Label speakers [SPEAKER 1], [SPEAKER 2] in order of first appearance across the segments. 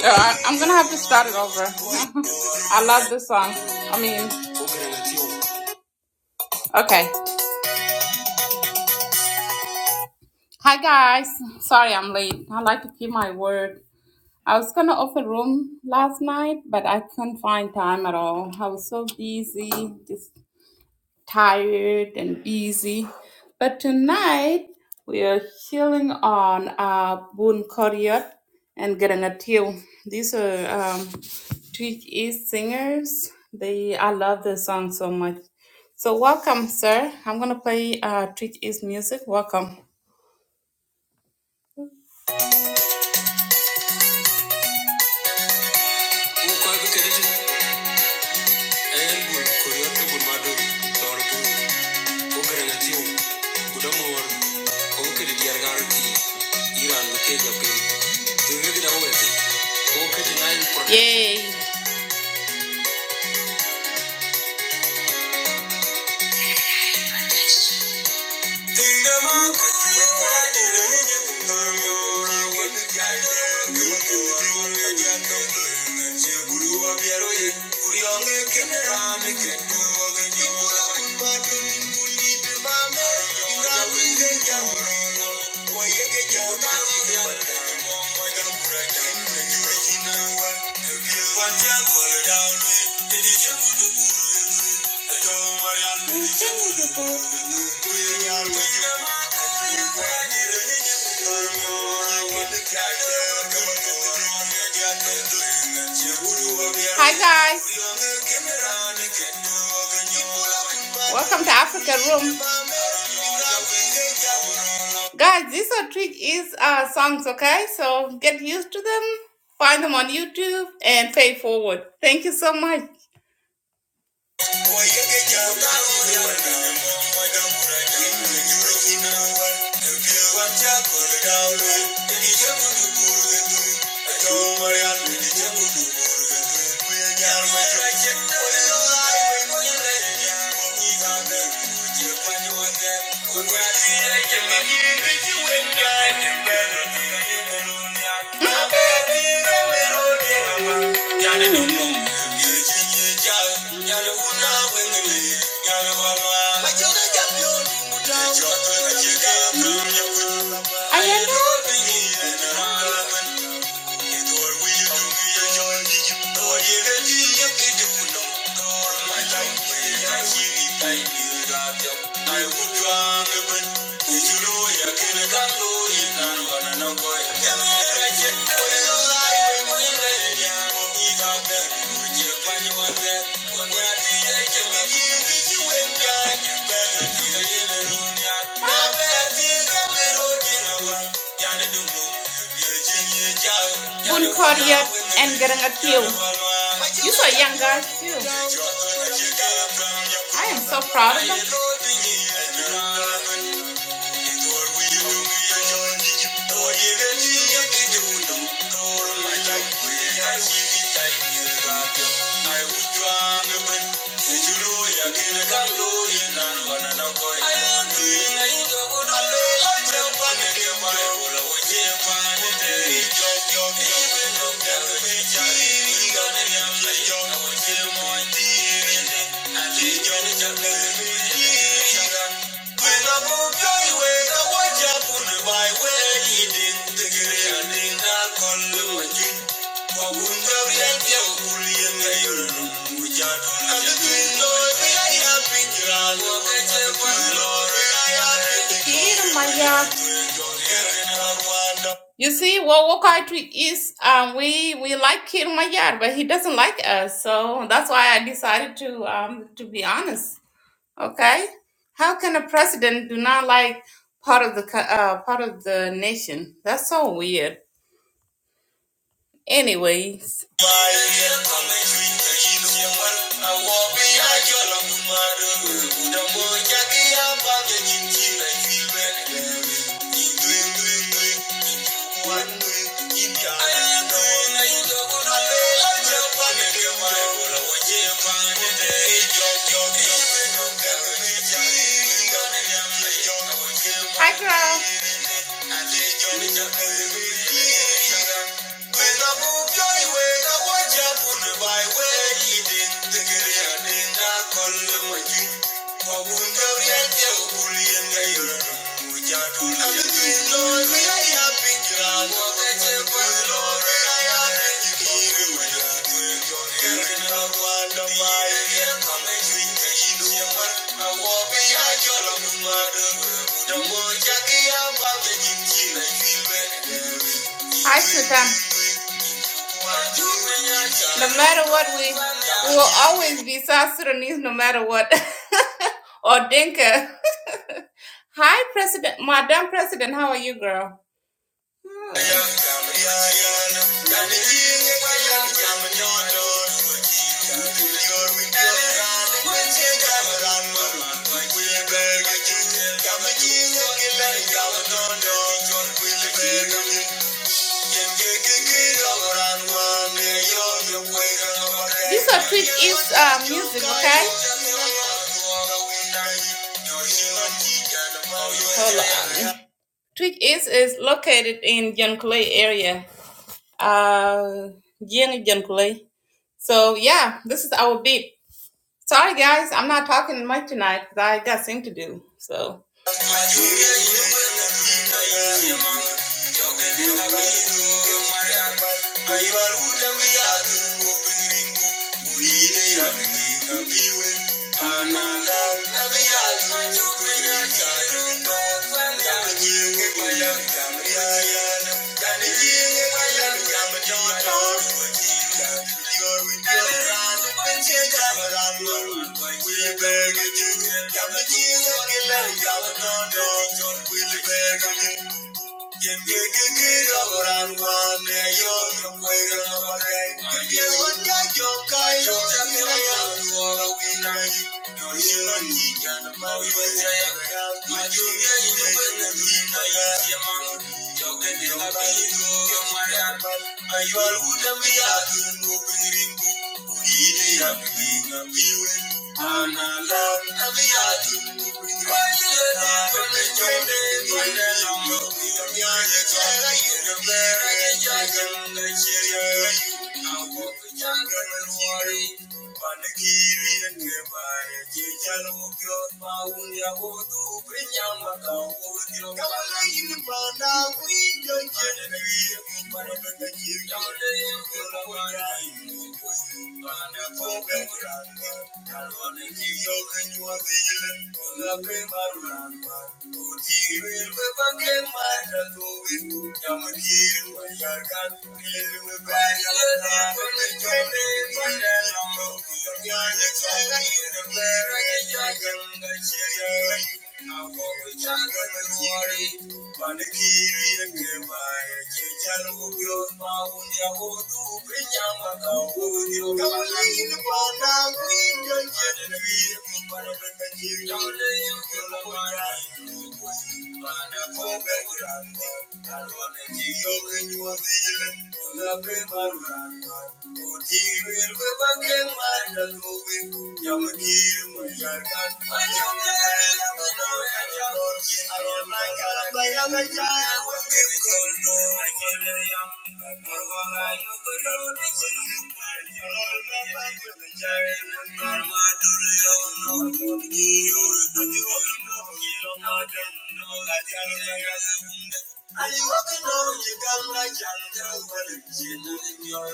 [SPEAKER 1] So I, I'm gonna have to start it over. I love this song. I mean, okay. Hi guys. Sorry I'm late. I like to keep my word. I was gonna open room last night, but I couldn't find time at all. I was so busy, just tired and busy. But tonight we are healing on uh, Boon Koryat and Garangatil. These are um, Twitch East singers. They I love their song so much. So welcome, sir. I'm gonna play uh, Twitch East music. Welcome. yay Hi guys, welcome to Africa Room. Guys, these are trick is uh, songs, okay? So get used to them, find them on YouTube, and pay forward. Thank you so much. I am Bun Claudia and getting a kill. You so young guys too. I am so proud of them. I Thank you. You see, well, what country is um, we we like Kir Mayar, but he doesn't like us, so that's why I decided to um, to be honest. Okay, how can a president do not like part of the co- uh, part of the nation? That's so weird. Anyways. Hi, Carl. I Hi, Sudan. No matter what, we, we will always be South Sudanese, no matter what. or Dinka. Hi, President, Madam President, how are you, girl? This is a tweet is uh, music, okay? Hold on. Twig East is located in Yankulay area. Uh Jenny Yankulay. So yeah, this is our beat. Sorry, guys, I'm not talking much tonight because I got thing to do. So. Thank you. Ayual udah biar nunggu rindu Thank you. Thank you. Thank you. Thank you. Are you walking on the gum like jungle? What is it doing your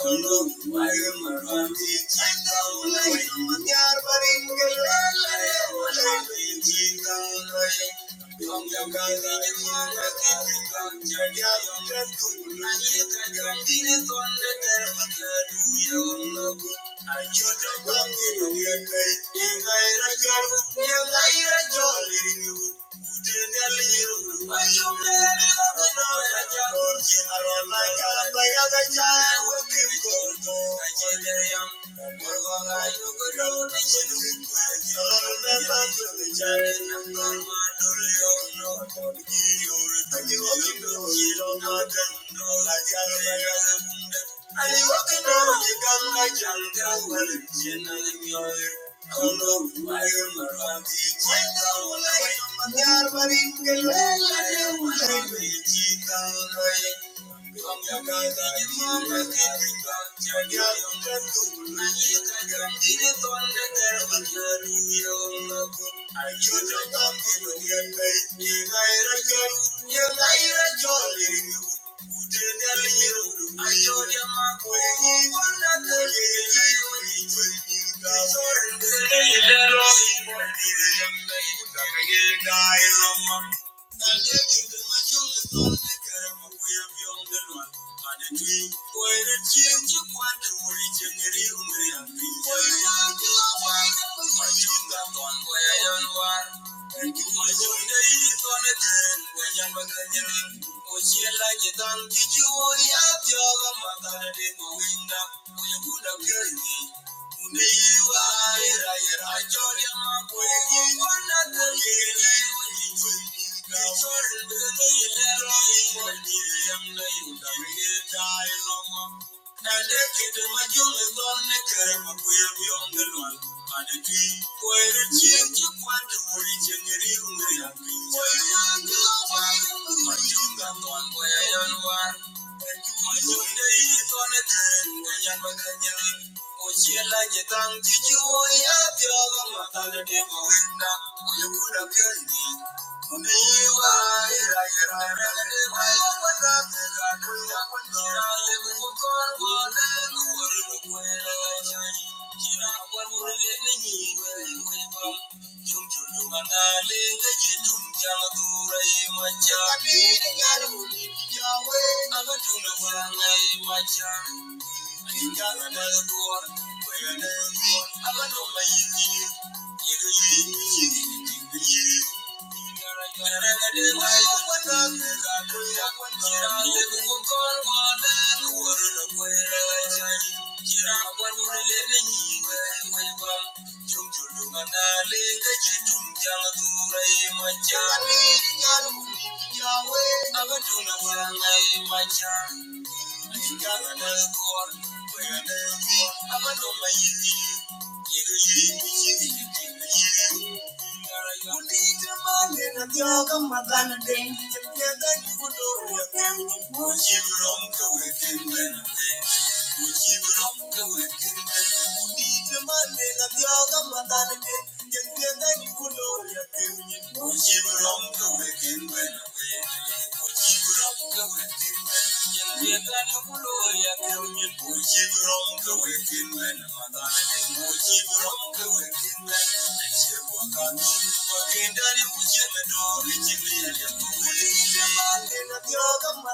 [SPEAKER 1] Kondo, why am I running? I'm down like you, but you're running. I'm down like you, but you're running. Thank you. Thank you. Thank you. can get it on the devil, you're doing no good. and I to you. you're my girl, you're my girl, you're I showed your mark when he won that the little. I need you to make your love come. I'm going to be on the run, but it's you. I'm going to chase the one who's chasing you. I'm going to be the one, but you're not the one. I'm going to be the one, but you're not the one. Thank you. Uchilaji tangi juu ya vyolo matale dema winda kuyukuna pyondi Thank you. Thank you. Yahweh, I'ma Abaduna Wangai, my I'ma child. i am a score, where I lay, I'm a tuna, you, you, you, you, Money, the Abaduna Yidi, Yidi, Yidi, Yidi. Would overcome. Would you wrong to it in men? Would you wrong to it in men?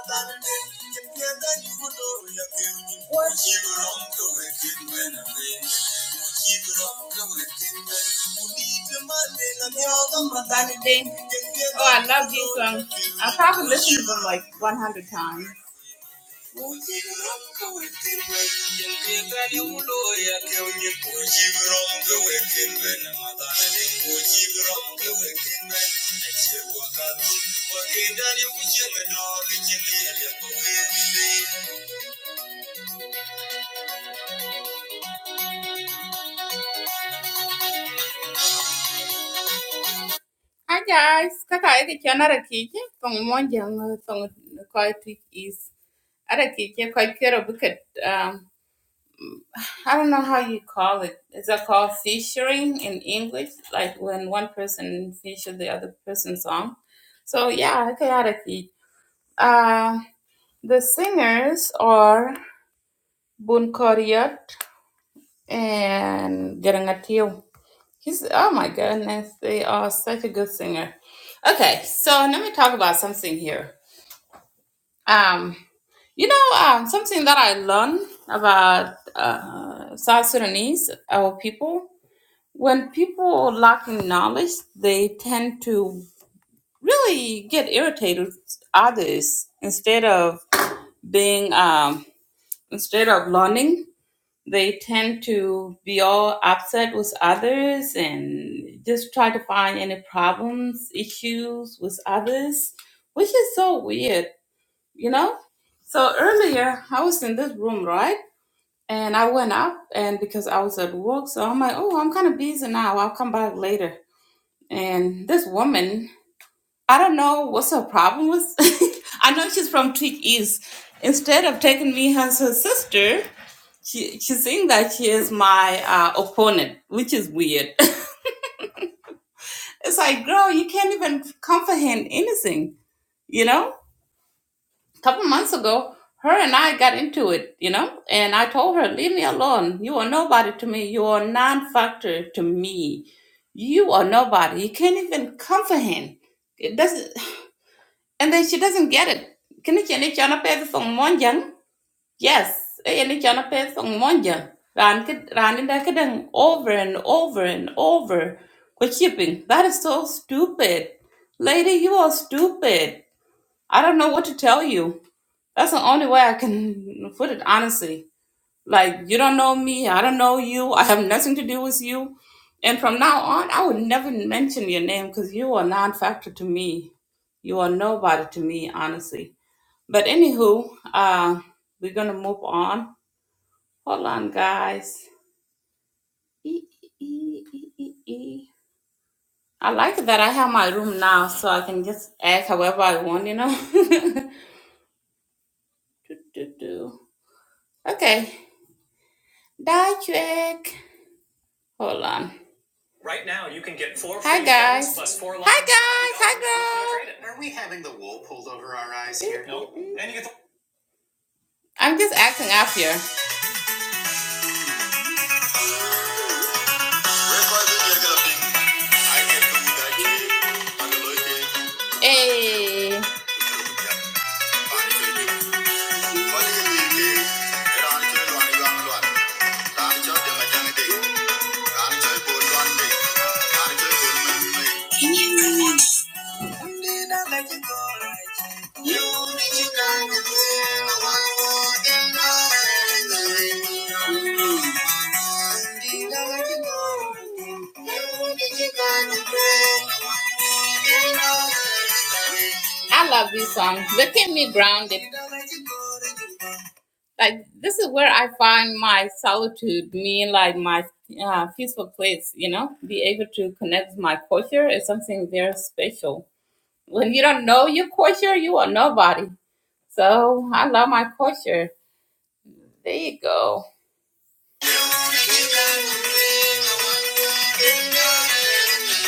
[SPEAKER 1] Thank you. Oh, I love these songs. I probably listened to them like 100 times. Hi guys, kaka yake chana rakiki, tong monjang, tong koi twitch is. Arakiki koi kero buket um I don't know how you call it. Is that called featuring in English? Like when one person features the other person's song. So yeah, chaotic. Uh, the singers are Bun Koryat and Garangatio. He's oh my goodness, they are such a good singer. Okay, so let me talk about something here. Um, you know, um, something that I learned about uh, South Sudanese, our people when people lack knowledge, they tend to really get irritated with others instead of being um, instead of learning. They tend to be all upset with others and just try to find any problems, issues with others, which is so weird, you know. So earlier, I was in this room, right? And I went up, and because I was at work, so I'm like, oh, I'm kind of busy now. I'll come back later And this woman, I don't know what's her problem with. I know she's from Tweak East. Instead of taking me as her sister, she, she's saying that she is my uh, opponent, which is weird. it's like, girl, you can't even comprehend anything, you know? A couple months ago, her and I got into it, you know? And I told her, leave me alone. You are nobody to me. You are non factor to me. You are nobody. You can't even comprehend. It doesn't. And then she doesn't get it. Kini chene chana pe song monjang? Yes. E Ene chana pe song monjang. Ran ke ran in kadang over and over and over. Kwa shipping. That is so stupid. Lady, you are stupid. I don't know what to tell you. That's the only way I can put it honestly. Like you don't know me, I don't know you, I have nothing to do with you. And from now on, I would never mention your name because you are non-factor to me. You are nobody to me, honestly but anywho, uh, we're gonna move on. Hold on, guys. E- e- e- e- e. I like that I have my room now, so I can just act however I want. You know. Do, do, do. Okay, die trick. Hold on. Right now, you can get four Hi free guys. phones plus four Hi lines. guys. Hi guys. I'm just acting up here. Hey. You I love this song. They keep me grounded. Like this is where I find my solitude, me like my uh, peaceful place. You know, be able to connect with my culture is something very special. When you don't know your culture, you are nobody. So I love my culture. There you go. I can't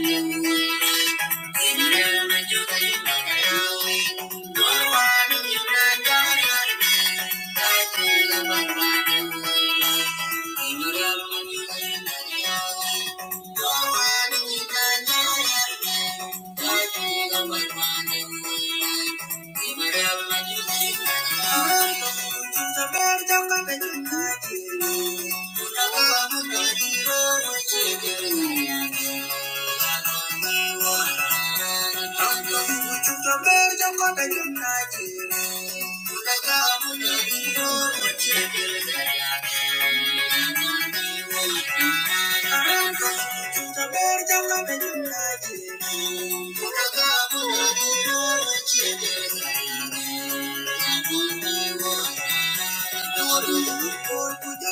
[SPEAKER 1] Thank you. Thank you.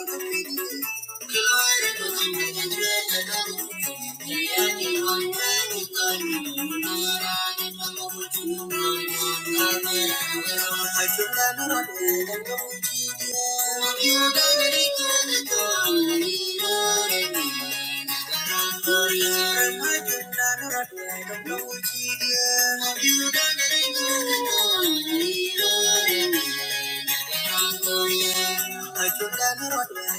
[SPEAKER 1] Thank you.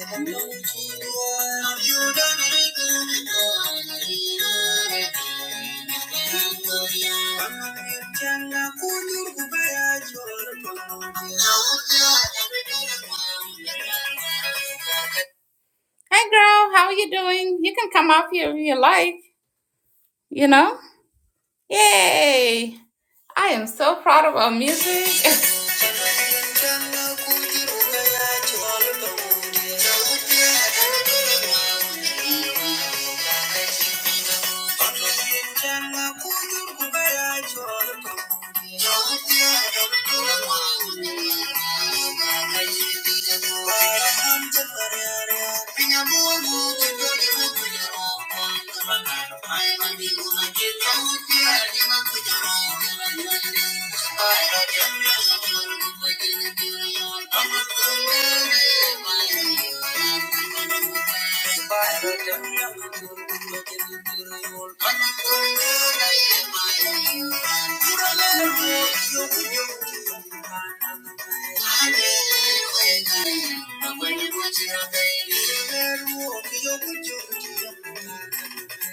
[SPEAKER 1] I Hey girl, how are you doing? You can come up here if you like, you know? Yay! I am so proud of our music. Thank you.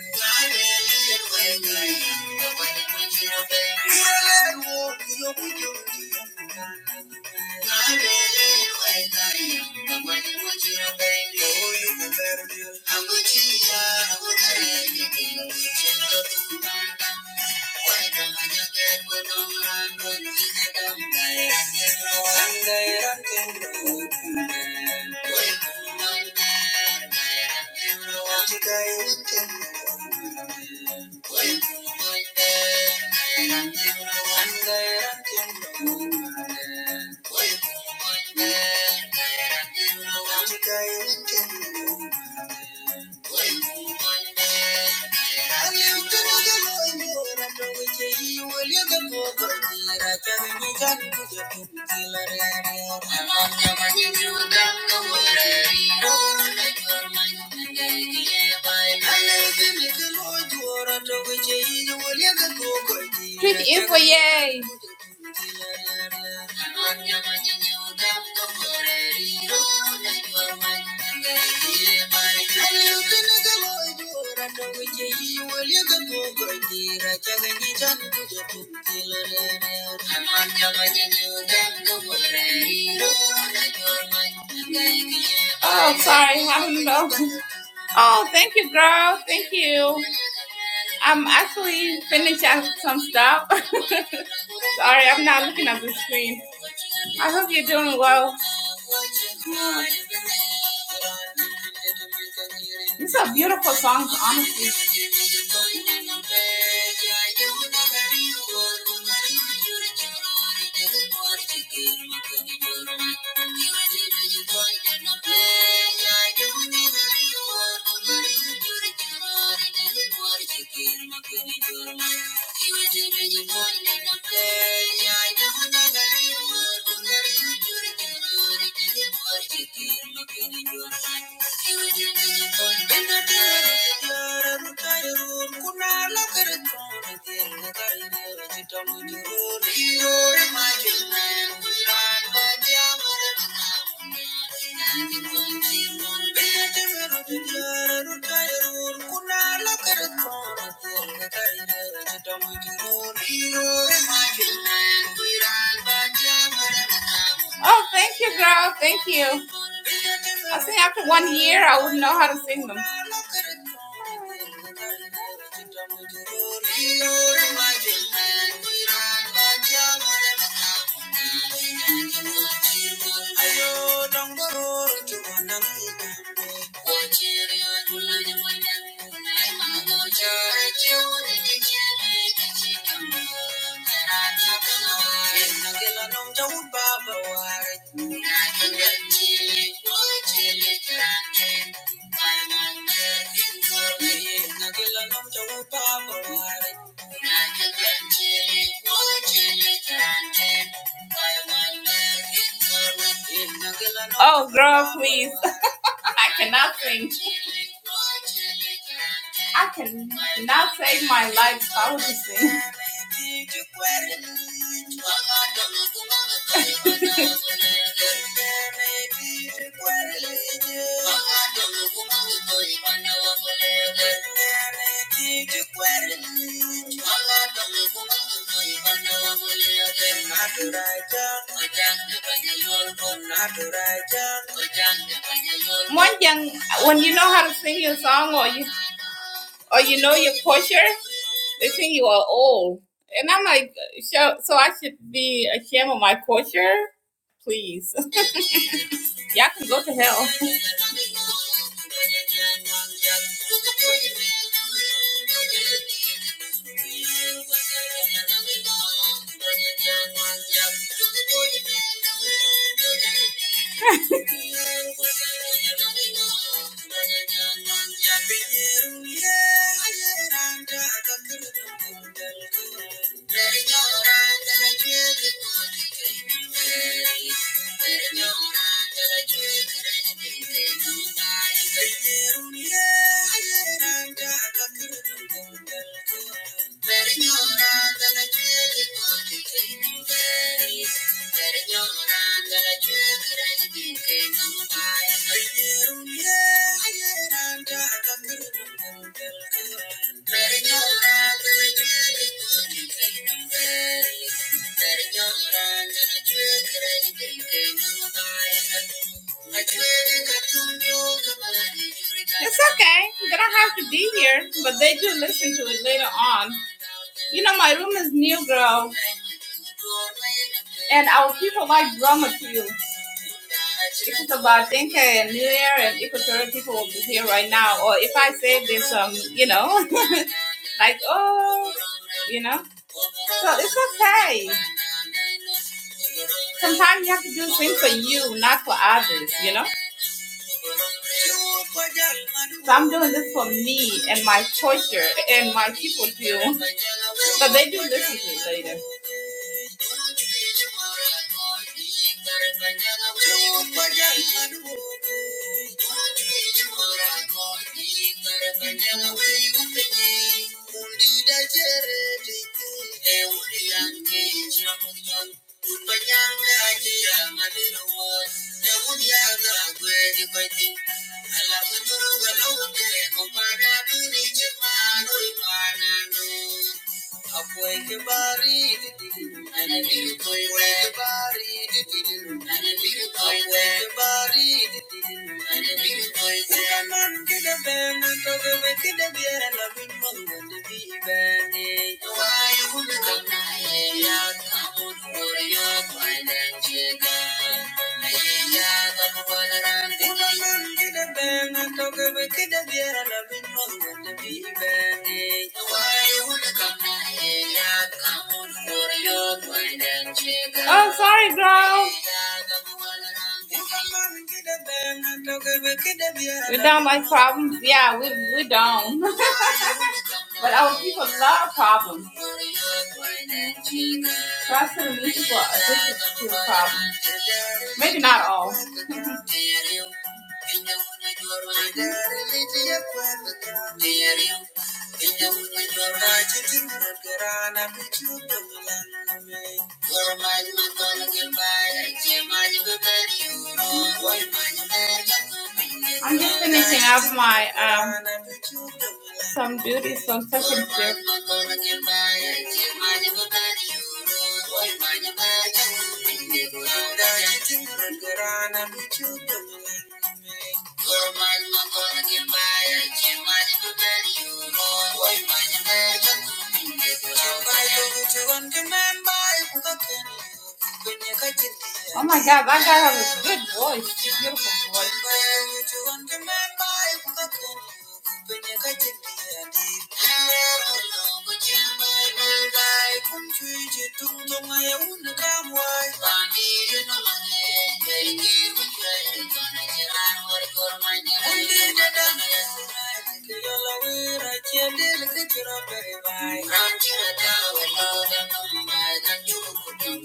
[SPEAKER 1] I'm Thank you. Tweet for yay! Oh, sorry, I don't know. Oh, thank you, girl. Thank you. I'm actually finished up some stuff. sorry, I'm not looking at the screen. I hope you're doing well. These are beautiful songs, honestly. Thank you. know, Oh, thank you, girl. Thank you. I think after one year, I would know how to sing them. Oh, girl, please. I cannot sing. I cannot save my life if I was to sing. Monjang, when you know how to sing your song or you or you know your culture, they think you are old. And I'm like, so, so I should be ashamed of my culture? Please. Y'all can go to hell. Thank you. It's okay. They don't have to be here, but they do listen to it later on. You know, my room is new, girl, and our people like drama too. If it's about thinking and New Year and Equatorial people will be here right now, or if I say this, um, you know, like oh, you know, so it's okay. Sometimes you have to do things for you, not for others, you know. So I'm doing this for me and my torture and my people too, but they do listen to it later. Alam ko turo galaw ang kaya kung paano ni Chimano, ipana no. Akwai kibari dididu, ana biyu koi wai kibari dididu, ana Oh, sorry, girl. We don't like problems. Yeah, we, we don't. but our people love problems. Trust and many people are addicted to problems. Maybe not all. I'm just finishing up my um some duties from such and Swift. Oh my god, that guy has a good voice, a beautiful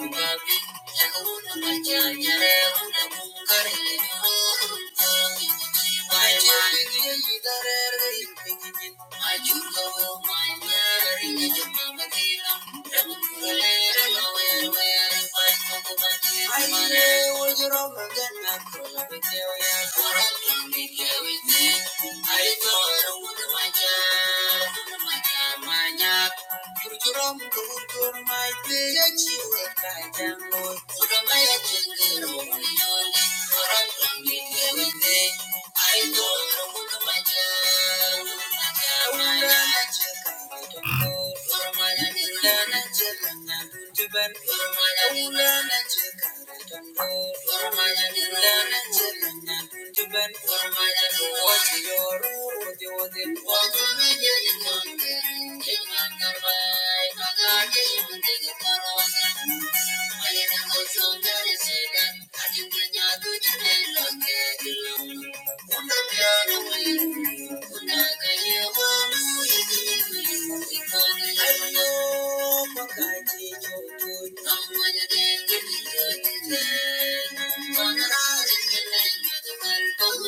[SPEAKER 1] voice. I Thank you. Thank you.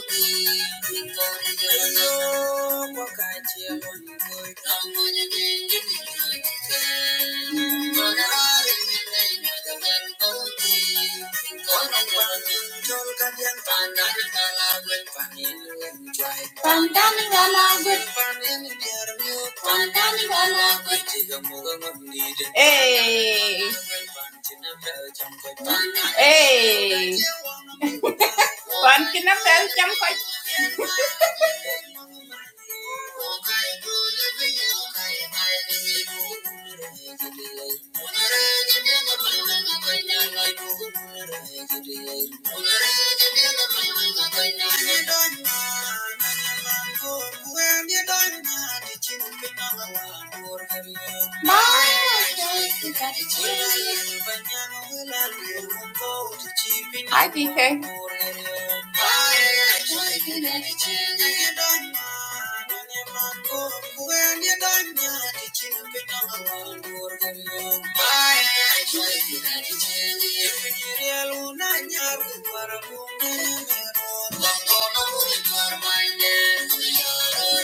[SPEAKER 1] Thank you. Hey. Hey. Pan kina bel cham koch. When you don't know, Hi, DK.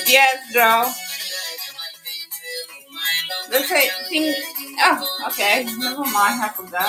[SPEAKER 1] Yes, Joe. Okay, think. Oh, okay. Never mind. I forgot.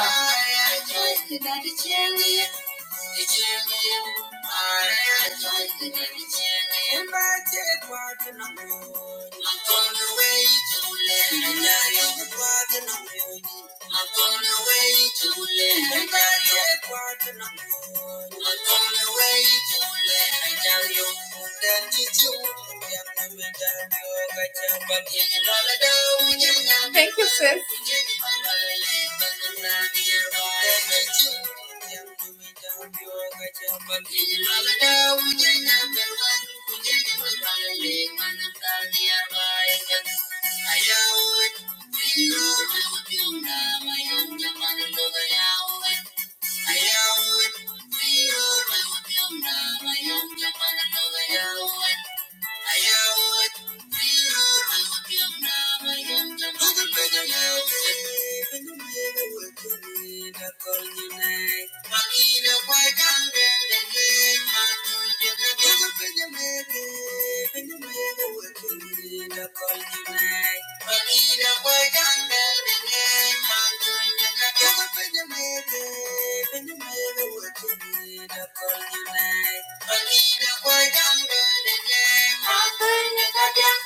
[SPEAKER 1] Thank you, sis. Ayawit, Thank you. night. Thank you.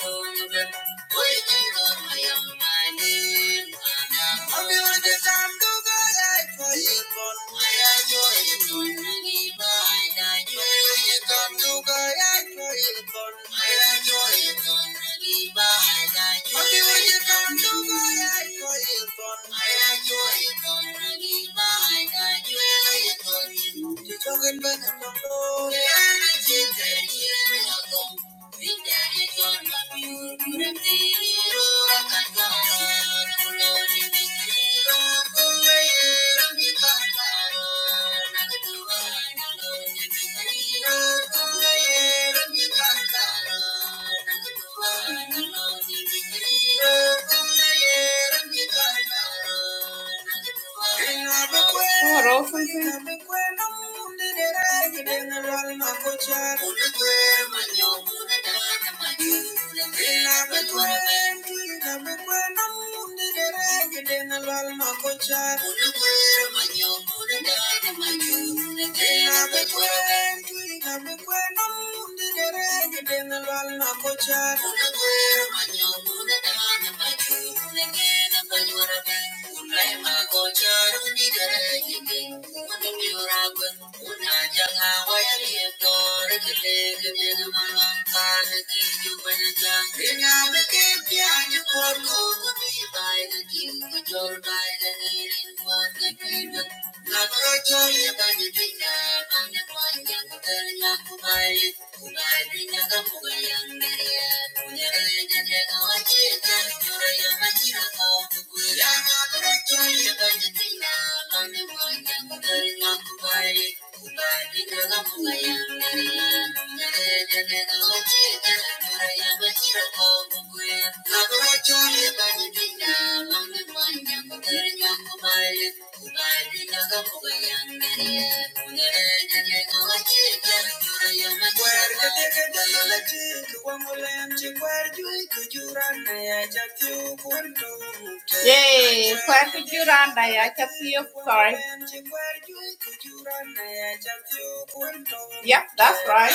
[SPEAKER 1] Thank you. Talking about the what else? roll something. Thank you. Thank you. Thank you. Yay, kwer ku juranda ya cha piyo koi. Yep, that's right.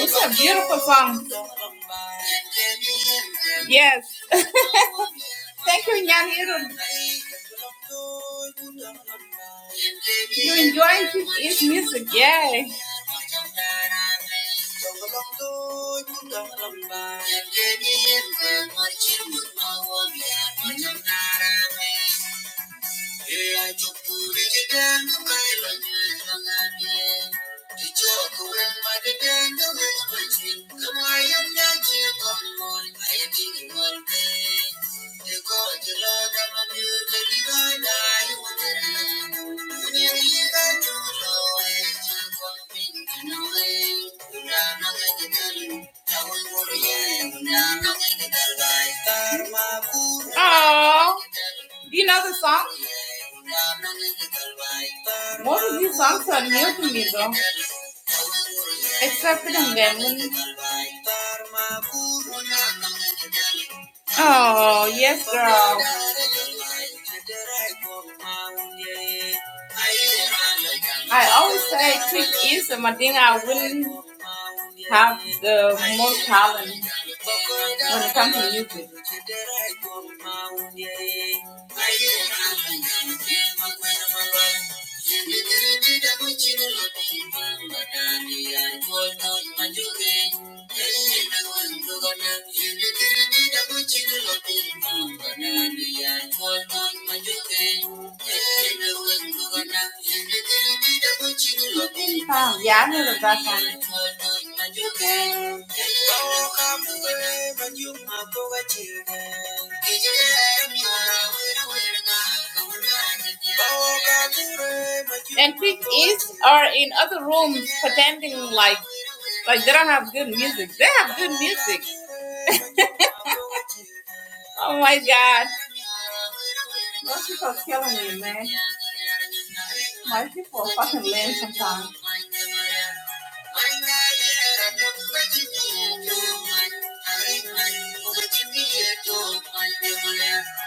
[SPEAKER 1] It's a beautiful song. Yes. Thank you, Nyanirun. You enjoying his music, yay. Yeah. Aww. Do You know the song? Most of these songs are new to me, though, except for Bengali. Oh, yes, girl. I always say Trick is a I wouldn't have the most talent when it comes to music. Ah, yeah, I know the background. And pigs are in other rooms pretending like like they don't have good music. They have good music. Oh my god. Those people are killing me, man. My people are fucking lame sometimes.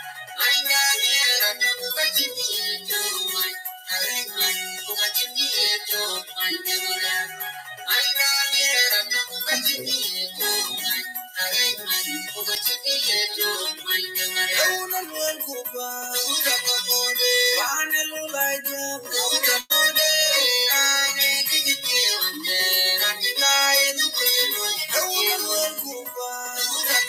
[SPEAKER 1] I Thank you.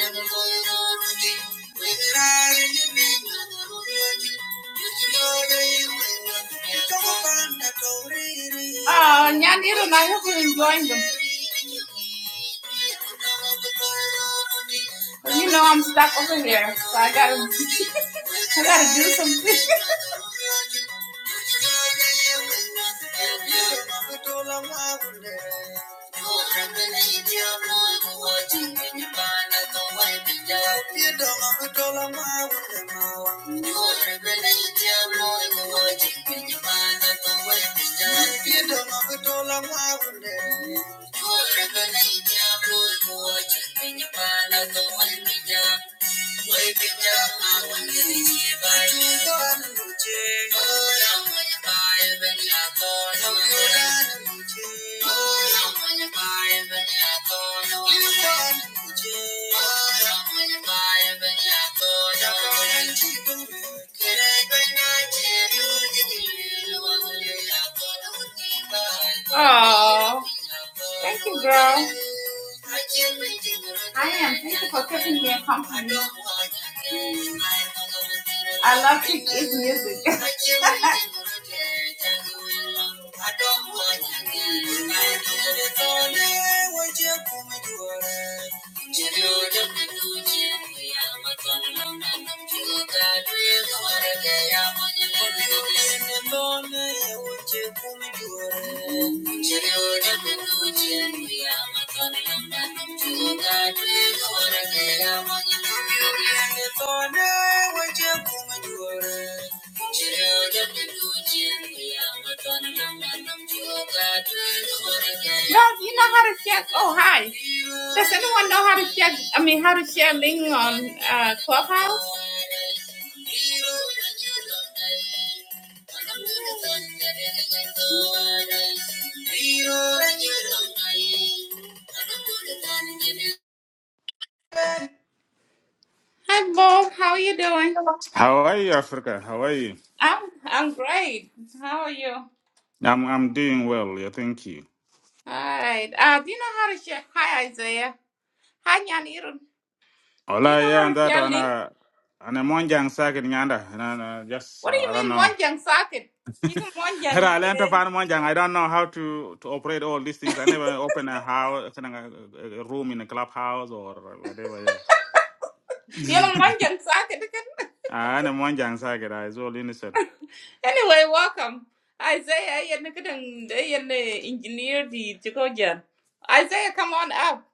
[SPEAKER 1] Thank you. Oh, Nyanira and I hope you're enjoying them. Well, you know I'm stuck over here, so I gotta, I gotta do something. Thank you. Oh, thank you, girl. I am. Thank you for keeping me company. I love to his music. I don't want you. Thank you. Love, you know how to share. Oh, hi. Does anyone know how to share? I mean, how to share link on uh, Clubhouse? Hi, Bob. How are you doing?
[SPEAKER 2] How are you, Africa? How are you?
[SPEAKER 1] I'm I'm great. How are you?
[SPEAKER 2] I'm I'm doing well, yeah, thank you.
[SPEAKER 1] All right. Uh, do you know how to share? Hi, Isaiah. Hi, Nyanirun. Do you
[SPEAKER 2] Ola
[SPEAKER 1] know how
[SPEAKER 2] yeah,
[SPEAKER 1] to
[SPEAKER 2] and that
[SPEAKER 1] share
[SPEAKER 2] on
[SPEAKER 1] link?
[SPEAKER 2] a on a monjang circuit nyanda. And I, uh, just uh,
[SPEAKER 1] What do you
[SPEAKER 2] I don't
[SPEAKER 1] mean,
[SPEAKER 2] know.
[SPEAKER 1] Monjang socket? You can
[SPEAKER 2] Had
[SPEAKER 1] Monjang.
[SPEAKER 2] I learned to
[SPEAKER 1] eh,
[SPEAKER 2] find monjang, I don't know how to to operate all these things. I never open a house, a, a room in a clubhouse or whatever.
[SPEAKER 1] You
[SPEAKER 2] Yeah,
[SPEAKER 1] know, Monjang socket. again?
[SPEAKER 2] Ah, and a monjang circuit is all innocent.
[SPEAKER 1] Anyway, welcome. Isaiah, you're the good and- eh, you're the engineer. the Chicojan. Isaiah, come on up.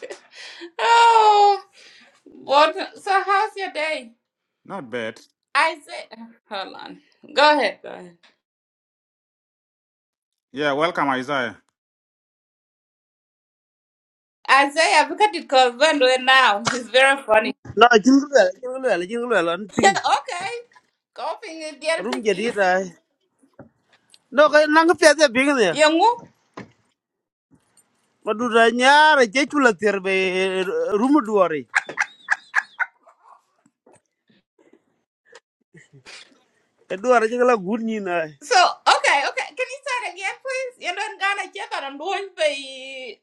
[SPEAKER 1] oh, what? So, how's your day?
[SPEAKER 2] Not bad.
[SPEAKER 1] Isaiah, hold on. Go ahead, go ahead.
[SPEAKER 2] Yeah, welcome Isaiah.
[SPEAKER 1] Isaiah, because it calls when now. He's very funny.
[SPEAKER 3] nó No, jing lwel, jing lwel, jing lwel an ping.
[SPEAKER 1] Okay, Coughing again,
[SPEAKER 3] Rum jadi
[SPEAKER 1] please.
[SPEAKER 3] rai. No, kay nang pete ping ne.
[SPEAKER 1] Yangu.
[SPEAKER 3] Madu ra nyara je chula ter be rum duare. E duare je la gun ni na.
[SPEAKER 1] So, okay, okay. Can you say it again, please? You don't gonna check on I'm doing the.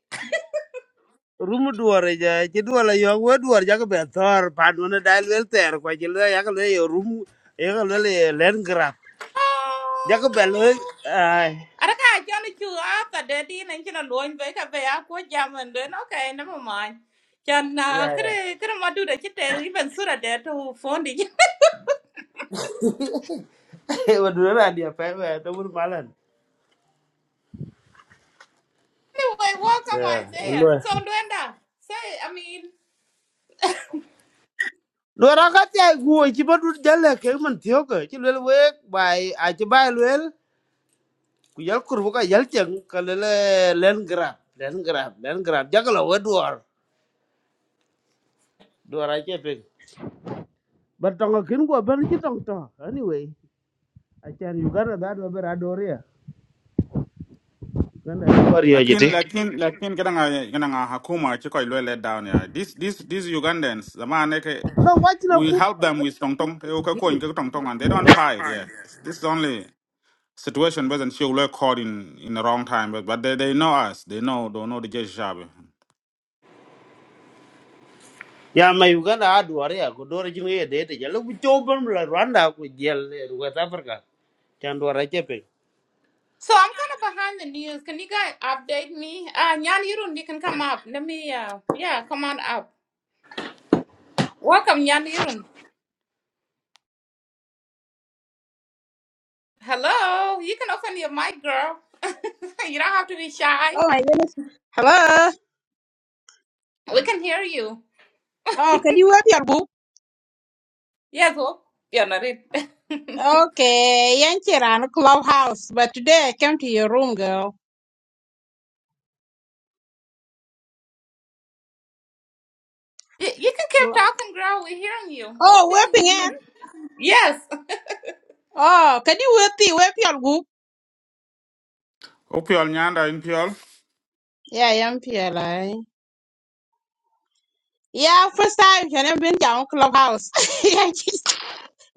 [SPEAKER 3] Rum đua rồi giờ cái ja je duare yo we duare chắc be tar pan wona dal wel ter ko je le ya le yo rum e ga le le len grab. Ja ko be le
[SPEAKER 1] Oh.
[SPEAKER 3] ai.
[SPEAKER 1] Araka jana chu after the din and chana loin ve ka ve ko jam and then okay never mind.
[SPEAKER 3] Ya
[SPEAKER 1] Jana
[SPEAKER 3] ya.
[SPEAKER 1] kre kre do the chite even sooner? There to phone it.
[SPEAKER 3] Madu ra dia pe be to bur malan.
[SPEAKER 1] Anyway, welcome Isaiah.
[SPEAKER 3] Ya,
[SPEAKER 1] So Luenda, say I mean
[SPEAKER 3] Lwe ra akati ai guo ci ba dut jalle ke man tiyo ke ci lwer we bai a ci bai lwer ku yal kurbu ka yal ceng ka lele len grab len grab len grab jagala we duar duar a ce pe bar tonga kin ko ban ci tong to anyway a can uganda da do bera doria uganda war yo
[SPEAKER 2] Lakin
[SPEAKER 3] jiti
[SPEAKER 2] lakin lakin kana nga kana nga hakuma chiko ilwe let down ya. This this these Ugandans the man eke,
[SPEAKER 3] no wach na
[SPEAKER 2] we
[SPEAKER 3] ku
[SPEAKER 2] help them with tong tong. They okay ko inke tong tong and they don't fight. Yeah, this is only situation wasn't she were caught in in the wrong time but but they, they know us. They know don't know the jesh shabi.
[SPEAKER 3] ya ma uganda a duar ya ko dora jin ye de de jalu bu to ban la rwanda ku jel le west africa can duar a ce pe
[SPEAKER 1] so I'm kind of behind the news. Can you guys update me? Uh, Nyan, you don't. You can come up. Let me. Uh, yeah, come on up. Welcome, Yanirun. Hello. You can open your mic, girl. you don't have to be shy.
[SPEAKER 4] Oh my goodness. Hello.
[SPEAKER 1] We can hear you.
[SPEAKER 4] Oh, can you have your book?
[SPEAKER 1] Yes, well, you're not it. you,
[SPEAKER 4] Okay, Yanchiran Clubhouse. But today I came to your room, girl.
[SPEAKER 1] you can keep talking, girl. We're hearing you.
[SPEAKER 4] Oh,
[SPEAKER 1] What thing
[SPEAKER 4] weeping
[SPEAKER 1] you
[SPEAKER 4] in.
[SPEAKER 1] need? Yes.
[SPEAKER 4] Oh, can you wait the web your book?
[SPEAKER 2] Opiol nyanda in piol.
[SPEAKER 4] Yeah, I am PLI. Yeah, first time you have been down Clubhouse.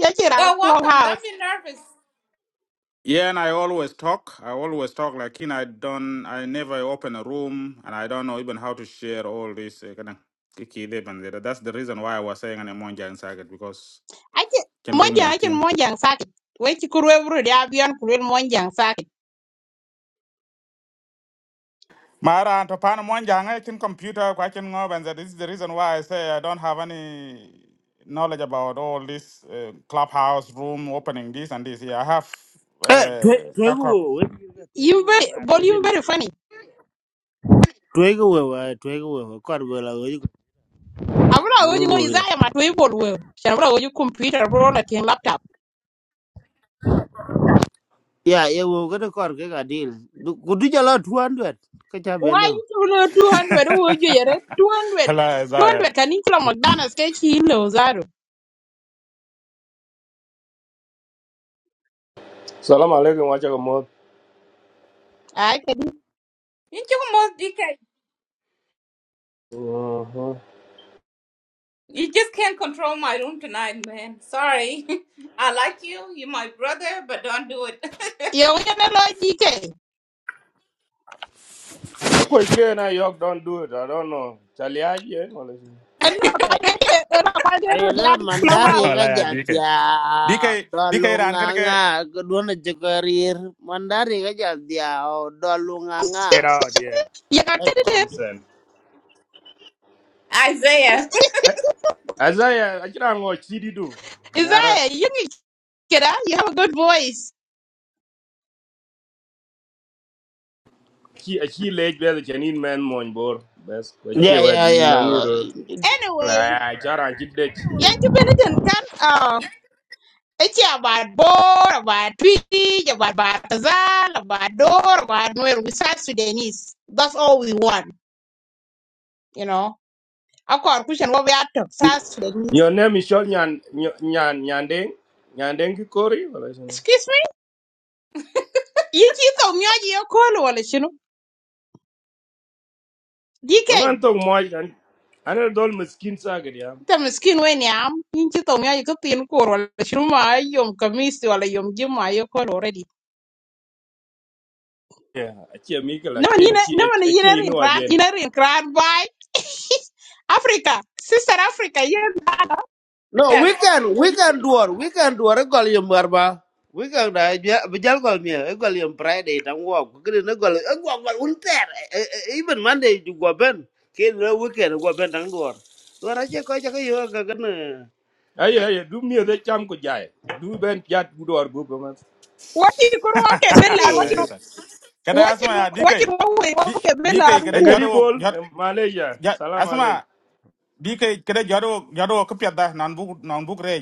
[SPEAKER 4] Yanchiran
[SPEAKER 1] Well, welcome. Don't
[SPEAKER 4] Clubhouse.
[SPEAKER 1] be nervous.
[SPEAKER 2] Yeah, and I always talk. I always talk. Like in I don't. I never open a room, and I don't know even how to share all this. Uh, kind of kiki dip and that- That's the reason why I was saying an Monja and Saget because
[SPEAKER 4] I can
[SPEAKER 2] chen ke
[SPEAKER 4] Monjang,
[SPEAKER 2] nyai
[SPEAKER 4] I can
[SPEAKER 2] tin
[SPEAKER 4] Monjang Saki. Wait, you could ever be on Korean Monjang Saki.
[SPEAKER 2] Mara and Topana Mwanjang, I think computer question knob, and that is the reason why I say I don't have any knowledge about all this uh, clubhouse room opening this and this. Yeah, I have
[SPEAKER 3] eh to
[SPEAKER 2] uh,
[SPEAKER 3] to go
[SPEAKER 2] kakok.
[SPEAKER 3] we ga to go
[SPEAKER 4] You very,
[SPEAKER 3] ra de
[SPEAKER 4] volume
[SPEAKER 3] lim
[SPEAKER 4] very funny.
[SPEAKER 3] twege wewe ai, twege wewe kor gola weji
[SPEAKER 4] I'm not going to
[SPEAKER 3] mururu
[SPEAKER 4] use
[SPEAKER 3] ya
[SPEAKER 4] I am at Weibo. I'm not computer, roll at your laptop.
[SPEAKER 3] ya ye wo gede kor ke ga dil kudu jalo 200 ka cha
[SPEAKER 4] Why
[SPEAKER 3] bele
[SPEAKER 4] you know 200 wo ju yere 200
[SPEAKER 2] Hello, Isaiah.
[SPEAKER 4] 200 kan in kilo McDonald's ke chi lo zaro.
[SPEAKER 5] Salam alaikum, wachakamot.
[SPEAKER 4] Ai ke
[SPEAKER 1] You took most DK.
[SPEAKER 5] Uh-huh.
[SPEAKER 1] You just can't control my room tonight, man. Sorry. I like you. You're my brother, but don't do it.
[SPEAKER 4] yo ye ne lo DK.
[SPEAKER 5] Apo Ike I York don't do it. I don't know. Chaliaji, eh? wala shi-
[SPEAKER 4] Ano pa ke era pa ke ro
[SPEAKER 3] ayele
[SPEAKER 4] ya
[SPEAKER 3] mandar ye
[SPEAKER 4] clubhouse.
[SPEAKER 2] Hello,
[SPEAKER 3] ga
[SPEAKER 2] DK.
[SPEAKER 3] jadya
[SPEAKER 2] DK, DK,
[SPEAKER 3] dolu
[SPEAKER 2] ran gonna get.
[SPEAKER 3] nganga kedua jekarir mandar ye ga jadya dolu
[SPEAKER 5] Get
[SPEAKER 3] nganga
[SPEAKER 5] out, yeah.
[SPEAKER 4] You got it in.
[SPEAKER 5] Nonsense.
[SPEAKER 1] Isaiah.
[SPEAKER 5] Eh, Azaya, achira ngo chidi do.
[SPEAKER 4] Is that
[SPEAKER 5] Nyarat.
[SPEAKER 4] you kira you have a good voice.
[SPEAKER 5] Chi achi lej the chanin man mon bor. Bes ko
[SPEAKER 3] ya
[SPEAKER 5] chi wet
[SPEAKER 3] ya ya
[SPEAKER 5] nangiro.
[SPEAKER 4] Anyway,
[SPEAKER 5] La achara chidej.
[SPEAKER 4] yan ki beniten kan uh it's about bor, about tweet, about batazal, about door, about noel. We South Sudanese. That's all we want, you know. Of course, we should go back to South Sudanese.
[SPEAKER 5] Your name is Shol Nyan Nyan Nyan- Nyandeng. Nyandeng Kikori wala shi.
[SPEAKER 4] Excuse me? Yinchi to myaji ya kolo wala shinu? DK,
[SPEAKER 5] Yongan tong mo an anel dol miskin saget ya.
[SPEAKER 4] ita miskin we ni am. Yinchi to myaji kutin koro wala shinu ma ai yom kamisi wala yom jima ya kolo already.
[SPEAKER 5] Yeah, achia mikala
[SPEAKER 4] No, yine,
[SPEAKER 5] chenchi
[SPEAKER 4] no, man,
[SPEAKER 5] achia
[SPEAKER 4] yine rin
[SPEAKER 5] inu
[SPEAKER 4] kran,
[SPEAKER 5] ajen.
[SPEAKER 4] yine rin kran bai. Africa, sister Africa, yine dada.
[SPEAKER 3] No,
[SPEAKER 1] Yes.
[SPEAKER 3] weekend, weekend duor, weekend duor e gol yom barba. Weekend da bijal gol mi e gol yom Friday tam wo. Gidi ne gol e gol gol unter. eh, eh, eh, Even Monday ju go ben. Ke le weekend go ben dang duor. Duor a che ko che ko yo ga gan.
[SPEAKER 5] aye aye du mi de cham ko jay du ben jat bu dor bu ko man
[SPEAKER 4] Wachi kuru wake bela,
[SPEAKER 2] Hello,
[SPEAKER 4] wachi
[SPEAKER 2] yes. Kada asma
[SPEAKER 4] wachi
[SPEAKER 2] ya
[SPEAKER 4] wachi
[SPEAKER 2] DK.
[SPEAKER 4] wawe
[SPEAKER 2] D-
[SPEAKER 4] wake bela.
[SPEAKER 2] DK
[SPEAKER 5] e
[SPEAKER 2] kada
[SPEAKER 5] gari
[SPEAKER 2] jado
[SPEAKER 5] bol
[SPEAKER 2] jot
[SPEAKER 5] eh, malaysia
[SPEAKER 2] jot
[SPEAKER 5] salam alek
[SPEAKER 2] asma DK kere jaro jaro okpia da nan bu nan bu re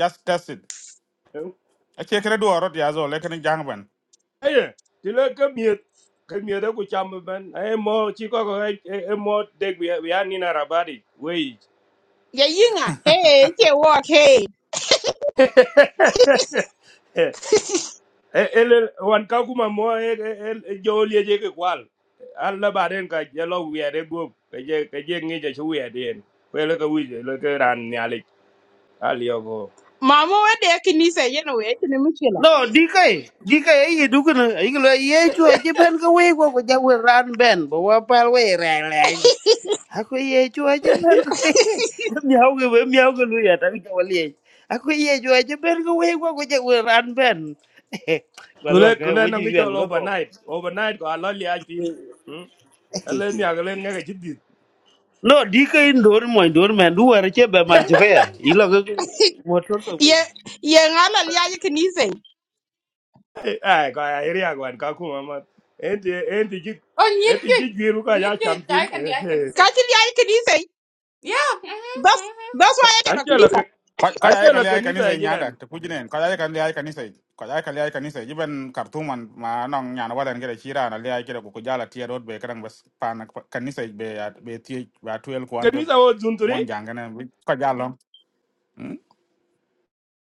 [SPEAKER 2] just test it ache kere do arot ya zo lekin jangban
[SPEAKER 5] aye ti le ka mi ka mi de ko cham ben ay mo chi ko ko e e, mo de bi ya ni na rabadi wey
[SPEAKER 4] Ya yinga, hey, che walk, hey.
[SPEAKER 5] ele wan ka kuma mo e jol ye je ke kwal alla baren ka je lo wi de go ke je ke je ngi je chu wi de en ko le ka wi le ka ran ni alek ali go
[SPEAKER 4] Mama wende ya kinisa yene we, yene
[SPEAKER 3] No, di kai, di kai cái du kan. E gol e chu e che ben ko we go go ja we ran ben. bảo wa pal we re Aku iya chua aja ber ko we. Miau gue, we miau ke lu ya tapi kau lihat. Aku iya chua aja ber ko we ko ko je ran ben. Balwa
[SPEAKER 5] kule
[SPEAKER 3] ke
[SPEAKER 5] kule
[SPEAKER 3] we
[SPEAKER 5] nang
[SPEAKER 3] ji
[SPEAKER 5] cho
[SPEAKER 3] yer bro
[SPEAKER 5] overnight overnight ko alo li ajin hm ale ni agale nga ga jiddi
[SPEAKER 3] No di ke in dor mo dor men du war che be mar ya. Ilo ke motor to
[SPEAKER 4] ye
[SPEAKER 3] pun.
[SPEAKER 4] ye ngala liya ye kanise
[SPEAKER 5] ai ko ai ri agwan ka kuma ma enti enti ji
[SPEAKER 1] Oh, you
[SPEAKER 5] enti
[SPEAKER 1] did.
[SPEAKER 5] ji biru ka
[SPEAKER 1] You
[SPEAKER 5] ya
[SPEAKER 1] did. I
[SPEAKER 5] chamtin
[SPEAKER 1] can, I can say.
[SPEAKER 4] kati liya ye kanise
[SPEAKER 1] Yeah.
[SPEAKER 4] bas
[SPEAKER 1] hmm
[SPEAKER 4] bas wa ye
[SPEAKER 5] an
[SPEAKER 4] kala
[SPEAKER 5] ke la an
[SPEAKER 4] kanisa
[SPEAKER 5] ke
[SPEAKER 2] ko ko ay
[SPEAKER 5] anche la
[SPEAKER 2] kali ay kanisa
[SPEAKER 5] kanisa
[SPEAKER 2] nyanda
[SPEAKER 5] yen
[SPEAKER 2] te kujine ko ay kali ay kanisa ko ay kali ay kanisa jiben kartuman ma non nyana wadan kere chira na le ay kere ko jala tie rot be kan bas pan kanisa be ya- be tie ba tuel ko an ko
[SPEAKER 5] kanisa wo zunturi
[SPEAKER 2] mon jangana ko jalo Mm.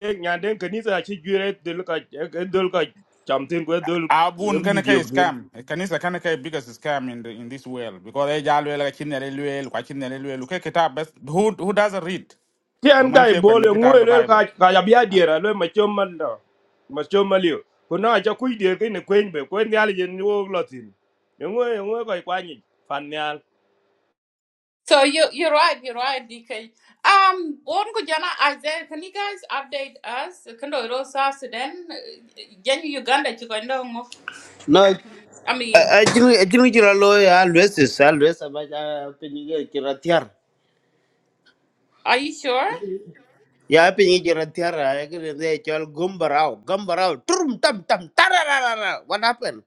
[SPEAKER 5] e nyande kanisa chi jure dul ka dul ka chamtin ko dul
[SPEAKER 2] abun
[SPEAKER 5] mi
[SPEAKER 2] kana kai
[SPEAKER 5] dio
[SPEAKER 2] scam kanisa kana kai biggest scam in the, in this world because ay jalo ele chinere luel kwa chinere luel ke kitab bas who who doesn't read
[SPEAKER 5] Tian
[SPEAKER 2] And one
[SPEAKER 5] guy
[SPEAKER 2] check when
[SPEAKER 5] bowling
[SPEAKER 2] get out
[SPEAKER 5] ngwe
[SPEAKER 2] of the
[SPEAKER 5] le ka
[SPEAKER 2] Bible.
[SPEAKER 5] ka ya bia
[SPEAKER 2] huh?
[SPEAKER 5] diera le ma choma la ma choma lio. Kuna cha kui dier kine kwen be kwen nyal yen wo lotin. Ngwe ngwe ka kwani fan
[SPEAKER 1] So you you're right, you're right, DK. Um, born Kujana Isaiah, can you guys update us? Can you also South Sudan? Genu Uganda Chikondong
[SPEAKER 3] No
[SPEAKER 1] I mean,
[SPEAKER 3] a jinu a jinu jira lo ya lwes sa lwes ba ja pe ni ke
[SPEAKER 1] are you sure?
[SPEAKER 3] ya pinyi jira tiara ya kiri de chol gumbarao gumbarao turum tam tam tararara what happened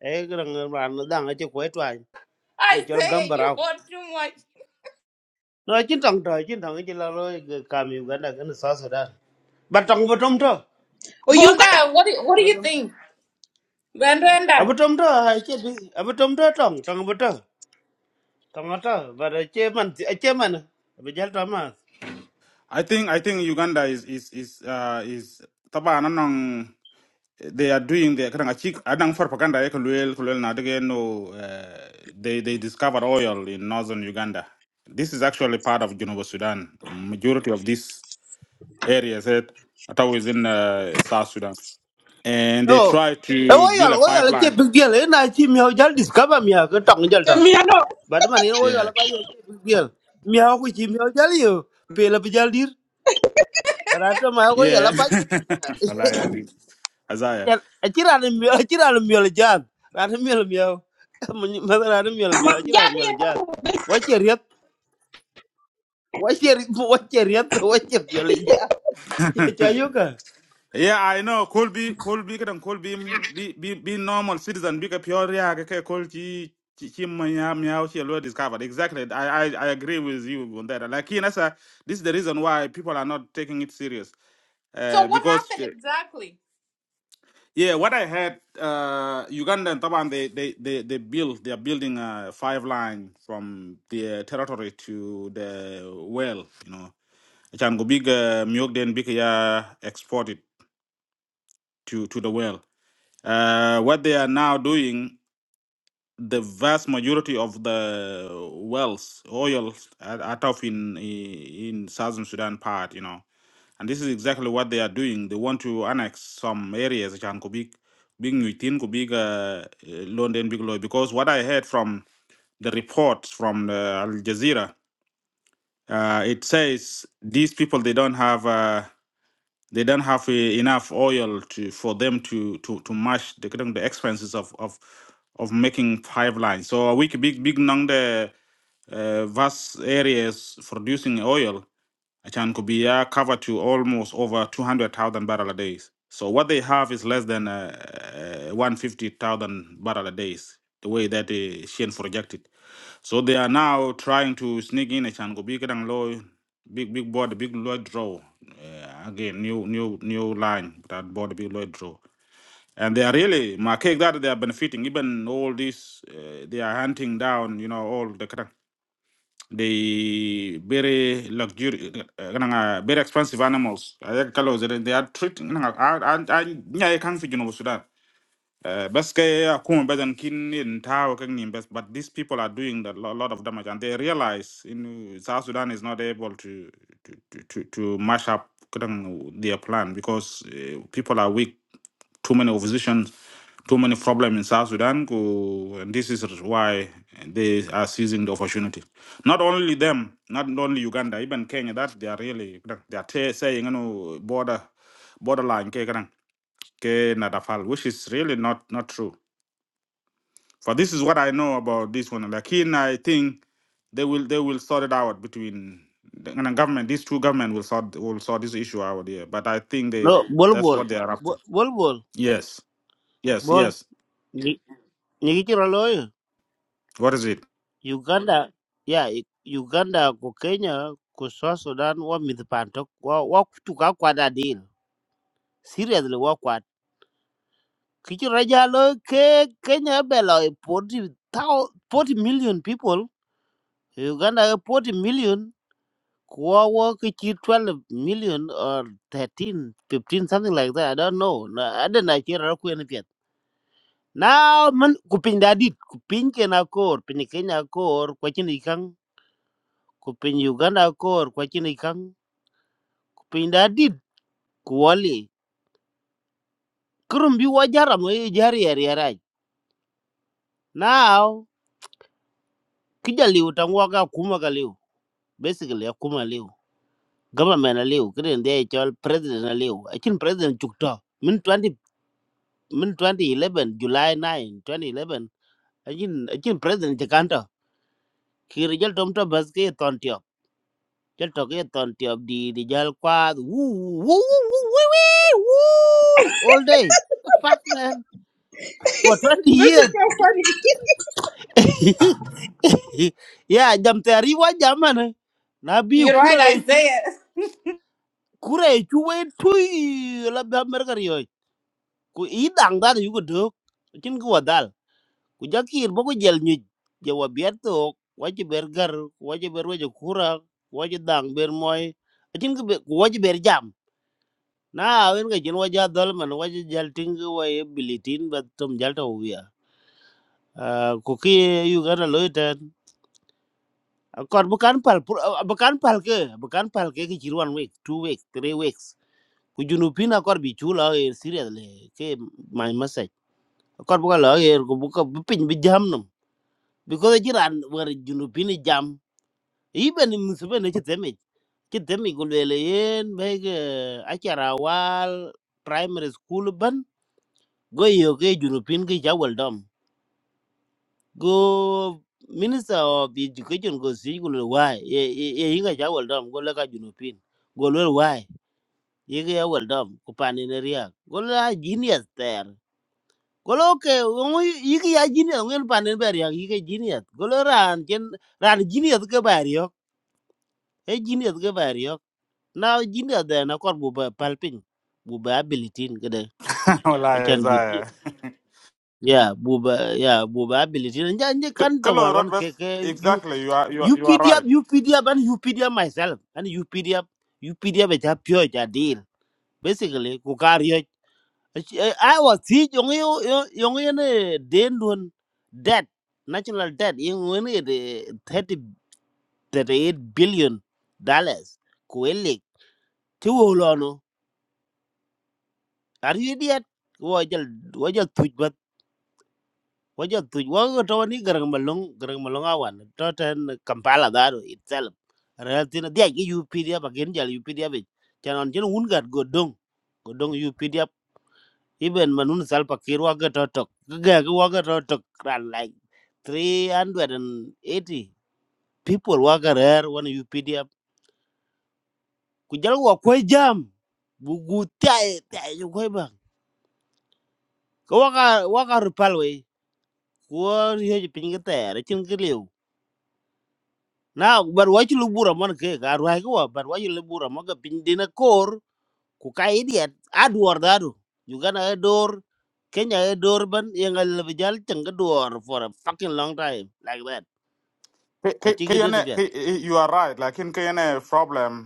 [SPEAKER 3] e kiri ngran na dang ache kwe twa e chol
[SPEAKER 1] Isaiah, you
[SPEAKER 3] gumbarao
[SPEAKER 1] want too much.
[SPEAKER 3] no chin tong to chin tong chin la ro kam yu ganda kan sa sa da ba tong ba tong to
[SPEAKER 4] o Uganda
[SPEAKER 1] Bonda, what do, what do you think? Bandanda.
[SPEAKER 3] abu tong to ha che bi abu tong to tong tong ba to tong to ba da che man che man ba jal to ma
[SPEAKER 2] I think I think Uganda is is is uh is taba anong they are doing the kadang achik adang for propaganda ek luel luel na dege no uh, they they discovered oil in northern Uganda. This is actually part of Junuba Sudan. Majority of these areas that are always in uh, South Sudan, and they
[SPEAKER 3] Oh,
[SPEAKER 2] try
[SPEAKER 3] e wo
[SPEAKER 2] to build
[SPEAKER 3] yol
[SPEAKER 2] a
[SPEAKER 3] wo yol
[SPEAKER 2] five
[SPEAKER 3] che
[SPEAKER 2] line.
[SPEAKER 3] big deal na chi mi ho jal discover mi ha ko tong jal to.
[SPEAKER 4] mi ano
[SPEAKER 3] But man, you know, you are
[SPEAKER 2] Yeah,
[SPEAKER 3] like a girl. Me, how could you tell you? Pale up Jaldir. But I told my way, you're
[SPEAKER 2] yeah.
[SPEAKER 3] like,
[SPEAKER 2] Alaya, Isaiah.
[SPEAKER 3] I cheer on him, I cheer on him, you're a mule jan. Ran him, you're a mule meow. Mother, I'm you're a meow, I cheer on him,
[SPEAKER 4] jabi
[SPEAKER 3] you're a mule
[SPEAKER 4] ano
[SPEAKER 3] jan. What your yet? What your what your yet? What your you're jan? Chayuka.
[SPEAKER 2] Yeah, I know. Could be, could be, can could be, be, be, be normal citizen. Be a pure, yeah, okay, could be. Meow, she discovered exactly. I, I, I agree with you on that. Like, you know, sir, this is the reason why people are not taking it serious.
[SPEAKER 1] So
[SPEAKER 2] Uh,
[SPEAKER 1] what
[SPEAKER 2] because uh,
[SPEAKER 1] happened exactly?
[SPEAKER 2] yeah, what I heard, uh, Uganda and Taban, they, they, they, they build, they are building a five line from the uh, territory to the well. You know, Chango big, uh, Miyok then big, yeah, exported to to the well Uh, what they are now doing, the vast majority of the wells, oil, are out of in in southern Sudan part, you know, and this is exactly what they are doing. They want to annex some areas, which can be being within could be uh, London big law because what I heard from the report from uh, Al Jazeera, uh, it says these people they don't have. uh, they don't have uh, enough oil to for them to to to match the kind of the expenses of of of making pipeline. So we could big big nang the uh, vast areas producing oil. can could be uh, covered to almost over two hundred thousand barrel a day. So what they have is less than uh, uh, one fifty thousand barrel a day. The way that uh, Shane projected. So they are now trying to sneak in a Chango big and low, big big board, big low draw. Uh, again, new new new line that board big low draw. And they are really my cake that they are benefiting. Even all this, uh, they are hunting down. You know all the kind the very luxury, uh, uh, uh, very expensive animals. I think colours, They they are treating. I I I I can't figure Sudan. Uh, bas ke ya kuma kin in tao kang nim bas but these people are doing a lo- lot of damage and they realize in uh, South Sudan is not able to to to, to to mash up kadang their plan because uh, people are weak too many oppositions too many problems in South Sudan go- and this is why they are seizing the opportunity not only them not only Uganda even Kenya that they are really kadang, they are te- saying you know border borderline ke kadang, ke nadafal which is really not not true for this is what I know about this one. Like in, I think they will they will sort it out between the and the government. These two government will sort will sort this issue out here. But I think they
[SPEAKER 3] No, bol
[SPEAKER 2] that's
[SPEAKER 3] bol.
[SPEAKER 2] what they are up to.
[SPEAKER 3] Bol bol.
[SPEAKER 2] Yes, yes,
[SPEAKER 3] Bol.
[SPEAKER 2] yes.
[SPEAKER 3] Nyiki chira
[SPEAKER 2] What is it?
[SPEAKER 3] Uganda yeah. i- Uganda ku Kenya ku South Sudan wa mith panto wa wa kutuka kwa da deal seriously wa kwa kichu raja lo ke Kenya belo 40 thou- 40 million people Uganda e 40 million kwa wa kichu 12 million or 13, 15, something like that I don't know na ada na chira ku en pet now man kupinda dit kupin Kenya kor pin Kenya kor kwa chini kang kupin Uganda kor kwa chini pinda dit kuwali kurum bi wajara mo ye jari yari yari now kija liu tangwa ga kuma ga liu basically ya kuma liu government na liu kiden de chol president na liu achin president chukto min t 0 min 2011 july 9 2011 achin achin president chikanta kiri jal tom to baske ton t i o jal to ke ton t i o di di jal kwa woo woo woo woo woo woo all day the fuck man for
[SPEAKER 4] this
[SPEAKER 3] 20 years
[SPEAKER 4] is so funny
[SPEAKER 3] ya jam tari wa jamana na bi
[SPEAKER 1] You're
[SPEAKER 3] kura
[SPEAKER 1] right,
[SPEAKER 3] ga chu
[SPEAKER 1] Isaiah.
[SPEAKER 3] kura ga chu wai tui la ba mer gar yoy ku i dang da yu ko dok kin ko wadal ku jakir bo ko jel ni je wa biet to wa ji ber gar wa ji ber wa ji kura wa ji dang ber moy kin ko be wa ji ber jam na wen ga jin wa ja dol man wa ji jal ting ko wa e bilitin ba tom jal to wiya ku ki yu ga na Akor bukan pal, pur- ah, bukan pal ke, bukan pal ke ke ciri one week, two weeks, three weeks. Ku junubin akor bicu lah air serius le, ke my message. Akor bukan lah air, ku buka bepin bejam nom. Because jiran war junubin ni jam. Iban ni musibah ni cetemi, cetemi ku lelein baik acara awal primary school ban. Goyo ke junubin ke jawal dom. go minister of the education go see go le why ye ye ye inga ja well done go le ka junopin go le why ye ga well done ko pani ne ria go la genius ter go lo ke ngo yi ga ya genius ngen pani ber ya yi ga genius go le ran ken ran genius ke ber yo e genius ke ber yo now genius de na kor bu ba palpin bu ba ability ke de
[SPEAKER 2] Wallahi,
[SPEAKER 3] achan bit
[SPEAKER 2] Isaiah.
[SPEAKER 3] ya bu ba ya bu ba ability nja nje
[SPEAKER 2] K-
[SPEAKER 3] kan to
[SPEAKER 2] Kelo
[SPEAKER 3] war wan ke
[SPEAKER 2] Rodbus,
[SPEAKER 3] ke
[SPEAKER 2] exactly. You are you are, you are
[SPEAKER 3] UPDF,
[SPEAKER 2] right.
[SPEAKER 3] UPDF, and UPDF myself, and UPDF, UPDF is a pure a deal. Basically, Kukario. I was teach young young in Dendun debt, national debt, in only the thirty thirty eight billion dollars. Kuelik, Tuolono. Are you idiot? Wajal, wajal, twitch waja tuj waga tawa ni garang malong garang malong awan to ten kampala daro itself relatin dia ki updf again jal updf chan on chen un gat godong godong updf even manun sal pakir waga to tok ga ga waga to tok ran like three hundred and eighty people waga rare one updf ku jal wa ko jam bu gu tai tai ko ba ko waga waga rupal we ko hiye pinga ter chin na bar wachi lubura man ke ga ruai ko bar wachi lubura maga pindina kor ku kai dia adwar daru juga e dor kenya e dor ban yang al bijal tanga dor for a fucking long time like that
[SPEAKER 2] K-
[SPEAKER 3] ko
[SPEAKER 2] K-
[SPEAKER 3] tigi de
[SPEAKER 2] KNA
[SPEAKER 3] fet
[SPEAKER 2] K- you are right. Like in KNA problem.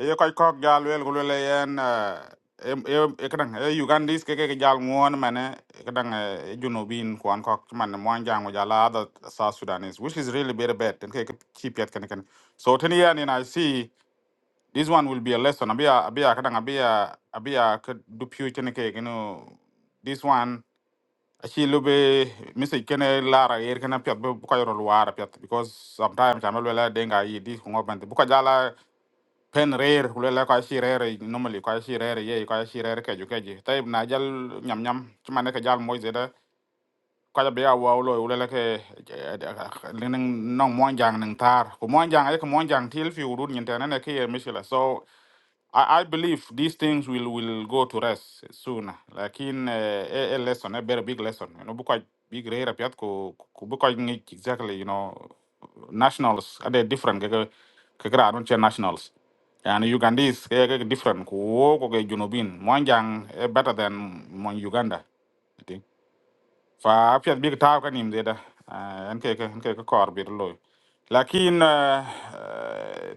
[SPEAKER 2] ye koy kok jal wel gulo le yen e e kadang e ugandis ke ke jal muon mane e kadang eh, e junubin kwan kok man muan jang jala other south sudanese which is really very bad and ke keep yet can can so ten year and i see this one will be a lesson abia abia kadang abia abia could do future ke you know this one actually lube missy kene lara yer kana pet bu ko yoro luara pet because sometimes amal wela denga yi this ko ngobante jala pen rare hulela kwa shi rare normally kwa shi rare ye kwa shi rare ke juke ji tai na jal nyam nyam chuma ne ke jal moy zeda kwa be ya wa ulo hulela ke ning nong mon jang ning tar ko mon jang ai ko mon jang til fi urun nyen na ne ke ye mishila so I, I believe these things will, will go to rest soon. Like in uh, a, a lesson, a very big lesson. You know, because big rare piat ko ko because exactly. You know, nationals are they different. Kaka kaka I don't nationals. And Ugandese kaka different. Ko ko kaka Junobin. Mwanjang eh, better than Mon Uganda fa piet big taw ka nim deda en ke en ke kor bir loy lakin uh,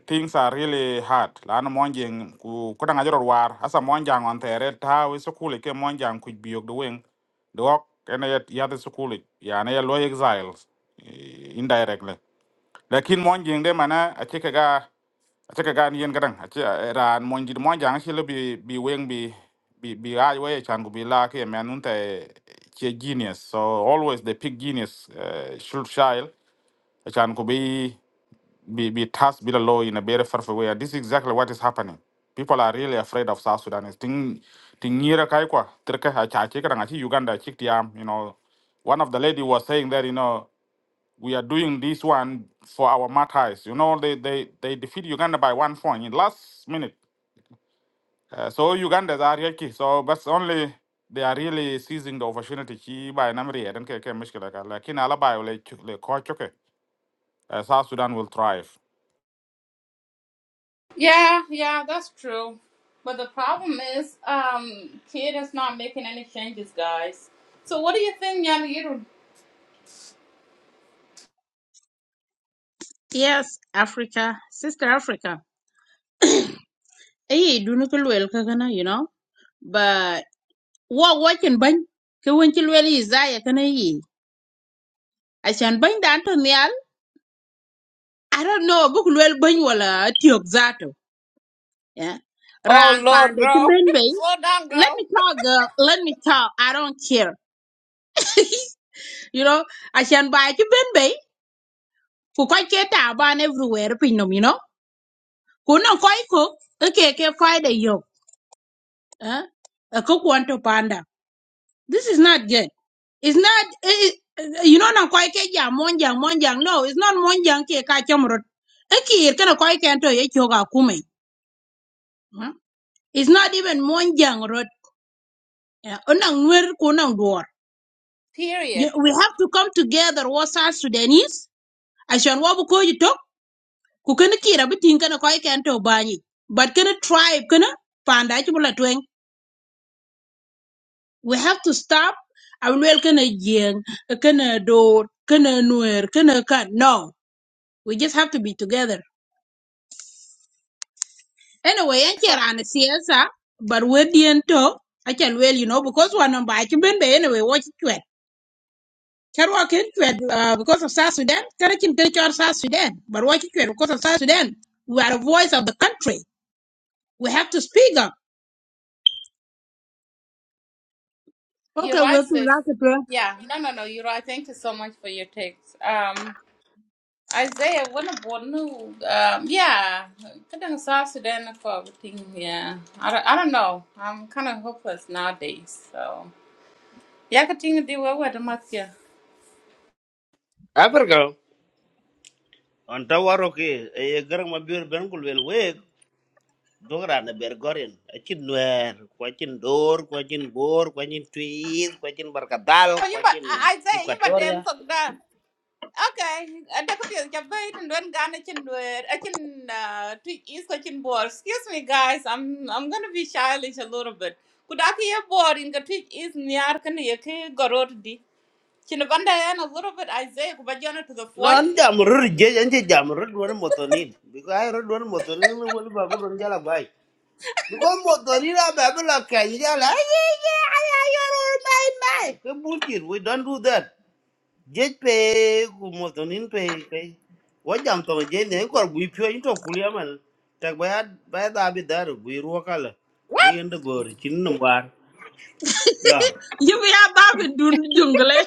[SPEAKER 2] things are really hard lan monjing ku kudang ajor war asa monjang on tere taw sukule ke monjang ku biok de wing de ok ene yet yade sukule ya ne loy exiles eh, indirectly lakin monjing de mana achike Ache ka gan yen kadang ache ran mon jit mon jang chile bi bi weng bi bi bi ai we chan ku bi la ke men un te che genius so always the pick genius uh, should child chan ku bi bi Be, task bi la law in a very far way this is exactly what is happening people are really afraid of south sudan ting ting nira kai kwa ter ka ha cha che kadang ache uganda chik tiam you know one of the lady was saying that you know we are doing this one for our martyrs. You know, they they they defeat Uganda by one point in last minute. Uh, so Ugandans are here, key. so but only they are really seizing the opportunity. Key by Namri, I don't care, care, Mishkila, ka. Like in Alaba, like the coach, okay. Uh, South Sudan will thrive.
[SPEAKER 1] Yeah, yeah, that's true. But the problem is, um, kid is not making any changes, guys. So what do you think, Yan?
[SPEAKER 4] yes Africa sister Africa eh do no kulwel kagana you know but what wakin ban ke won ki lwel yi zaya kana yi a shan ban da anton yal i don't know bu kulwel ban wala tiok Yeah.
[SPEAKER 1] Oh
[SPEAKER 4] Ran
[SPEAKER 1] Lord,
[SPEAKER 4] pande
[SPEAKER 1] bro.
[SPEAKER 4] chibinbe.
[SPEAKER 1] Slow down,
[SPEAKER 4] Let me
[SPEAKER 1] bro.
[SPEAKER 4] talk, girl. Let me talk. I don't care. You know, I shan buy chibinbe. Ku koi ke taban everywhere pinom, you know. Ku no koi cook. Okay, ke koi de yo. Eh? A cook want to panda. This is not good. It's not, it, it, you know, na koi ke ja monjang monjang. No, it's not monjang ke ka chomrot. Eki ir kana koi ke anto ye choga kume. Huh? It's not even monjang rot. Eh, Unang nwer kunang duor.
[SPEAKER 1] Period.
[SPEAKER 4] Ye- we have to come together was our Sudanese عشان وابو كوي توك كوكن كيرا بتين كنا كوي كان تو باني but كنا tribe كنا باندا جبلا توين we have to stop أولوال كنا جين كنا دور كنا نوير كنا كان no we just have to be together anyway أنت عن السياسة but we didn't talk أكل well you know because one number I can be anyway watch it Can walk in it, uh, because of South Sudan. Can I can take out South Sudan? But why can't you because of South Sudan? We are the voice of the country. We have to speak up.
[SPEAKER 1] You're
[SPEAKER 4] Okay,
[SPEAKER 1] right,
[SPEAKER 4] we're too
[SPEAKER 1] sis.
[SPEAKER 4] loud to
[SPEAKER 1] Yeah. No, no, no. You're right. Thank you so much for your text. Um, Isaiah, one of what new? Um, yeah. Kadang South Sudan for everything. Yeah. I don't, I don't know. I'm kind of hopeless nowadays. So. Yeah, continue to do what with the mask. Yeah.
[SPEAKER 3] Africa. on tawaro ke e garang mabir ben kul wel we dogra na ber goren achin nuer ko achin dor ko achin bor ko achin twir ko achin barkadal
[SPEAKER 1] Oh,
[SPEAKER 3] ko
[SPEAKER 1] you but
[SPEAKER 3] achin
[SPEAKER 1] Isaiah, you but damn suck Okay, ada ko pian jabai tan don gana chin nuer, a chin uh, tweet is ko chin bor. Excuse me guys, I'm I'm going to be childish a little bit. Kuda ki ye bor in ka tweet is niar kan ye ke gorot di. Chin banda yan a little bit Isaiah ku bajana to the
[SPEAKER 3] No,
[SPEAKER 1] point.
[SPEAKER 3] an jam rur je, an je jam rur dua ni motonin. Biko ay rur dua ni motonin, no wali bagu don jala bai. Biko motonin a babu la kai jala. Ay ay ay ay ay ay bai bai. Ke bullshit, we don't do that. Je pe ku motonin pe kai. Wa jam to je ne kor bui pyo into kulia man. Tak bai bai da bi dar bui ruakala. Bui ende bor chin no war. Ya.
[SPEAKER 4] You be a Bob in Dun- jungle eh?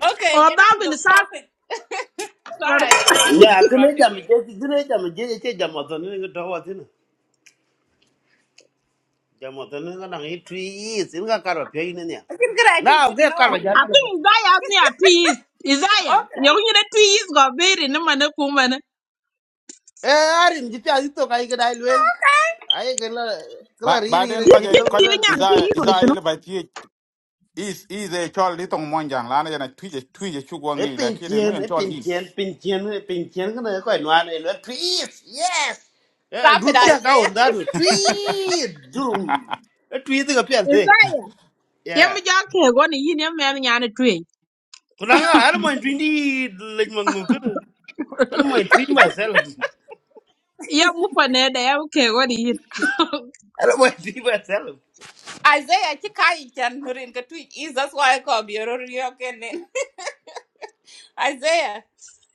[SPEAKER 1] Okay,
[SPEAKER 4] or
[SPEAKER 1] get up
[SPEAKER 4] Bob
[SPEAKER 1] to
[SPEAKER 4] in the
[SPEAKER 1] the
[SPEAKER 4] South
[SPEAKER 1] topic.
[SPEAKER 4] or
[SPEAKER 1] Sorry Isaiah for
[SPEAKER 3] Ya, kene
[SPEAKER 1] interrupting
[SPEAKER 3] jam je,
[SPEAKER 1] you.
[SPEAKER 3] kene jam je je jam motonin ngi to watina. jamo to ne ga ngi twi yi sin ga karwa pe ne ne
[SPEAKER 1] I think get I
[SPEAKER 3] na
[SPEAKER 1] didn't
[SPEAKER 3] ge karwa
[SPEAKER 1] know.
[SPEAKER 3] ja
[SPEAKER 4] I
[SPEAKER 3] ne ga
[SPEAKER 4] think Isaiah had me at peace. Isaiah, you
[SPEAKER 1] Okay.
[SPEAKER 4] know the peace got very no the man no woman. eh?
[SPEAKER 3] e arin ji ta to kai ga dai lwel ai ga la kala
[SPEAKER 2] But
[SPEAKER 3] ri
[SPEAKER 2] but
[SPEAKER 3] ri ri
[SPEAKER 2] then,
[SPEAKER 3] ji
[SPEAKER 4] You
[SPEAKER 2] kaje
[SPEAKER 3] chol
[SPEAKER 4] can
[SPEAKER 3] ko
[SPEAKER 4] deal
[SPEAKER 2] kaje
[SPEAKER 3] lwel
[SPEAKER 4] in the
[SPEAKER 2] Isaiah
[SPEAKER 4] peace on the
[SPEAKER 2] Isaiah
[SPEAKER 4] show.
[SPEAKER 2] by the is is a chol litong monjang lana yana tuije tuije
[SPEAKER 3] e
[SPEAKER 2] chugwangi
[SPEAKER 3] pin
[SPEAKER 2] lakini
[SPEAKER 3] chien
[SPEAKER 2] ngoyen
[SPEAKER 3] e
[SPEAKER 2] chol
[SPEAKER 3] pin
[SPEAKER 2] is
[SPEAKER 3] chien pin chien e pin chien ga ne ko no an e lwel tweet yes e
[SPEAKER 1] Stop it
[SPEAKER 3] rutya ka
[SPEAKER 1] Isaiah.
[SPEAKER 3] on da do twi dum e twi ga pe te
[SPEAKER 4] Isaiah, you have
[SPEAKER 3] yeah
[SPEAKER 4] me just care one in your man and a tree.
[SPEAKER 3] kunanga ar mo twi ni lej mo ngu ko ar mo twi myself
[SPEAKER 4] You have move on there, they have care one in
[SPEAKER 3] ar mo twi myself
[SPEAKER 1] Isaiah ki kai chan nurin ka tweet is that's why I call you. Okay. Isaiah,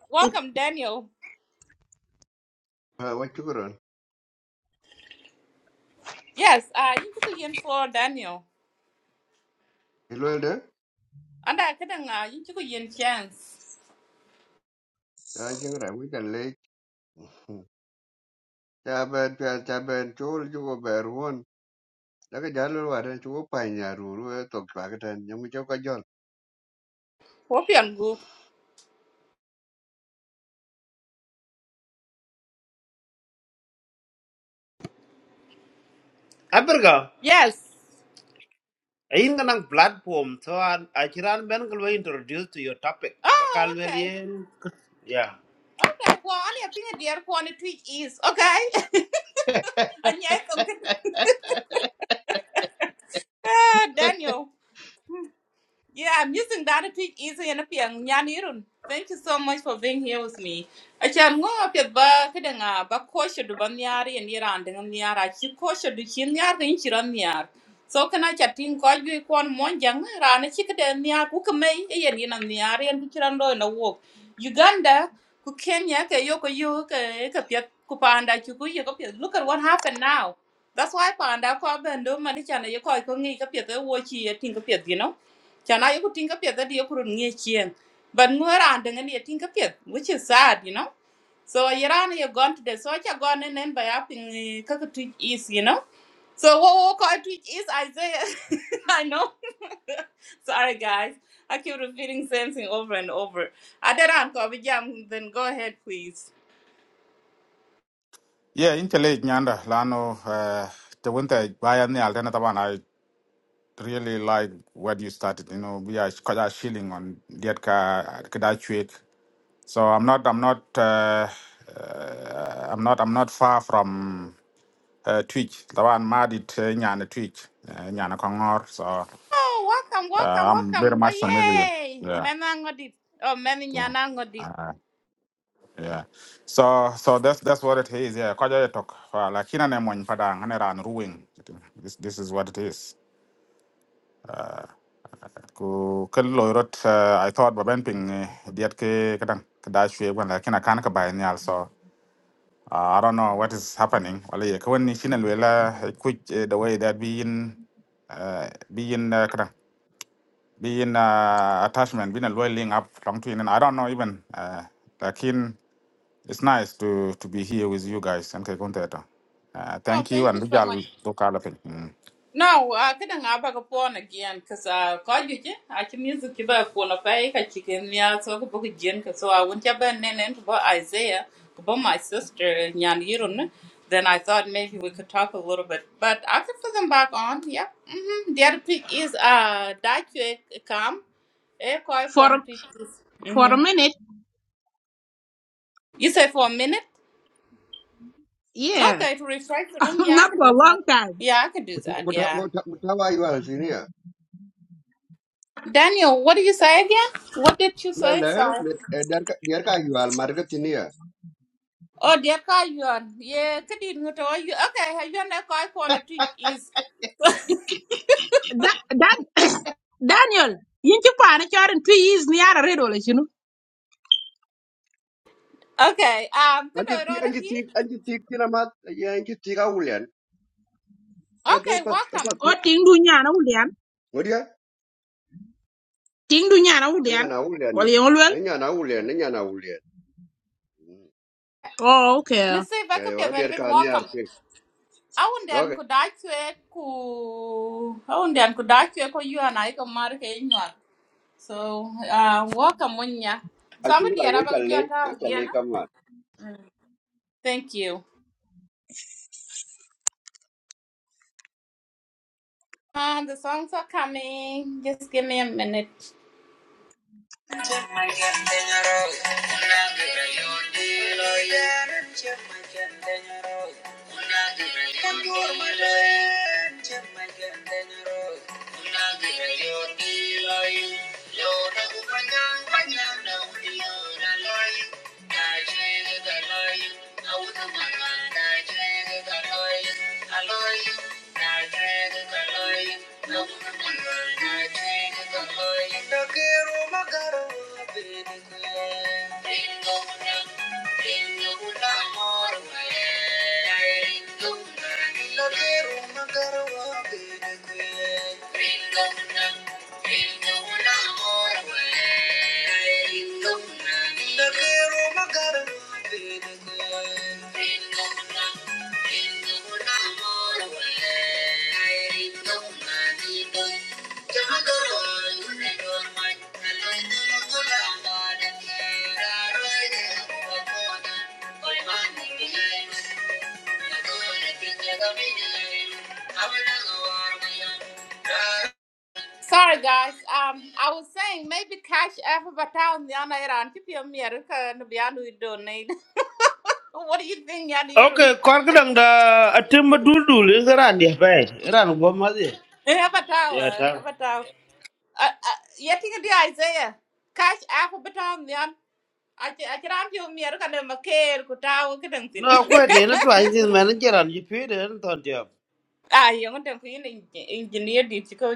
[SPEAKER 1] welcome Daniel.
[SPEAKER 6] ha wa chukron
[SPEAKER 1] Yes, uh, yin chiko yin for Daniel.
[SPEAKER 6] ilwel de
[SPEAKER 1] Anda kadang uh, yin chiko yin chance.
[SPEAKER 6] ta jeng ra wi dan le ta ben ta ta ben chul ju go ber won la ga jalo wa ren chu pa nya ru ru to pa ga tan nyam jo ka jol
[SPEAKER 1] Hopian group.
[SPEAKER 3] aberga
[SPEAKER 1] Yes.
[SPEAKER 3] ayin ganang platform so an achiran ben ko introduce to your topic bakal
[SPEAKER 1] Oh,
[SPEAKER 3] wel
[SPEAKER 1] okay.
[SPEAKER 3] yen yeah
[SPEAKER 1] Okay. Well, I need a dear for on tweet is okay. And yes, I'm good. Daniel. Yeah, I'm using that to teach easy and a young Yanirun. Thank you so much for being here with me. Achan ngo apya ba kadanga ba kosha du ban yari and yara and dengan yara chi kosha du chin yar ngin chiran yar. So kana chatting ko ju kon mon jang rana chi kada nyar ku kemei e and yan yar yan ku walk, Uganda ku Kenya ke yo ko yo ke ka pya ku look at what happened now. That's why panda ko abendo mani chana yo ko ko ngi ka pya wo chi ya ting ka you know. Chana yoku tinka piet that yoku nge chien. But mwera and then you tinka piet, which is sad, you know. So Iran you gone to the So I gone and then by up in eh, kaka is, you know. So what what what I is Isaiah. I know. Sorry guys. I keep repeating same thing over and over. Adaran Kobijam, then go ahead please.
[SPEAKER 2] yeah intelligent nyanda lano uh, the winter bayan ni alternate really like where you started. You know, we are quite a shilling on Dietka Kedachuik. So I'm not, I'm not, uh, uh, I'm not, I'm not far from uh, Twitch. The one married Nyana Twitch, uh, Nyana Kongor. So uh,
[SPEAKER 1] Oh, welcome, welcome,
[SPEAKER 2] I'm very
[SPEAKER 1] welcome. Why
[SPEAKER 2] much familiar.
[SPEAKER 1] yay!
[SPEAKER 2] Yeah.
[SPEAKER 1] Menangodit. Oh,
[SPEAKER 2] yeah.
[SPEAKER 1] Meninyanangodit.
[SPEAKER 2] Uh, yeah, so so that's that's what it is. Yeah, kwaja talk. Like Lakina ne mo padang ane ran ruling. This this is what it is. ku kel lo rot uh, i thought ba ben ping eh, diet ke kadang kada shwe wan la kina kan ka bai ni also. uh, i don't know what is happening wala ye kwen ni shin wala quick eh, the way that we in uh, be in uh, kadang be in uh, attachment be in a link up long to in and i don't know even uh, lakin it's nice to to be here with you guys and ke konta uh,
[SPEAKER 1] Oh,
[SPEAKER 2] thank you
[SPEAKER 1] thank
[SPEAKER 2] and
[SPEAKER 1] you so
[SPEAKER 2] bijal
[SPEAKER 1] much.
[SPEAKER 2] do kala pin
[SPEAKER 1] No, I kada not have ka pon again, cause I ko you, I can use the ki ba pon pa e ka chi ken ya so ko bu gen ka so I went ya ba nen nen Isaiah, ko my sister nyan yirun. Then I thought maybe we could talk a little bit, but I could put them back on. Yep. Mm-hmm. The other pick is uh, that you uh, come. Eh, ko I
[SPEAKER 4] for
[SPEAKER 1] pon pick is.
[SPEAKER 4] for
[SPEAKER 1] Mm-hmm.
[SPEAKER 4] a minute.
[SPEAKER 1] You say for a minute.
[SPEAKER 4] Yeah.
[SPEAKER 1] Okay, to refresh the room. Yeah, I
[SPEAKER 4] not
[SPEAKER 1] can
[SPEAKER 4] for a
[SPEAKER 1] do that.
[SPEAKER 4] long time.
[SPEAKER 1] Yeah, I could do that.
[SPEAKER 6] wata
[SPEAKER 1] Yeah.
[SPEAKER 6] wata wata wa yu al sinia
[SPEAKER 1] Daniel, what did you say again? What did you
[SPEAKER 6] la
[SPEAKER 1] say?
[SPEAKER 6] la
[SPEAKER 1] Sorry.
[SPEAKER 6] der ka der ka yu al mar ga tinia
[SPEAKER 1] Oh, dear God, you are. Yeah, could you go to you? Okay, have you know I want to teach is.
[SPEAKER 4] That that Daniel, yin ci paana caarin two years ni yaara redo la cinu.
[SPEAKER 1] Okay, um, could
[SPEAKER 6] anji
[SPEAKER 1] I
[SPEAKER 6] ti
[SPEAKER 1] write
[SPEAKER 6] anji
[SPEAKER 1] here?
[SPEAKER 6] ti anji ti kina mat ya anji ti ga ulian ka ta
[SPEAKER 1] Okay,
[SPEAKER 6] pa pa
[SPEAKER 1] welcome.
[SPEAKER 6] tu
[SPEAKER 4] O ting du ñaana wu dian,
[SPEAKER 6] ngodia
[SPEAKER 4] ting du ñaana ulian.
[SPEAKER 6] nya
[SPEAKER 4] dian.
[SPEAKER 6] cái ulian
[SPEAKER 4] Wal yong lwel.
[SPEAKER 6] ne nya cái ulian ne nya cái ulian
[SPEAKER 4] Oh, okay.
[SPEAKER 1] Let's see if I
[SPEAKER 6] ga
[SPEAKER 1] could
[SPEAKER 6] yo
[SPEAKER 1] be
[SPEAKER 6] der
[SPEAKER 1] very
[SPEAKER 6] ka nya
[SPEAKER 1] welcome.
[SPEAKER 6] cái ke
[SPEAKER 1] I wonder
[SPEAKER 6] do
[SPEAKER 1] and could
[SPEAKER 6] ga
[SPEAKER 1] I to ku I wonder and could I to ku you and I can mark in your. So, uh, welcome when ya.
[SPEAKER 6] ji
[SPEAKER 1] Somebody
[SPEAKER 6] la
[SPEAKER 1] at
[SPEAKER 6] go
[SPEAKER 1] about
[SPEAKER 6] challe
[SPEAKER 1] your
[SPEAKER 6] go
[SPEAKER 1] town again.
[SPEAKER 6] challe
[SPEAKER 1] Thank you. Um, the songs are coming. Just give me a minute. Thank you. Ringo, Sorry guys, um, I was saying maybe cash app but town the ana iran tip your mirror and be anu donate. What do you think yani irun?
[SPEAKER 3] okay kor gadang da atim duldul garan dia bay ran go ma di
[SPEAKER 1] Have a
[SPEAKER 3] ya
[SPEAKER 1] tower,
[SPEAKER 3] ta
[SPEAKER 1] have a tower. Uh, uh, yet you Isaiah. Cash app but town the Aci aci rapi o kan dem maker ku tahu ke deng
[SPEAKER 3] no ko de na to ajin man jaran ji pire en ton dia
[SPEAKER 1] Ah yang deng ku engineer di cikau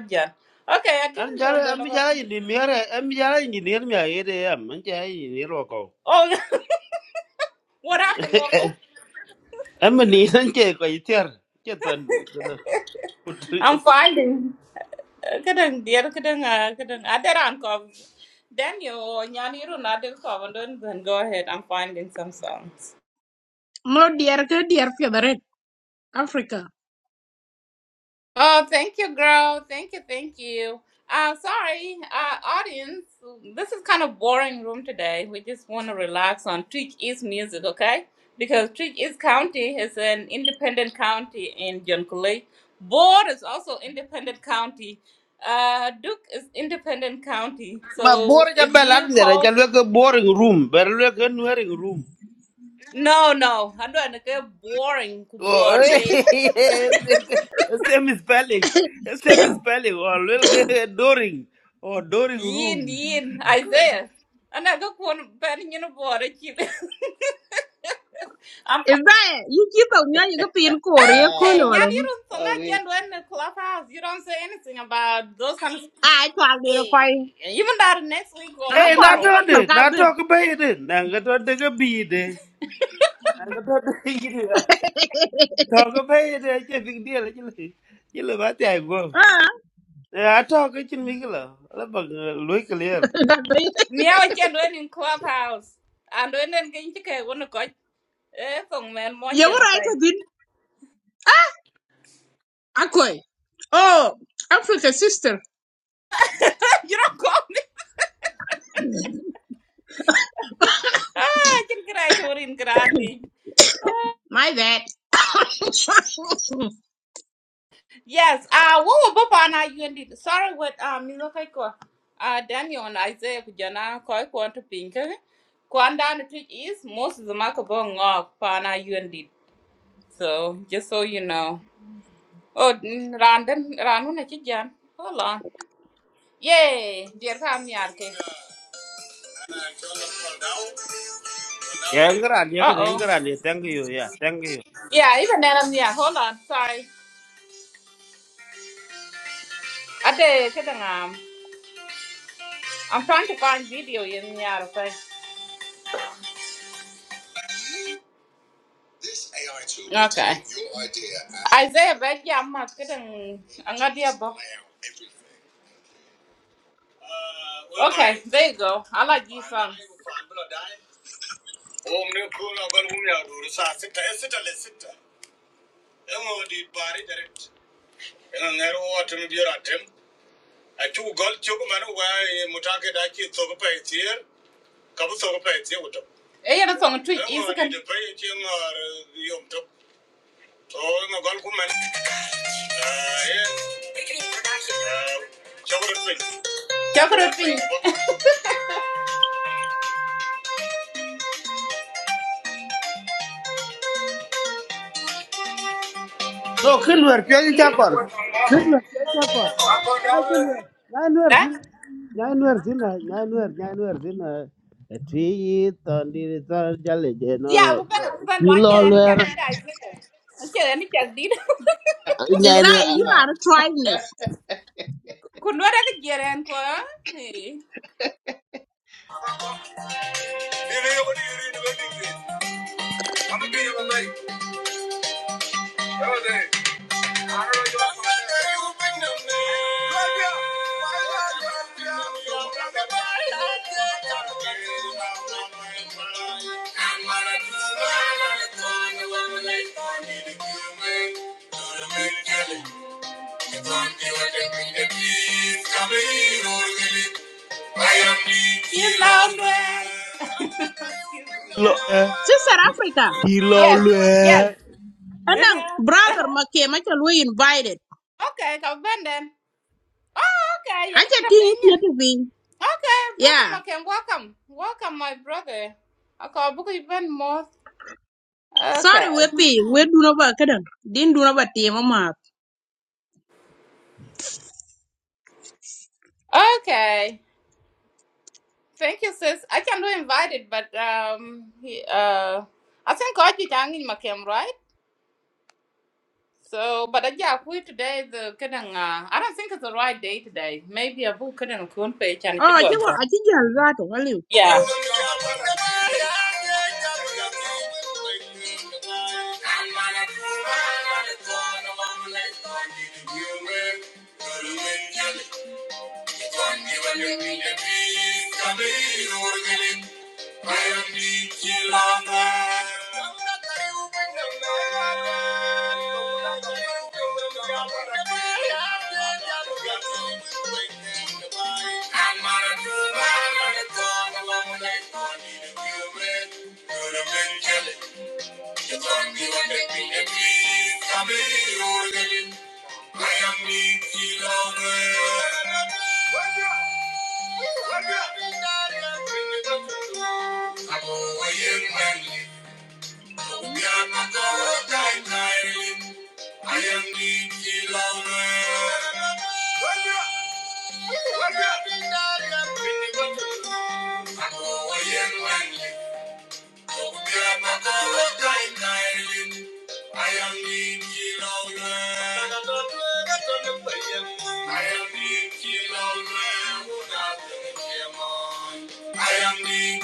[SPEAKER 1] Okay, I can
[SPEAKER 3] en jara
[SPEAKER 1] don't don't
[SPEAKER 3] am
[SPEAKER 1] about.
[SPEAKER 3] jara yin ni mere am jara ni ni mi aye de am en jara yin ni ro ko
[SPEAKER 1] Oh, what happened, Wako?
[SPEAKER 3] am ni san che ko iter che ton
[SPEAKER 1] I'm finding. Kadang dia kadang ah kadang ada ran kau. Daniel, nyani ru nade kau, and then go ahead. I'm finding some songs.
[SPEAKER 4] Mo dier ke dier fi the red Africa.
[SPEAKER 1] Oh, thank you, girl. Thank you, thank you. Uh, sorry, uh, audience. This is kind of boring room today. We just want to relax on Twitch East music, okay? Because Twitch East County is an independent county in Joncolei. Board is also independent county. Uh, Duke is independent county.
[SPEAKER 3] ma bor
[SPEAKER 1] So
[SPEAKER 3] ja
[SPEAKER 1] if
[SPEAKER 3] belan
[SPEAKER 1] you
[SPEAKER 3] ne ra
[SPEAKER 1] call,
[SPEAKER 3] ja le ko boring room ber le ko nuering room
[SPEAKER 1] no, no, I don't get boring. ku Board
[SPEAKER 3] Oye,
[SPEAKER 1] pay
[SPEAKER 3] este este es mi spelling. Este es mi spelling. O Lil Doring. O Doring
[SPEAKER 1] yin
[SPEAKER 3] Room.
[SPEAKER 1] yin Isaiah. And I go one penny in a board. I'm
[SPEAKER 4] Is that yin ci taw ñaan yu ko pin ko re ko
[SPEAKER 1] hey,
[SPEAKER 4] le
[SPEAKER 1] yeah,
[SPEAKER 6] Ah,
[SPEAKER 4] wala.
[SPEAKER 1] you don't song I
[SPEAKER 6] oh, we-
[SPEAKER 1] can do in the clubhouse. You don't say anything about those kind of
[SPEAKER 4] Ay twal de la
[SPEAKER 1] hey,
[SPEAKER 4] koy.
[SPEAKER 1] even that next week or
[SPEAKER 4] Ana
[SPEAKER 3] Ey,
[SPEAKER 4] ko ar
[SPEAKER 3] na
[SPEAKER 4] ki
[SPEAKER 1] tomorrow.
[SPEAKER 3] to
[SPEAKER 4] on tal
[SPEAKER 3] de,
[SPEAKER 4] ka
[SPEAKER 3] na to
[SPEAKER 4] ben.
[SPEAKER 3] ko be de, na ga to de ga bi de. Na ga to de yi de. To ko be de che big deal che le. Che le ba ta go.
[SPEAKER 4] Ah.
[SPEAKER 3] Na to ko chin mi gla. La ba loy clear.
[SPEAKER 1] Meow I can do it in clubhouse. And when then can you get one of God? Eh, song man, one
[SPEAKER 4] Yow
[SPEAKER 1] young
[SPEAKER 4] right
[SPEAKER 1] thing.
[SPEAKER 4] to bin. Ah, akoy. Oh, Africa sister.
[SPEAKER 1] You don't call me. Ah, I can get out of in grande.
[SPEAKER 4] My bad.
[SPEAKER 1] Yes, uh, what will Papa and I you did? Sorry, what, um, you look like, uh, Daniel and Isaiah, Kujana, Koi, Kwan to Pink, Kwan the trick is most of the Makabong of Pana UND. So just so you know. Oh, mm, Randon, Randon, I can. Hold on. Yay! Dear Kam Yarke.
[SPEAKER 3] Ya ngran ya
[SPEAKER 1] Uh
[SPEAKER 3] ke
[SPEAKER 1] oh.
[SPEAKER 3] ngran ya thank you ya thank you.
[SPEAKER 1] Yeah, even then I'm yeah. Hold on. Sorry. I did. um, I'm trying to find video in yeah. yeah, Okay. This AI tool will Okay. take your idea and- Isaiah, but yeah, I'm not getting. I'm not there, but. Okay, I- there you go. I like you song. Oh, I'm not cool, I'm gonna win out, dude. So I sit there, I sit there, I sit there. emo di bari direct ena nero watum diora tem a chu gol chu man wa e mutake da chi to ko pai tier ka bu to ko pai tier uto e yana song tu is kan de pai chi ngar yom to to ma gol ku man e chakro pin chakro pin
[SPEAKER 3] No, kin wer pe ja Chakor. Nyanuer, nyanuer
[SPEAKER 1] ha
[SPEAKER 3] thin, nyanuer thin, nyanuer, nyanuer thin. Three tondi tar jale je no
[SPEAKER 1] ya
[SPEAKER 3] no.
[SPEAKER 1] bu ben bu ben ma
[SPEAKER 3] Kilo
[SPEAKER 1] che ni
[SPEAKER 3] luer,
[SPEAKER 1] chak di dai ze ma che ni chak di
[SPEAKER 4] Is
[SPEAKER 3] nyanuer
[SPEAKER 4] that you
[SPEAKER 3] thin.
[SPEAKER 6] ah.
[SPEAKER 4] are a tribeness?
[SPEAKER 1] ku no ra ke jeren ko eh
[SPEAKER 3] Kilo eh,
[SPEAKER 4] Sister Africa.
[SPEAKER 3] kilo
[SPEAKER 1] Yes,
[SPEAKER 3] luer.
[SPEAKER 1] yes.
[SPEAKER 4] And then
[SPEAKER 1] Uh-huh.
[SPEAKER 4] brother Make Michael we invited.
[SPEAKER 1] Okay, kau benden. Oh, okay.
[SPEAKER 4] I
[SPEAKER 1] Yang
[SPEAKER 4] just
[SPEAKER 1] kita
[SPEAKER 4] think
[SPEAKER 1] pinya.
[SPEAKER 4] you to be.
[SPEAKER 1] Okay, brother
[SPEAKER 4] Yeah.
[SPEAKER 1] Macken, welcome. Welcome, my brother. I Okay, book even more. Okay.
[SPEAKER 4] Sorry, Wepi. We do not work. Didn't do not team up.
[SPEAKER 1] Okay. Thank you, sis. I can do invited, but um he uh I think I did hang in Macken, right? So but uh, yeah, we today the kidding uh I don't think it's the right day today. Maybe a book couldn't coon page and
[SPEAKER 4] Oh,
[SPEAKER 1] it
[SPEAKER 4] I
[SPEAKER 1] go.
[SPEAKER 4] think I think you're right. Well, you.
[SPEAKER 1] Yeah. Yeah. Tangi vanni ne pi kamei urgeli ayandi kilana. I am the killer. I am the killer. I am in I am in I am in I am in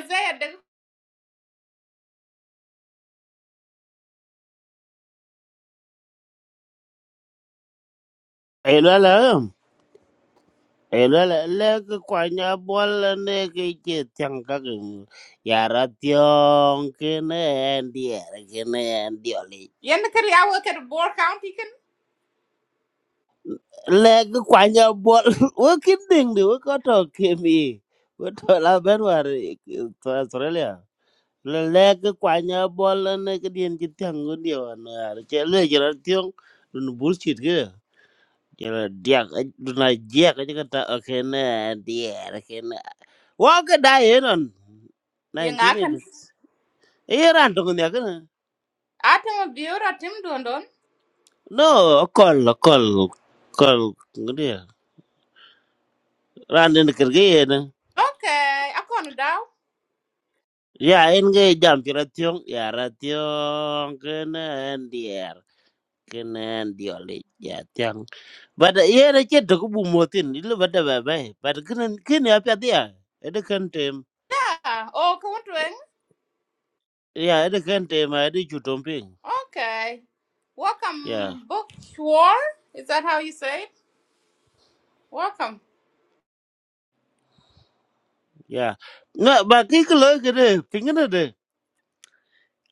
[SPEAKER 1] Isaiah, the
[SPEAKER 3] Ela la, ela la. Lek kwa nya bol ne ke che tiang ka ke. Yara tiong ke ne ndier ke ne ndioli.
[SPEAKER 1] yen kari awo kari Boer County kan?
[SPEAKER 3] Leg kwanya bol working thing the work out of Kimi. What all Benwari to Australia. Le leg kwanya bol and naked in Jitangundi on a jelly generation. Dun bullshit here. Jela diak duna diak aja kata akena dia akena. Wah ke on
[SPEAKER 1] Yen akan.
[SPEAKER 3] 1980s. Iya rantung ni akena.
[SPEAKER 1] Atom of Biora Tim don. don.
[SPEAKER 3] No, kol kol kol ngedia. Randin kerja ya
[SPEAKER 1] Okay, akonu daw.
[SPEAKER 3] Ya en ge jam pi ration ya ration kenen dier kenen diole ya tiang. Bada ye na che to bu motin ilu bada ba ba. Bada kenen ken ya pa dia. Ede kan tem.
[SPEAKER 1] Yeah. oh, kawuntwen.
[SPEAKER 3] Ya ede kan tem ma ede chu tom ping.
[SPEAKER 1] Okay.
[SPEAKER 3] Ya
[SPEAKER 1] Welcome, Book Is that how you say it? Welcome.
[SPEAKER 3] ya. Na ba ki ko lo ke de pingene de.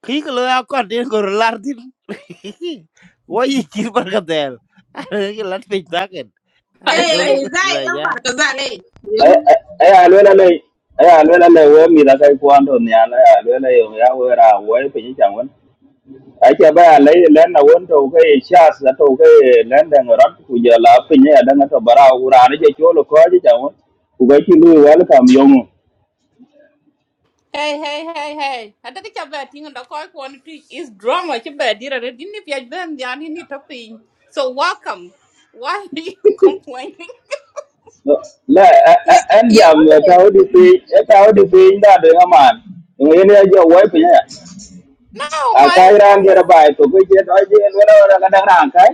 [SPEAKER 3] Ki ko lo ya ko de ko lar din. Wo yi ki par ka del. Are ke lat ping ta ken. Are
[SPEAKER 1] I
[SPEAKER 4] Hey,
[SPEAKER 1] say.
[SPEAKER 3] le
[SPEAKER 4] is
[SPEAKER 3] tu
[SPEAKER 4] that
[SPEAKER 3] ya.
[SPEAKER 4] Embark? Is that hey? You
[SPEAKER 7] aya lwela le aya lwela le we mi da kai kwan do nya la ya lwela yo ya we ra we pe ni chang wen ai cha ba le le na won to ke cha sa to ke le da ngora ku ja la pe ni da na to bara u ra ni je cho lo ko ji chang wen ku ga ki lu wa kam yo mu
[SPEAKER 1] Hey, hey, hey, hey. I think it's bad thing and I quite want to is drama. It's bad. Didn't if you been there, you need to pay. So welcome. Why are you complaining?
[SPEAKER 7] la
[SPEAKER 4] Yeah.
[SPEAKER 7] an
[SPEAKER 4] Yeah.
[SPEAKER 7] jam
[SPEAKER 4] What do you
[SPEAKER 7] ta o di pe ta o di pe da de ha man ngo ye ne ja
[SPEAKER 1] No,
[SPEAKER 7] a
[SPEAKER 1] my
[SPEAKER 7] kai ran ge
[SPEAKER 1] choice.
[SPEAKER 7] ra ba to ke je do je lwela ra ga da ran kai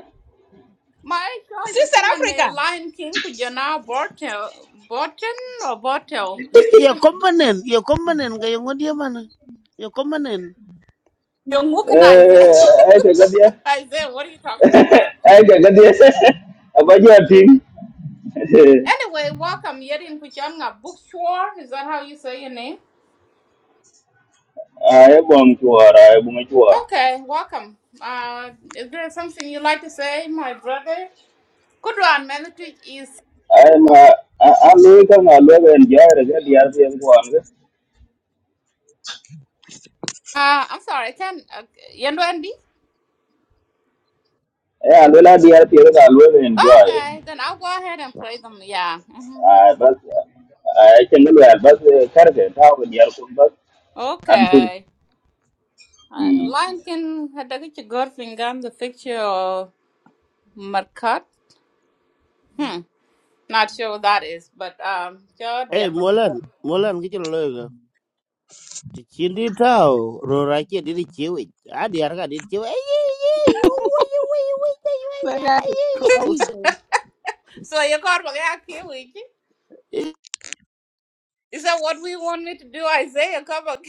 [SPEAKER 1] My choice. I
[SPEAKER 4] Sister
[SPEAKER 1] think my
[SPEAKER 4] Africa.
[SPEAKER 1] Lion King could you now bottle, bottle or bottle.
[SPEAKER 3] ya ya kompanen ya kompanen kayak ya ngodia mana ya kompanen
[SPEAKER 1] You're looking Isaiah.
[SPEAKER 7] eh ai te ga
[SPEAKER 1] Isaiah, what are you talking about?
[SPEAKER 7] Ega gadi abaja ting.
[SPEAKER 1] Anyway, welcome. Yadin Kuchanga Bookshore. Is that how you say your name?
[SPEAKER 7] Ai bom chuar, ai bunga chuar.
[SPEAKER 1] Okay, welcome. Uh, is there something you'd like to say, my brother? Good one, man. The tweet is.
[SPEAKER 7] Ai ma ami ka ngalwe enjoy re gadi ar pi kuan ge.
[SPEAKER 1] Uh, I'm sorry, can't. Uh, Yendo Andy?
[SPEAKER 7] Ai alwela di ar pi re ngalwe enjoy.
[SPEAKER 1] Okay, then I'll go ahead and play them. Yeah. hmm
[SPEAKER 7] Ai bas ai chengalwe bas kar ge ta ko di ar kun bas an pin.
[SPEAKER 1] Okay. Uh,
[SPEAKER 7] Hmm.
[SPEAKER 1] Lion King had a good girlfriend gun, the picture of Markat. Hmm. Not sure what that is, but um, sure,
[SPEAKER 3] eh
[SPEAKER 1] dear.
[SPEAKER 3] molan molan kichiro loyo ti chindi tao ro rache di chewe adi arka di chewe
[SPEAKER 4] My God is close. so.
[SPEAKER 1] So you got what I can't wait. Is that what we want me to do, Isaiah? Come on.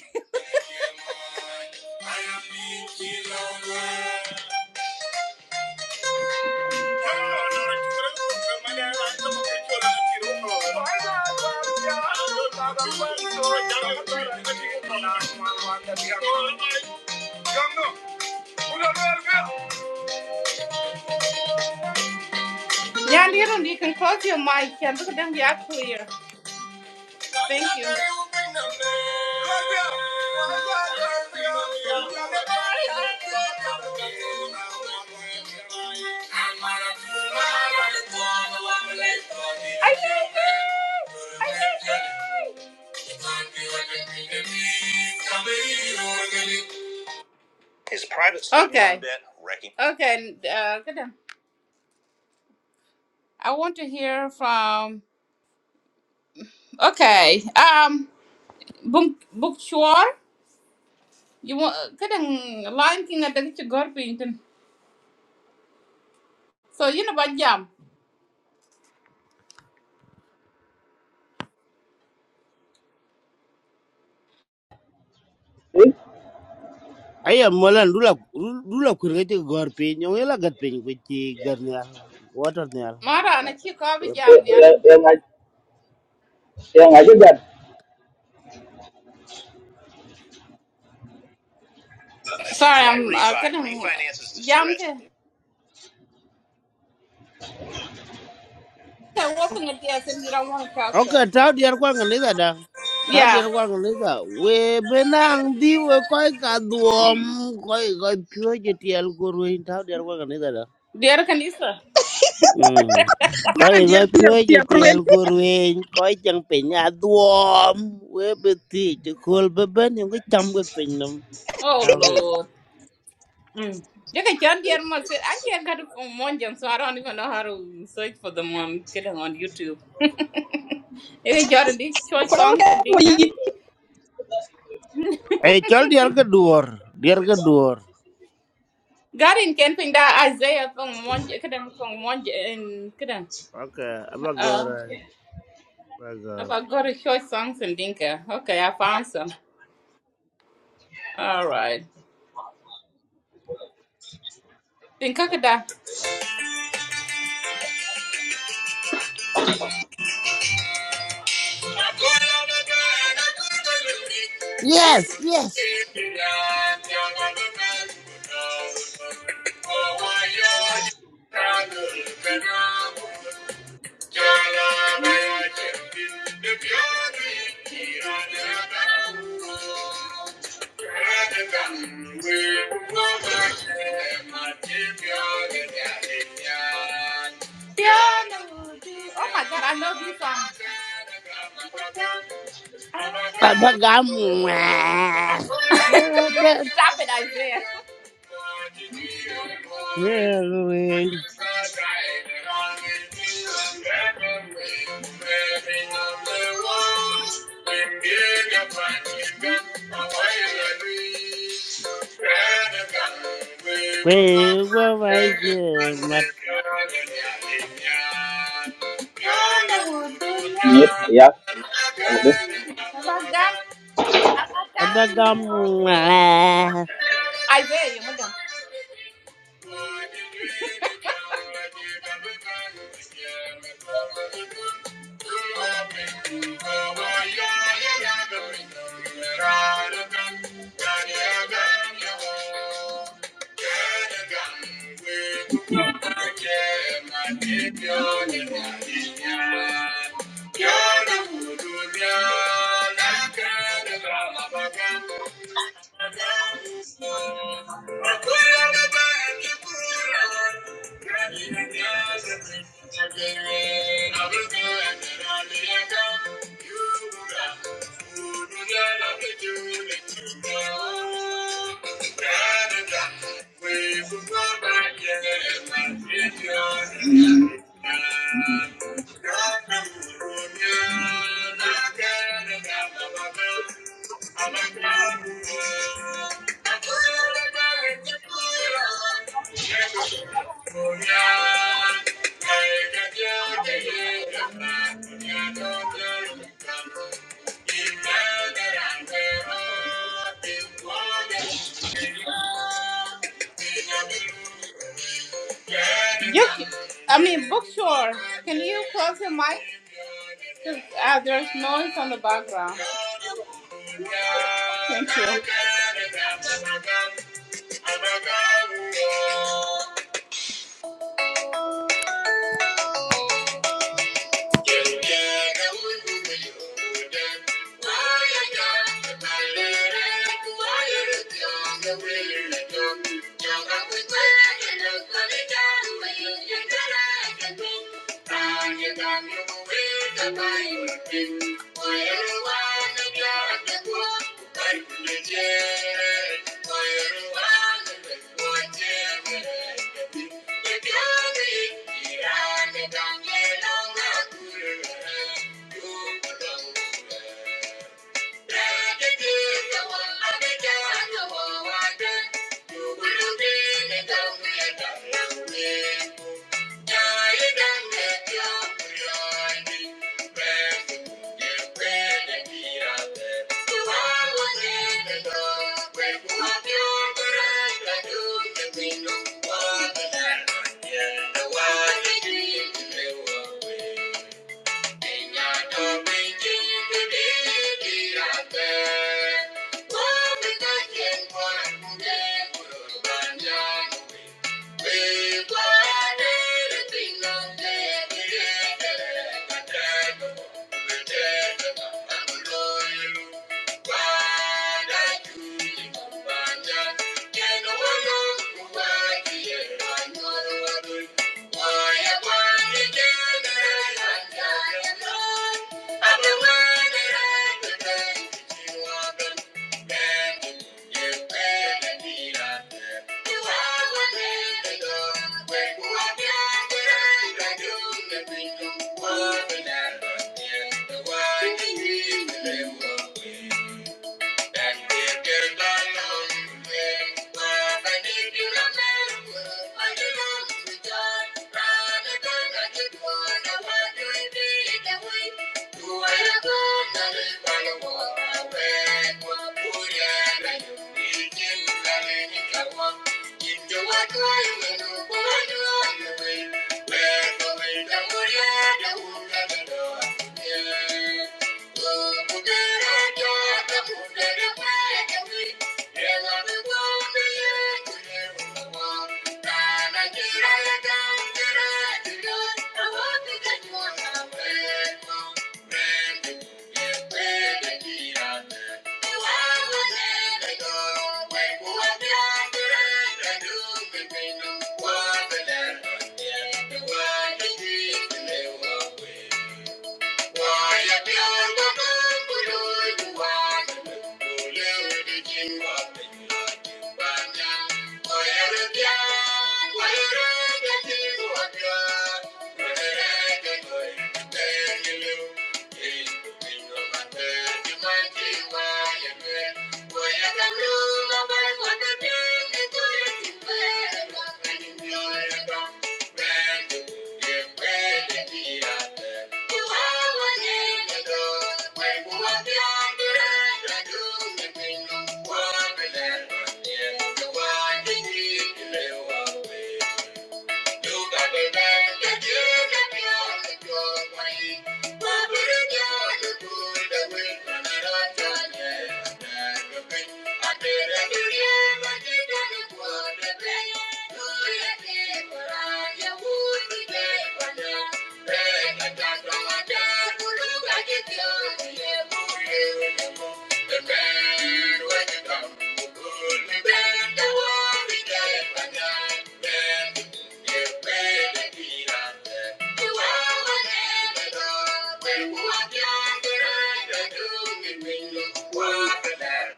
[SPEAKER 1] Yeah, Nyandiru, you can close your mic and look at them, they are clear. Thank you. Okay. Okay. Uh, good. I want to hear from. Okay. Um. Book. Book. Sure. You want. Good. Line thing. I think it's a good thing. So you know about jam.
[SPEAKER 7] Eh,
[SPEAKER 3] aya molan dulu, dulu aku ti gor pe nyong ela gat pe garnial water nial
[SPEAKER 1] Mara, and I check over
[SPEAKER 3] Ah,
[SPEAKER 7] eh,
[SPEAKER 1] jam.
[SPEAKER 7] eh, Yang yang aja gad.
[SPEAKER 1] Sorry, I'm Refi, uh, Refi- gonna. refinance is Yeah, I'm distressed. just. So what's in the deal since you don't want to talk to?
[SPEAKER 3] Okay, tao diar kwa nganiza da. Tao
[SPEAKER 1] Yeah,
[SPEAKER 3] diar kwa nganiza. We benang di we koi ka duom koi koi pyo je tiel kurwin. Tao diar kwa nganiza da.
[SPEAKER 1] dear Kanisa.
[SPEAKER 3] Mm.
[SPEAKER 4] Not
[SPEAKER 3] Koi
[SPEAKER 4] in dear
[SPEAKER 3] koi
[SPEAKER 4] dear
[SPEAKER 3] pyo je
[SPEAKER 4] dear cruel.
[SPEAKER 3] tiel kurwin. Koi chang penya duom. We beti te kul beben yung ke cham ke penyam.
[SPEAKER 1] Oh
[SPEAKER 3] Tao ke.
[SPEAKER 1] Lord. Mm. You can turn dear mom said I can't get it from one jump, so I don't even know how to search for them on getting on YouTube. You can turn these choice songs and dinka.
[SPEAKER 3] Eh, chol diar ke duor. Diar ke duor.
[SPEAKER 1] God in camping that Isaiah from one kidding from one j- and kidding.
[SPEAKER 3] Okay, apa
[SPEAKER 1] Uh
[SPEAKER 3] gora? Apa gora?
[SPEAKER 1] about God choice songs and dinka. Okay, I found some. All right. Think Dinka that. Oh my
[SPEAKER 3] Yes, yes.
[SPEAKER 1] god, I love this song. Stop
[SPEAKER 3] Apa kamu?
[SPEAKER 1] it, Isaiah.
[SPEAKER 3] quê qua vai mặt
[SPEAKER 7] Nyet ya. Ade.
[SPEAKER 1] Maganda.
[SPEAKER 3] ba gam mà
[SPEAKER 1] I will, you madam. We will go back and my children. You, c- I mean, bookstore. Can you close the mic? Because uh, there's noise on the background. Thank you. Yeah. Thank you. Yeah. I'm Thank you. Keep the walk away, the loop away, the walk away. Where the way, the wood, the the door. Yeah. Oh, the good, the good, the good, the the good. Yeah, the air, the air the warm. I want to get you on my way, oh, Thank you. Thank you. Thank you. Band, the Thank you.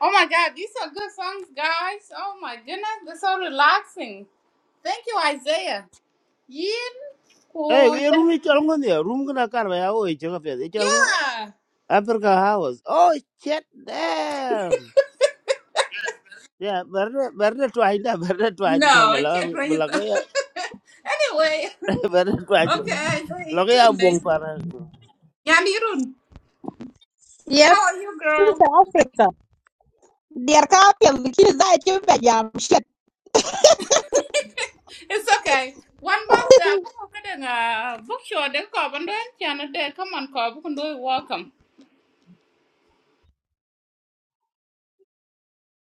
[SPEAKER 1] Oh my God, these are good songs, guys. Oh my goodness, they're so relaxing. Thank you, Isaiah. Yin
[SPEAKER 3] Ê,
[SPEAKER 1] ku-
[SPEAKER 3] cái room này chọn ngon nhỉ, room cái nào cả vậy, ôi chưa có phải, cái chọn ngon.
[SPEAKER 1] Yeah.
[SPEAKER 3] Africa House, oh shit damn. Yeah, berda berda tuan dah, berda tuan jangan
[SPEAKER 1] No, I
[SPEAKER 3] malah
[SPEAKER 1] can't do
[SPEAKER 3] malah kau
[SPEAKER 1] anything.
[SPEAKER 3] ya,
[SPEAKER 1] anyway,
[SPEAKER 3] berda tuan malah.
[SPEAKER 1] okay. Hey,
[SPEAKER 3] Lagu
[SPEAKER 1] you
[SPEAKER 3] ya
[SPEAKER 1] can
[SPEAKER 3] buang
[SPEAKER 1] do.
[SPEAKER 3] parah.
[SPEAKER 1] Yeah, Nirun, how are
[SPEAKER 4] Yes.
[SPEAKER 1] you, girl?
[SPEAKER 4] Sister Africa. Dear Captain, the kids that you
[SPEAKER 1] It's okay. One month that I'm going to book you. They're coming. Come on, call. Book and do it. Welcome.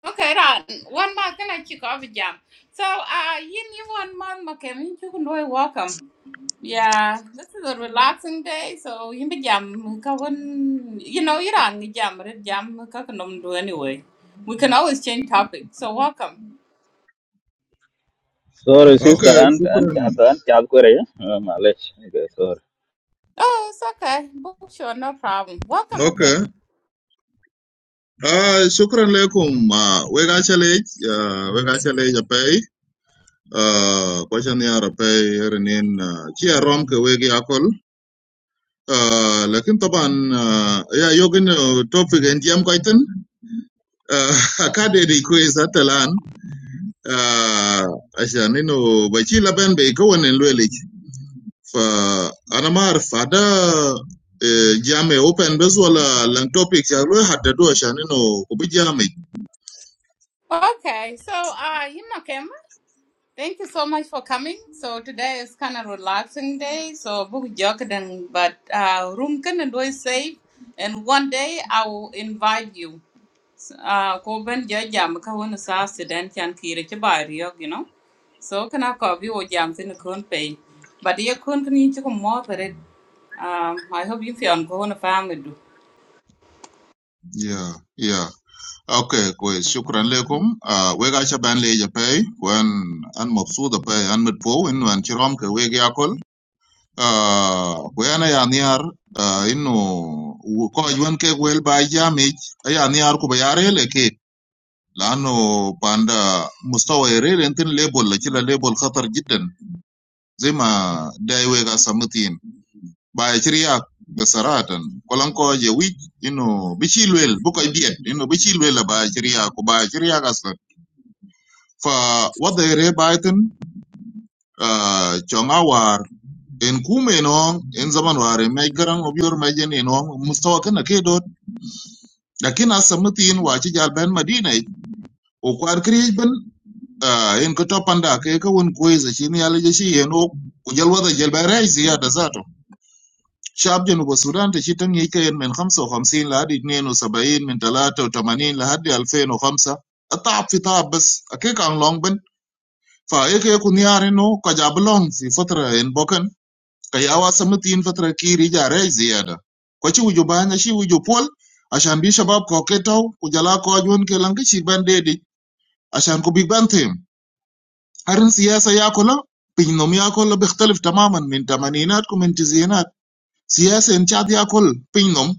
[SPEAKER 1] Okay, right. One month and I chick off jam. So uh you need one month Makem you can do welcome. Yeah, this is a relaxing day, so you be jam ka wan- you know, you don't jam red jam kakanum do anyway. We can always change topic. So welcome.
[SPEAKER 7] Sorry sister,
[SPEAKER 8] Okay,
[SPEAKER 7] and and
[SPEAKER 8] shukran.
[SPEAKER 7] chat and chat kore ya. Malech.
[SPEAKER 1] Oh, it's okay. Book sure, no problem. Welcome, okay.
[SPEAKER 8] Okay. Uh, shukran lekum. Uh, we got challenge. Uh, we got challenge a pay. Uh, question ya a pay here and in. Uh, chia rom ke we gi akol. Uh, lakin taban, uh, ya yogin uh, topic en jam kaitan. Uh, akade di quiz atalan. Uh, asya nino bachi laban be kawan en lwelich. Fa, anamar fada eh, jam e open bes wala lang topic ya lwe hadadu asya nino kubi jam
[SPEAKER 1] Okay, so uh you Makem. Thank you so much for coming. So today is kind of relaxing day. So book joking, but uh, room can and do safe. And one day I will invite you. Uh, ko ben ja jam ka wona sa accident chan kire ke ba riyo, you know. So can I call you jam tin kun pay. But you kun kun ni ko mo pare. Um I hope you feel on ko na family.
[SPEAKER 8] Yeah, yeah. Okay, kwes. Shukran lekum. Uh, wega cha ban leja pay. Kwen an mopsu da pay. An mit po in wan chirom ke wegi akol. Uh, kwen a ya niar. Uh, inu ko ajwan ke wel ba jamij. A ya niar ku bayare le ke. Lano panda mustawa ere rentin label la chila label khatar jiddan. Zima dai wega samutin. by Chiriac, Besaratan, Kolanko, a week, you know, Bichilwell, Book I did, you know, Bichilwell by Chiriac, by Chiriac as well. For what they rebaitan, uh, Chongawar, in Kume no, in Zamanwar, in Megarang of your Majan, you know, Mustawakan, a kedot, Lakin as Samutin, Wachijal Ben Madina, e, o kwar Kriben, uh, in Kotopanda, Keka, one quiz, a chini allergy, you know, Jalwa the Jelberai, Zia, شعب جنوب السودان تشتم يكين من 55 لحد 72 من 83 لحد 2005 الطعب في طعب بس أكيك عن لونج بن فأيك يكون يار إنه كجاب لونج في فترة إن بوكن كياوا سمتين فترة كيري جاري زيادة كوشي وجو بانيا شي وجو بول عشان بي شباب كوكيتو وجلا كواجون كيلانك شي بان ديدي عشان كو بيج بان تيم هرن سياسة ياكولا بينهم ياكولا بيختلف تماما من تمانينات ومن تسعينات سياسة إن شاد ياكل بينهم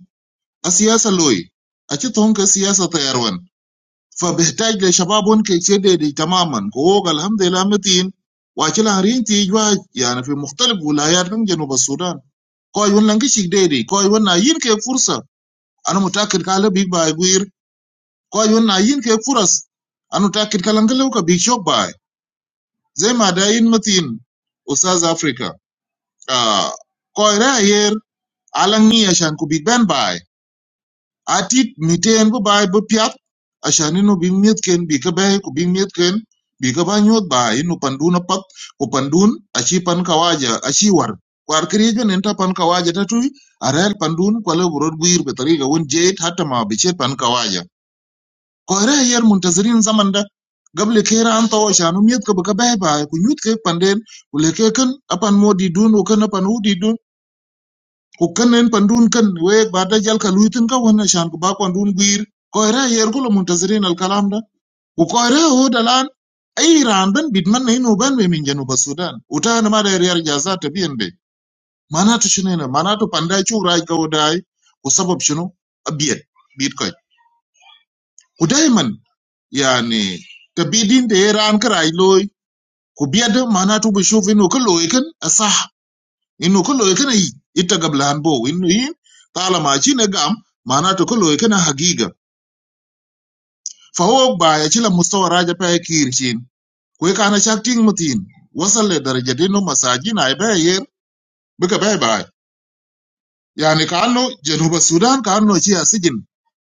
[SPEAKER 8] السياسة لوي أجتهم كسياسة طيرون فبيحتاج لشبابهم كيشدد تماما كوغ الحمد لله متين واجل هرين تيجوا يعني في مختلف ولايات من جنوب السودان كوي ونن كشيك ديدي كوي ونن ين كي فرصة أنا متأكد كالا بيك باي غير كوي ونن ين كي فرص أنا متأكد كالا نكلو كبيك شوك باي زي ما داين متين أستاذ أفريقيا آه كوي راير على نية شان كبيك بان باي atit miten bëbaï bëpiat acan ïnö bï myethken bï k'ëbër kobin myethken bï k'ëba nyoth ba ïnö pandun apath ku pandun aci pan kawaja aci war kwar kïrïc mene tye pan kawaja tatuc arël pandun kwalë oburot gwir bethariga wen jeit hatta ma bï cet pan kawaja kore ayer muntazirin zaman da gable kera an tho acan umyeth kobo k'ëbër ba ka bay bay ku nyuth kek panden ku lek keken apan modidun ökën apan udidun ku könen pandun kën week bada jal ka luitin ka wen acan ku ba kwandun gwir koere yer kulo muntazirin al kalam da ku koere o dalan ai ran ben bit man ne no ben be min janu ba sudan uta na ma da yer jaza ta biyen be manatu shine na manatu panda chu rai ka wadai ku sabab shino abiyet bit koy ku dai man yani ta bidin da yer an krai loy ku biyad manatu bu shufinu ka loy kan asah innu kullu kana yi itta gabla han bo innu yin talama chine gam manato kullu kana hagiga fa huwa ba ya chila mustawa raja pa kirchin kwe kana shakting mutin wasal le daraja dinu masajin ay ba yer bika ba ba yani kanu januba sudan kanu chi asijin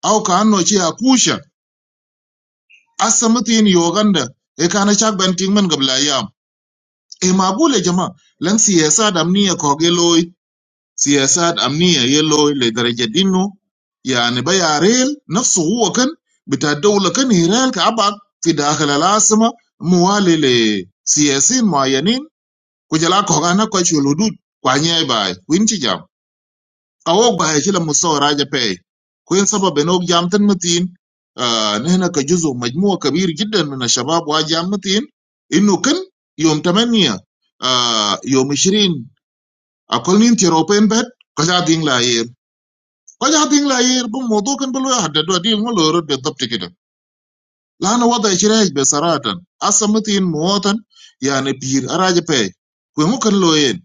[SPEAKER 8] au kanu chi akusha asa mutin yoganda e kana shak ban ting man gabla yam e mabule jama lan siyasa damni ya koge سياسات أمنية يلو لدرجة إنه يعني بيع ريل نفسه هو كان بتاع الدولة كان هرال كعبق في داخل العاصمة موالي لسياسيين معينين كجلا كوغانا كوش الحدود كوانيا باي وين جام قوق باي شلا مستوى راجع باي كوين سبب بنوك جام تنمتين آه نحن كجزء مجموعة كبير جدا من الشباب واجام متين إنه كان يوم 8 آه يوم 20 أكل نين تيروبين بات كذا دين لا Kaja haping la yir bu modu kan bulu hadda do adil mo lorot be top tikita. Lana wada ishiraj be saratan. Asamatin muwatan yani pir araja pe. Kwe mo kan lo yen.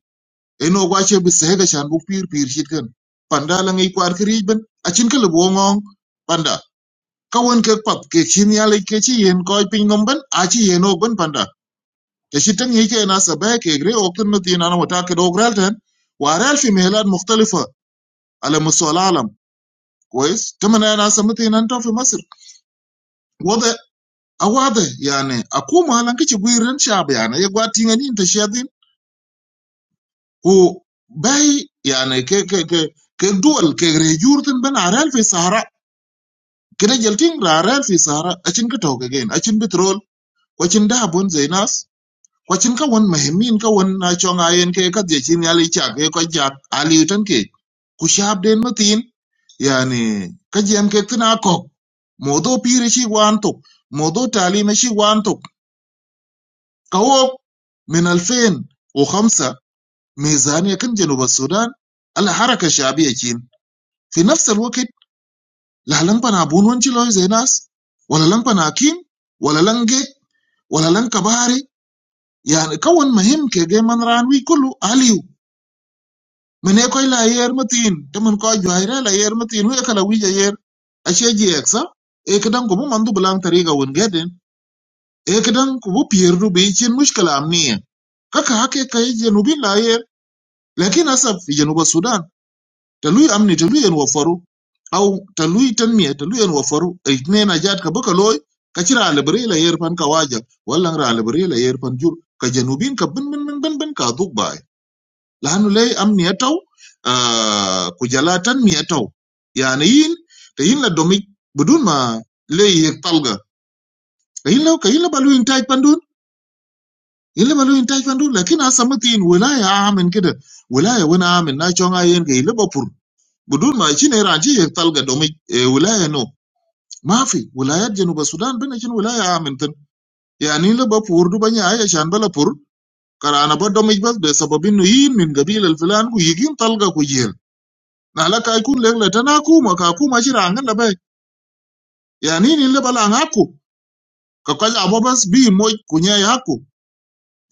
[SPEAKER 8] Eno gwache bi sehega shan bu pir pir shit kan. Panda lang i kwar kirij ben. Achin ka libu ngong. Panda. Kawan ke pap ke chin yale ke chi yen koi ping nomben. Achi yen og ben panda. Te shitang yike ena sabahe ke gre oktan matin ana watake dogral ten. Warel fi mehelad mukhtalifa. Ala musual alam. Kwez. Tamana ena samatin anto fi Masr. wada awada yani akuma lanki ci buiran shab yani ya gwati ngani ta shadin ko bai yani ke ke ke ke duwal ke rejurtin ban aral fi sahara kida jaltin raral fi sahara acin ka tawka gen acin bitrol wacin da bun zainas wacin ka wan muhimmin ka wan na chonga yen ke ka je cin yali cha ke ko jak ali tan ke ku shab den matin yani ka jem ke tana ko modo pire shi wanto modo talima shi wanto قوّوا من الفين وخمسة ميزانية كن جنوب السودان الحركة الشعبية جين في نفس الوقت لا لن بنا بون ونجي لوي زي ناس ولا لن بنا كين ولا لن جيك ولا لن كباري يعني كون مهم كي من ران وي كله عليو من يكوي لا يير متين تمن كو جوهيرا لا يير متين ويكلا ويجا يير ashe jiyeksa e kidan kubu mandu bulan tariga wun gedin e kidan kubu pierdu bi chin mushkala amniya kaka hake kai je nubin la yer lakin hasa vijana wa sudan talui amni talui en wafaru au talui tanmiya talui en wafaru itnen ajat ka baka loy ka chira lebere la yer pan ka waja wala ra lebere la yer pan jur ka janubin ka bin bin bin bin bin ka duk bay lanu lay amni ataw ah, ku jala tanmiya ataw yani yin te yin la domik budun ma lay yer talga ka yin la ka yin la balu intaj pandun yin la balu intaj pandun lakin hasa matin wilaya amen kida wilaya wana amen na chonga yen ka yin la bapur بدون ما شنو ايران شي تلقى دومي إيه ولايه نو ما في ولايات جنوب السودان بين شنو ولايه امنتن يعني لا بفور دو بني اي عشان بلا فور كرانا بدومي بس بسبب انه يين من قبيله الفلان ويجين تلقى كويل نهلك يكون لك لتنا كوما كاكوما شي رانغن لبا يعني ني لا بلا هاكو ككوج ابو بس بي موج كنيا هاكو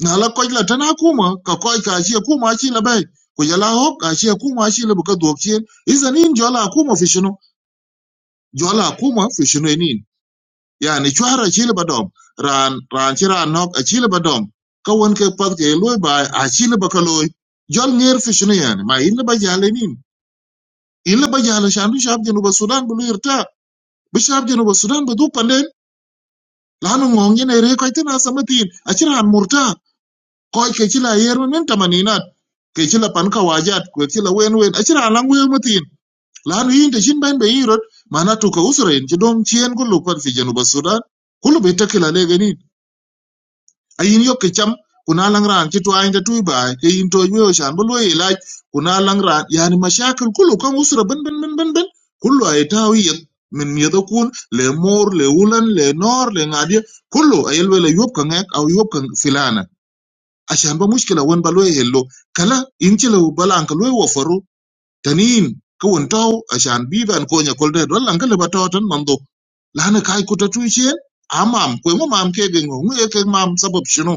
[SPEAKER 8] نهلك كوج لتنا كوما ككوج كاشي كوما شي لبا كوجلا هو كاشي كوما شي لبك دوكشين اذا نين جولا كوما في شنو جولا كوما في شنو نين yani chwara achilo ba dom ran ran ci ran nok achilo ba dom ka won ke pak je loy ba achilo ba kaloy jol ngir fi shinu yani ma illa ba jale nin illa ba jale shandu shab jenu ba sudan bu lirta bu shab jenu ba sudan bu du panden lanu ngong yene re ko tina samatin achiran murta ko ke chila yeru nin tamaninat ke chila pan ka wajat ko chila wen wen achiran lang wel matin lanu yin de shin ben be yirot mana to ka usra yin ci dom chien ko lupan fi jenu ba sudan kullu be takila le gani a yin yok ke cham kuna lang ran ci twa inda tuy ba ke yin to yo shan bu lo ilaj kuna lang ran yani mashakil kullu kan usra ban ban ban ban ban kullu ay tawiyan min miyada kun le mor le wulan le nor le ngadi kullu ayel wala yob kan ek aw yob kan filana ashan ba mushkila won ba lo hello kala in ci lo balan ka lo wo faru tanin ka won taw ashan biban ko nya kolde don lan ka le ba taw tan mando lana kai kuta tuichen amam kwe mo mam ke gengo ngue ke mam sabab shino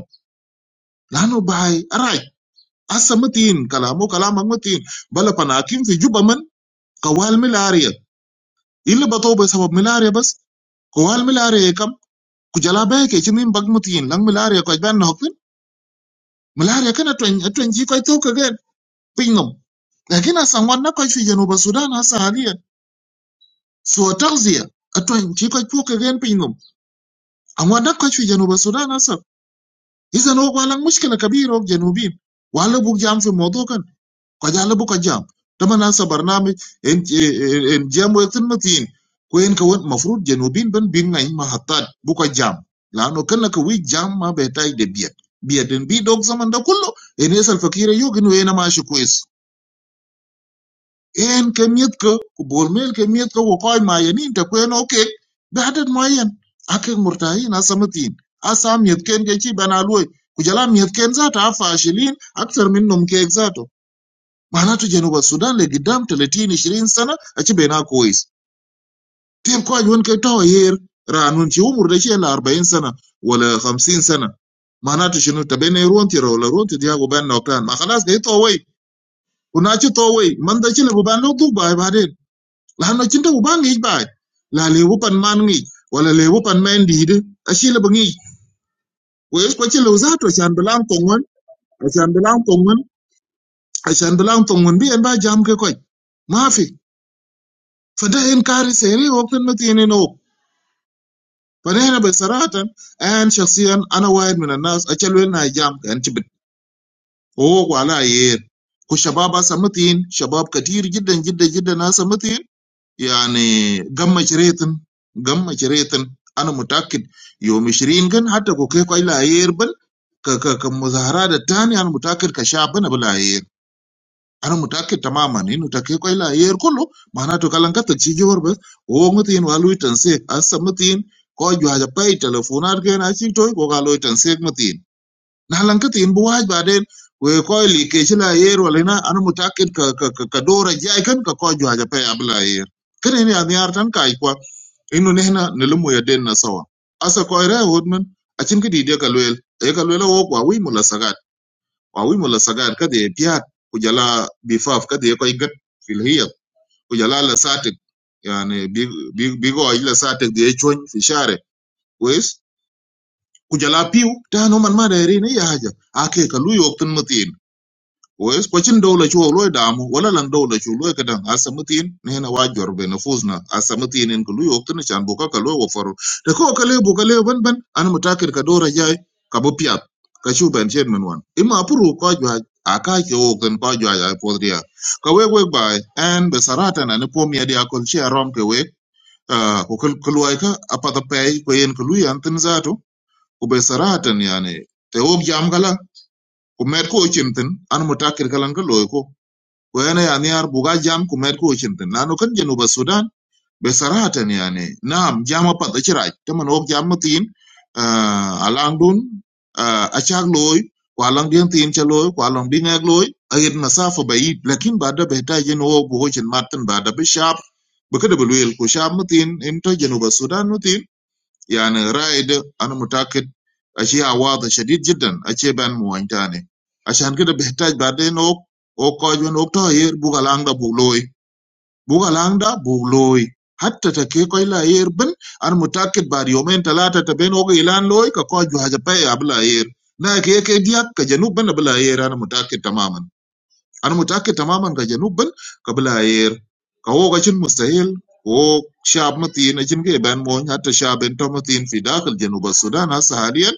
[SPEAKER 8] لانه باي راج هسه متين كلامه كلامك متين بلا بناكين في جوبا من قوال ملاريا اللي بطوه بسبب ملاريا بس قوال ملاريا كم كجلا باي كي مين بق متين لان ملاريا كوي بان نهكين ملاريا كان اتوين اتوين جي كوي توكا غير بينهم lakini a saŋwan na kɔc fi januba sudan hasa haliyan suwa tagziya a tɔn ci kɔc puo kegen piny nom a ŋwan na kɔc fi januba sudan hasa izan wok walaŋ mushkila kabir wok janubin wala buk jam fi modo ko jalibu ko jam taman asa barnamij en en en jam wetin matin ko en ka won mafrut jenubin ban bin ngai mahatat bu ko jam lano kana ka wi jam ma be tai de biet biet en bi dog zaman da kullo en esal fakira yogin we na ma shi kwes en ka miet ka ko bol mel ka miet ka wo koy ma yanin ta ko en oke be hadat ma yen akek murtahin asa matin asa miet ken ke chi bana loy ku jala miet ken za ta fashilin aktar min num ke zato معناته جنوب السودان لقدام 30 20 سنه اجي بينها كويس تيل كواج وين كي تاو هير رانون شي عمر ده شي 40 سنه ولا 50 سنه معناته شنو تبين رونتي ولا رونتي دي ابو بان نوكان ما خلاص جاي تو وي وناتي تو وي من ده شي لبو بان لو دوب باي بعدين لانه شنو ابو بان نيج باي لا ليبو بان مان نيج ولا ليبو بان مان ديد اشي لبو نيج ويس كوتشي لو زاتو شان بلان كونغون عشان بلان كونغون عشان بلان كونغون بي ان با جام كي كوي ما في فده إنكار سريع وبتنتي إنه فنحن بصراحة أنا شخصيا أنا واحد من الناس أشلو إنها جام كان تبت هو ولا يير وشباب سمتين شباب كتير جدا جدا جدا ناس سمتين يعني قمة شريتن قمة شريتن أنا متأكد يوم 20 كان حتى كوكيكو إلا يير بل ك ك كمظاهرات الثانية أنا متأكد كشعب أنا بلا يير ana mutake tamaman inu utake kwa ila ayere kolo mahanato ka lankata chiju barba uwo niti inu haluitan seke asa mti inu kwa juu haja payi teleponati kena achi kwa kwa aluitan seke mti inu nalankati inbu wajba aden kwa kwa ili keechi ila ayere wala ina ana mutake kwa dora jayi kwa kwa juu haja payi abila ayere kena inu adhiarata nkai kwa inu nena nilumu ya deni na sawa asa ko ira hodman a chin ki de ka loyel e ka loyel wo kwa iraya hudman achimkiti hidi ya kalueli ya kalueli ya kalueli ya wako wa wimula sagat واوي ولا سجاير كده بيات وجلا بفاف كده يكو يقط في الهيط وجلا لساتك يعني بي- بي- بيقو اجل ساتك دي يشون في شارع كويس وجلا بيو تانو من ما دايرين اي حاجه اكي كلو يوقتن متين Wes kwacin dawla cho loy damu wala lan dawla cho loy kadang asamitin nena wa jorbe na fuzna asamitin en kulu yoktin chan buka ka loy wafaru de ko kale buka le ban ban an mutakir ka dora jay ka bu piat ka chu ben chen men wan ima puru ko jwa aka ke okten ko jwa ya podria ka we we bai en be sarata na ne pomia dia kol chi arom ke we ko kul kulwai ka apata pay ko yen kulu yan tin zato ko be sarata yani te ok jam kala ko mer ko chimtin an mutakir kalan ka loy ko của anh ấy anh ấy ở Bugajam cũng mặc quần jeans này, Nanu cần genova Sudan về Sarah thôi này anh ấy, Nam Jamapa đây chơi rồi, tụi mình ở Jammatin, Alangdon, Acharloy, Kuala Lumpur, Kuala Bingaloy, Air Nasafobayi, لكن ba đứa bé đại genova cũng chơi Martin ba đứa về Shar, bước ra Belville, Sharmatin, em cho genova Sudan nói tin يعني رايد انا متاكد اشياء واضح شديد جدا اشياء بان موين تاني عشان كده بيحتاج بعدين اوك اوك كوجون اوك تهير بوغا لاندا بولوي بوغا لاندا بولوي حتى تكي كوي لا يربن انا متاكد بعد يومين ثلاثه تبين اوك يلان لوي كوجو حاجه باي ابلا ير نا كي كي ديك كجنوب بنا بلا ير انا متاكد تماما انا متاكد تماما كجنوب بل كبلاير كهو غشن مستحيل هو شعب متين اجن كي بان مون حتى شعب انت متين في داخل جنوب السودان هسه حاليا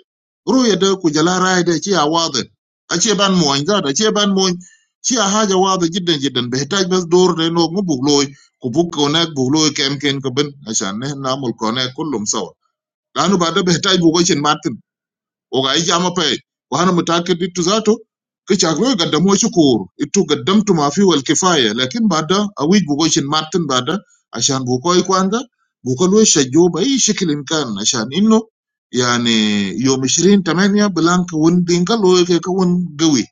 [SPEAKER 8] رؤيه ده كجلا راي ده شيء واضح اشي بان مون ذات اشي بان مون شيء حاجه واضحه جدا جدا بيحتاج بس دور ده انه بغلوي كبوك هناك بغلوي كم كان كبن عشان نحن نعمل كونك كلهم سوا لانه بعد بيحتاج بوجه مات ủa cái gì mà phải, quan mà ta kết đi tu zả thôi, cái chả có gì cả, đam ơn chúc cô, ít tu cái đam tu ma phi huống kĩ pha, nhưng mà đã, àu ít bù cái sinh mắt nên ba đã, ài shan bu khoai quan đó, bukalu ấy sẽ job ấy sẽ kinh can, ài shan im nó, ý anh ấy, yo misrien ta menia blank won đinh kalu ấy kêu won gầy,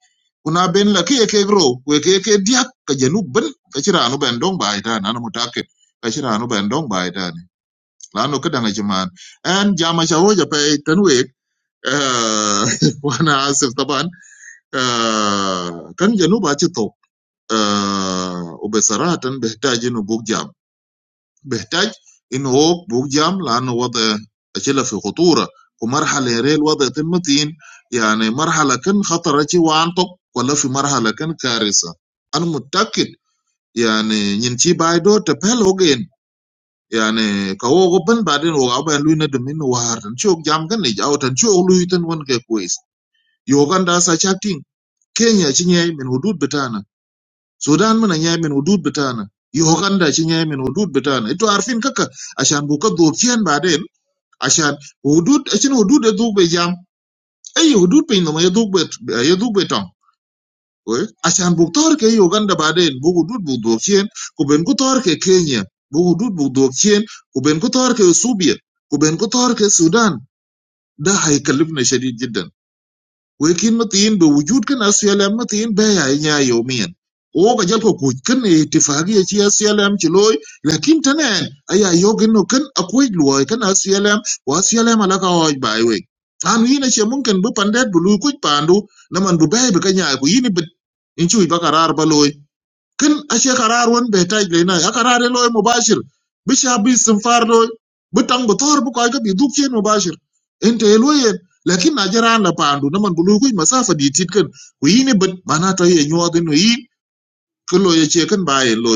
[SPEAKER 8] un a bên lắc kia kêu grow, u kia kia dia kia nu bên, kia chả anu bên dong bay ra, anh em mà ta kết, kia chả anu bên dong bay ra, là nó cái đang cái chả, and jamasahojá phải tanu ấy آه وانا اسف طبعا آه كان جنوب اتشطو آه وبصراحه بيحتاج انه بوك جام بيحتاج انه هو بوك جام لانه وضع اشيله في خطوره ومرحله ريل وضع المتين يعني مرحله كان خطر شي وانطق ولا في مرحله كان كارثه انا متاكد يعني ينتي بايدو تبهل هوجين يعني كهو غبن بعدين هو ابا لوينا دمين وهر تنشوك جام كان يجاو تنشوك لويتن وان كويس Uganda sa chakting, Kenya ci nyɛɛ min hudud bitana, Sudan mina nyɛɛ min hudud bitana, Uganda ci nyɛɛ min hudud bitana. Itu arfin kaka ashan buka dhok chien baden ashan hudud achin hudud e dhuk be jam. Ei hudud piny nama ye dhuk be ye dhuk be tong. Oe? Ashan buk tor ke Uganda baden bu hudud buk dhok chien ku ben ku tor ke Kenya bu hudud buk dhok chien ku ben ku tor ke Subia ku ben ku tor ke Sudan. Da haikalibna shadid jiddan. wekin matin be wujud kin SLM matin be ya nya yomin o ga jal ko kuj kin e itifaki e chi SLM chi loy lakin tanen aya yogin no kin akuj loy kin SLM wa SLM ala ka hoj bai we an yina che mun kin bu pandet bu lu kuj pandu naman bu bai be ka nya ku yini be in chu ba karar ba loy kin ashe karar won be taj le na akarar lo mubashir bi shabi sun far lo bi tang bi tor bu ko ga bi duk chen mubashir ente lo ye lakin na jara na pandu na man bulu ku masafa di tit kan ku yini bit mana to ye nyo den yi ko lo ye che kan ba ye lo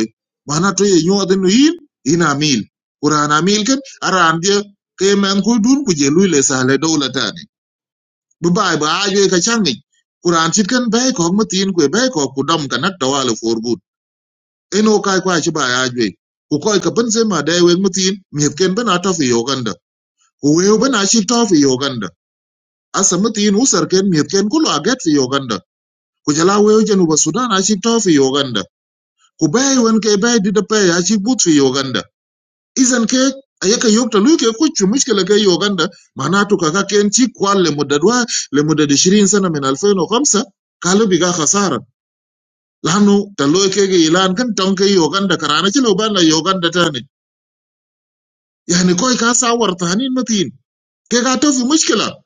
[SPEAKER 8] mana to ye nyo den yi ina mil qur'ana mil kan aran je ke men ku dun ku je lu le sale dawlata ne bi ba ba ajo ka changi qur'an tit kan bay ko mutin ku bay ko ku dam kan at tawala forbu eno kai kwa ci ba ya jwe ku koy ka ban sai ma dai wen mutin mi ken bana to fi yoganda ku we bana shi to fi yoganda asa mutin usar ken mi ken kulu a get fi yoganda ku jala we jenu ba sudan a shi to fi yoganda ku bai wen ke bai di da pe ya shi but fi yoganda izan ke ayaka yokta luke ku chu mushkila ke yoganda manatu kaka ken ci kwal le mudadwa le mudad 20 sana min 2005 kalu biga khasara lanu taloy ke ge ilan kan tonke yoganda karana ci lo ban la yoganda tane يعني كوي كاسا ورطانين متين كي كاتو في مشكلة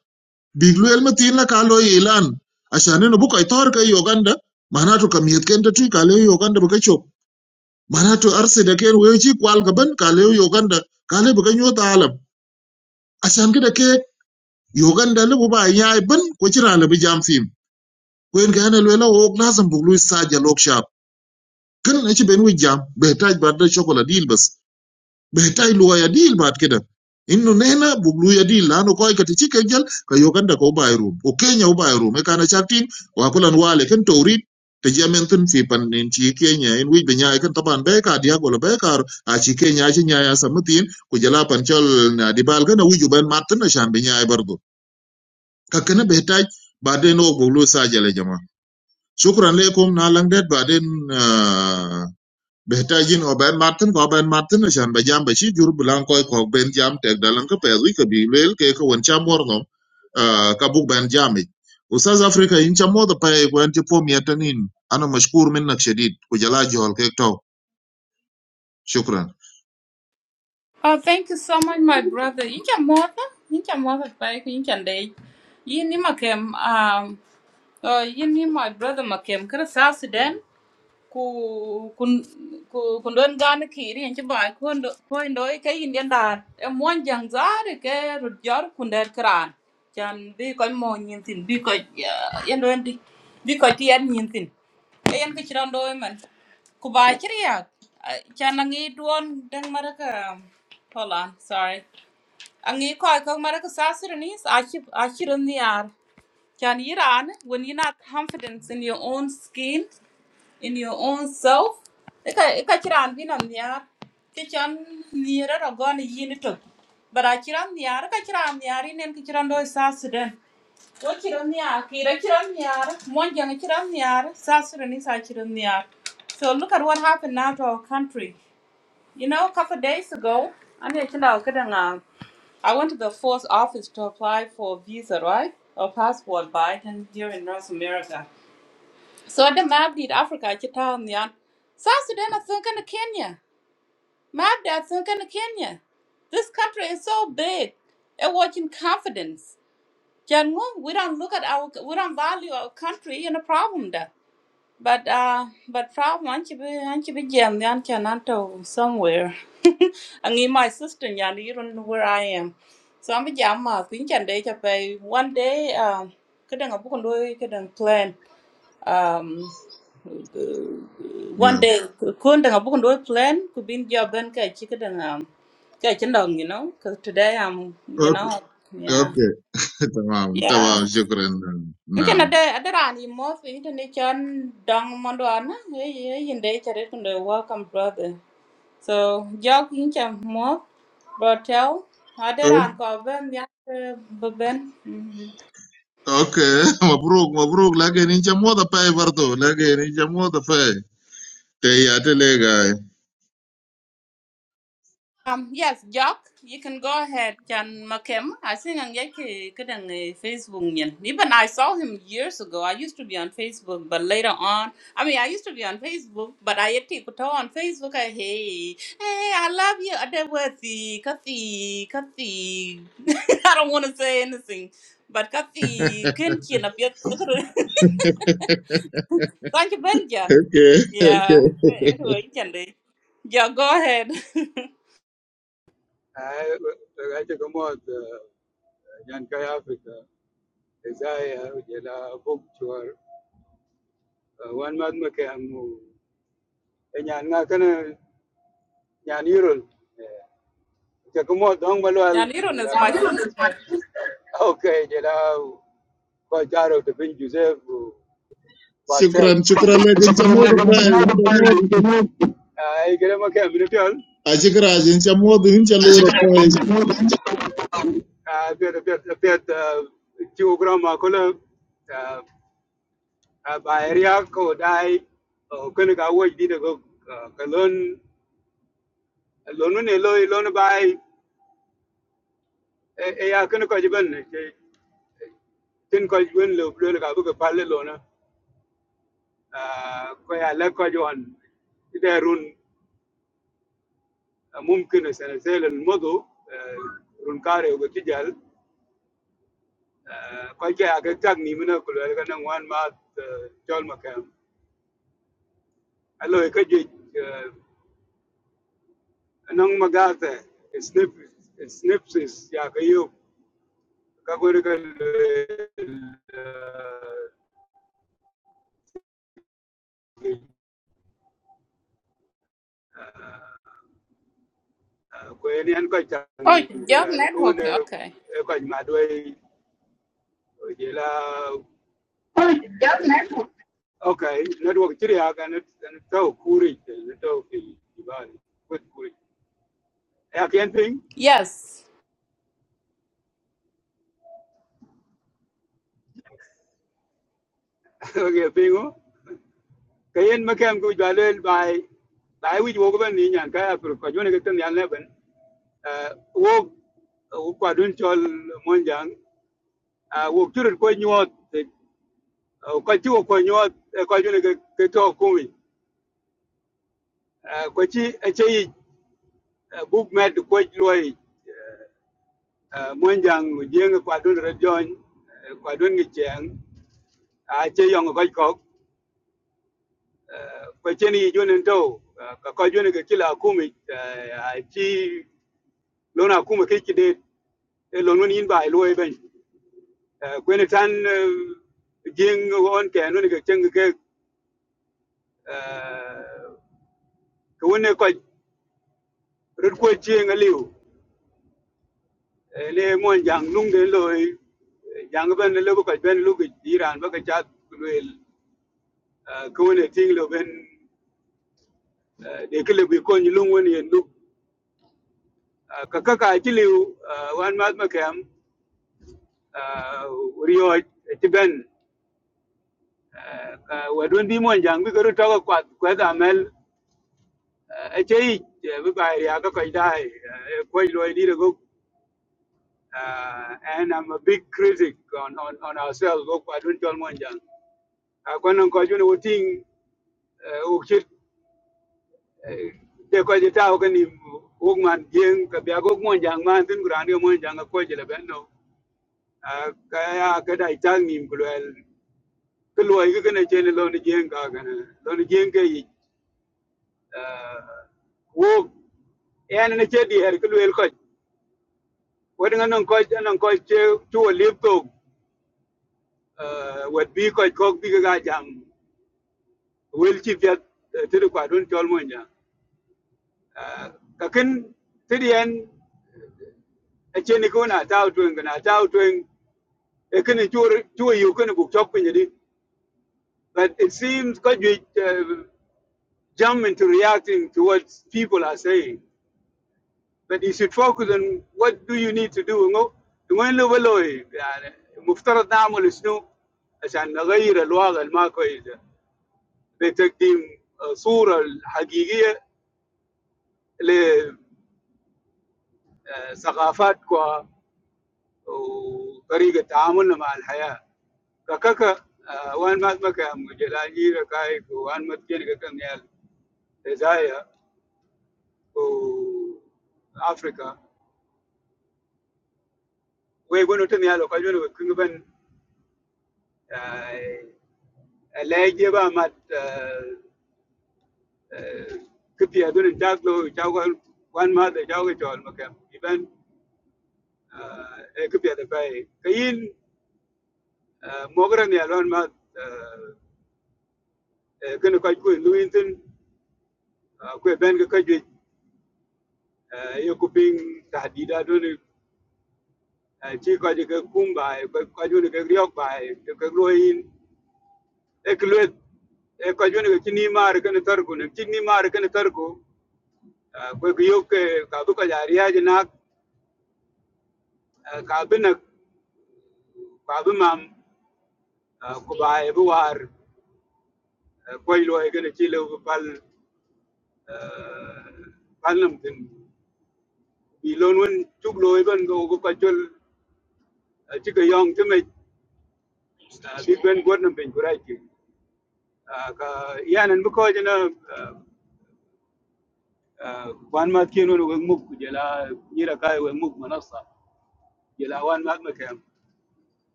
[SPEAKER 8] بيقلو المتين لك على إعلان عشان إنه بوكا يطور كي يوغندا معناته كمية كنت تي كاليو يوغندا بكا شوك معناته أرسي دكين ويجي كوال كبن كاليو يوغندا كالي بكا نيوتا عالم عشان كده كي يوغندا لبو با ياي بن كوشرا لبي جام فيم وين كان الولا ووك لازم بقلو يساجل وكشاب كن نشي بين ويجام بيحتاج بعد شوكولا ديل بس بيحتاج لغايه ديل بعد كده انه نحن بقولوا ديل لانه كوي كتشي كجل كيو كان دكو بايروم وكينيا وبايروم كان شارتين وكل انوال كان توريد تجي منتن في بنين شي كينيا ان وي بنيا كان طبعا بيكا ديا ولا بيكا اشي كينيا شي نيا سمتين كجلا بنشل ديبال كان وي جبان ماتن شان بنيا برضو ككنا بيحتاج بعدين هو بقولوا ساجل يا جماعه شكرا لكم نالنجد بعدين آه Behtajin oben martin ko oben martin na shan ba jam ba shi jur bulan koy ko ben jam tek dalan ka pezu ka bi lel ke ko won cham worno ah, ka buk ben jam ik. u south africa in cham modo pa ko en tipo mi atanin ana mashkur minnak shadid ko jala jol ke to shukran
[SPEAKER 1] Oh, thank you so much, my brother. You can mother, you can mother back, you can day. You ni makem um uh you ni my brother makem kara South Sudan ku kun ku kun don gan kiri en ci bay kun kun ke yin den dar e mon jang zar ke rut jar kun der kran chan bi ko mo nyin tin bi ko yen do ndi bi ko ti yen nyin tin e yen ke ci do man ku ba ci ya chan ngi don den maraka hold on sorry angi ko ko maraka sasir ni a ci a ci ron ni ar chan yiran when you're not confident in your own skin in your own self ika ika chiran bina niar ke chan niara ra gon yin to bara chiran niar ka chiran niar inen ke chiran do sa sudan wo chiran niar ki ra chiran niar mon jang chiran niar sa sudan is a chiran niar so look at what happened now to our country you know a couple of days ago I need to know, good and, uh, I went to the force office to apply for a visa, right? Or passport by then here in North America. So the map did Africa chitan yan. South Sudan are thinking of Kenya. Map they are thinking of Kenya. This country is so big. It watching confidence. Jan Ngum, we don't look at our we don't value our country in a problem da. But uh but problem anchi be anchi be jam yan chananto somewhere. I need my sister yan you don't know where I am. So I'm a jam ma thin chan day to pay one day um kadang do, kandoi kadang plan um one
[SPEAKER 8] yeah
[SPEAKER 1] day kun dang book do plan could be job ben ka chika dang um ka chindong you know cuz today I'm you know
[SPEAKER 8] okay
[SPEAKER 1] yeah
[SPEAKER 8] okay tamam
[SPEAKER 1] yeah
[SPEAKER 8] tamam shukran
[SPEAKER 1] Mungkin
[SPEAKER 8] now
[SPEAKER 1] ada ada rani most Indonesian dong manduana, eh eh yende cari kunde welcome brother. So jog inca most brotel ada
[SPEAKER 8] O-
[SPEAKER 1] ran kau ben ya ben.
[SPEAKER 8] okay mabruk mabruk lakin in cham modo pa bardo lakin in cham modo pa te ya te le gai
[SPEAKER 1] Um, yes, Jock, you can go ahead, Chan Makem. I think I'm getting a Facebook. nyan. Even I saw him years ago. I used to be on Facebook, but later on, I mean, I used to be on Facebook, but I had to go on Facebook. I, hey, hey, I love you. Adeworthy, Kathy, Kathy. I don't want to say anything, but Kathy, can you up your Thank you, Benjan.
[SPEAKER 8] Okay, okay.
[SPEAKER 1] Yeah, anyway, Chan, yeah, go ahead. Yaniro is my sister.
[SPEAKER 8] Shukran, shukran lakini cha moto pale, cha moto. Ashikra, cha moto, cha lura pale.
[SPEAKER 1] Oh, your network. Okay. Yes.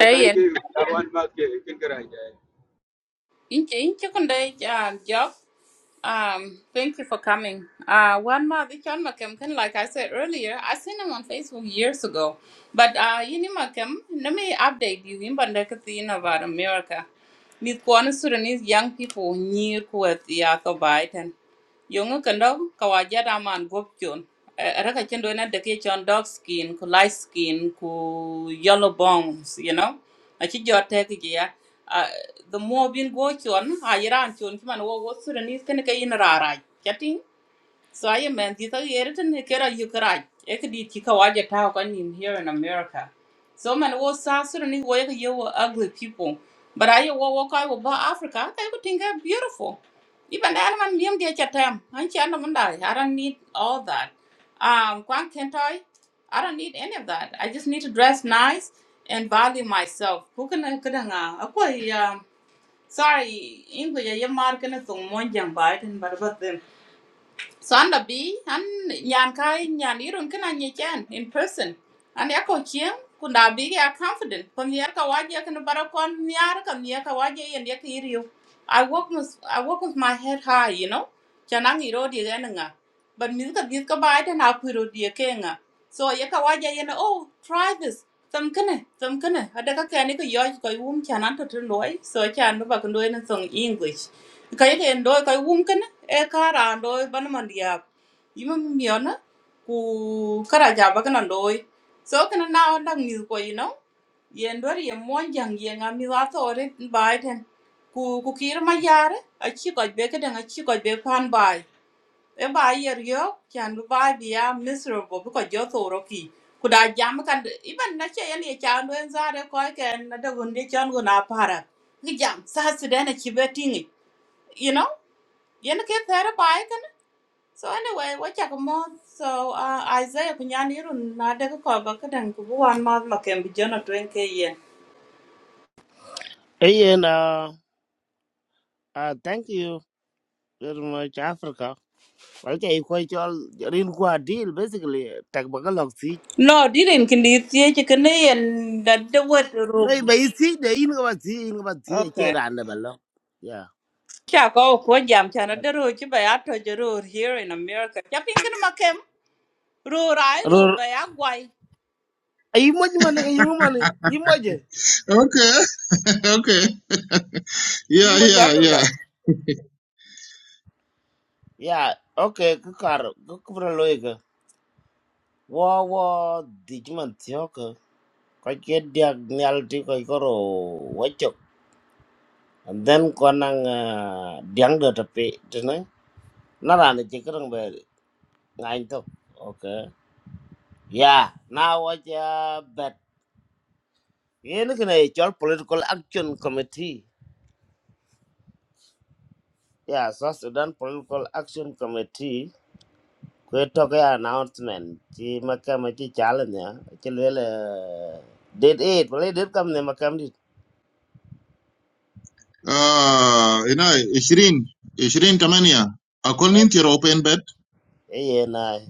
[SPEAKER 1] Hey, Ian. Inche, inche kunde, yeah, job. Um, thank you for coming. Uh, one more, the John McKemkin, like I said earlier, I seen him on Facebook years ago. But uh, you know, McKem, let me update you in Bandakatina about America. With one Sudanese young people near Kuwait, the Biden. Yung kendo kawajara man gop chon. Eh, eh, Raka chendo na deke chon dark skin, ku light skin, ku yellow bones, you know. Achi jote kiji Uh, the more bin go chon, ayira chon kiman wo wo suranese kene kayin rara. rara. So I am man, this is written here you cry. Ek tika waja tau kan in here in America. So man was sasur ni wo ek you were ugly people. But I wo wo kai wo ba Africa, I could think I'm beautiful. Even that man liam dia chatam. Han cha na manda. I don't need all that. Um kwan kentai. I don't need any of that. I just need to dress nice and value myself. Kukana kudanga. Akwa um sorry, English ya markana tong monjang baitin barbat so an la bi an nyan kai nyan irun kena nyechen in person. An ya ko chiem kun da bi ya confident. Kun yar ka waje kan bara kon nyar kan yar ka waje yen yak iriu. I walk with I walk with my head high, you know. Chanang iro di gan nga. But mi ka git ka bai tan a piro di ke nga. So ya ka waje yen oh try this. Tam kene, tam kene. Ada ka kani ko yoj ko yum chanan to tun loy. So chan ba kun loy na song English kay den do kay wum ken e kara do ban man dia miona ku kara ja ba kana do so kana na on dang mi ko you know yen do ye mon jang ye nga mi wa to re bai ten ku ku kir ma yare a chi ko be ke den a chi ko be pan bai e bai yer yo kan bu bai bia miserable bu ko jo to ro ki ku da jam kan iban na che yen ye chan do en zare ko ken na da gun chan gun para ki jam sa su den a chi be tingi you know yen ke thera bai kan so anyway we chak mo so uh, isaiah kunyan irun na de ko ba kadan ku wan ma ma ken bi jona twen ke yen
[SPEAKER 3] Eh, na, ah, thank you very much Africa. Kalau kayak kau jual rin kuah deal basically, tak bakal log
[SPEAKER 1] no dirin kin di tie ke ne yen da de wet rub
[SPEAKER 3] Lai bai si de in ka ba si in ka ba si a che
[SPEAKER 1] okay
[SPEAKER 3] ran de ba lo. Ya.
[SPEAKER 1] cha ko ko jam cha na de ro chi ba ya to je ro here in america cha pin kin ma kem ro rai
[SPEAKER 3] Ro
[SPEAKER 1] ro ba ya gwai
[SPEAKER 3] ai mo ma ne ka yu ma ne. Yi mo je.
[SPEAKER 8] Okay, okay.
[SPEAKER 3] Yi
[SPEAKER 8] Yeah,
[SPEAKER 3] mo ja
[SPEAKER 8] yeah,
[SPEAKER 3] per ka.
[SPEAKER 8] yeah.
[SPEAKER 3] Ya. Okay ka kar ka ku pro lo ka. Wo wo di ji man ti ho ka. Ka che dia nyal ti ka ko ro wa chok. And then ko nang diang de ta pe de na. Na ran de che ka rang ba ngai to. Okay. Yeah. Now what ya bet. Yen ka ne chol political action committee. Yeah, South Sudan Political Action Committee kwetoka announcement ci makama ci challenge ya ci lele date eight wala date kam ne makam dit
[SPEAKER 8] Ah, ina 20, 20 tamania. Akol ninti ya open bet.
[SPEAKER 3] e yena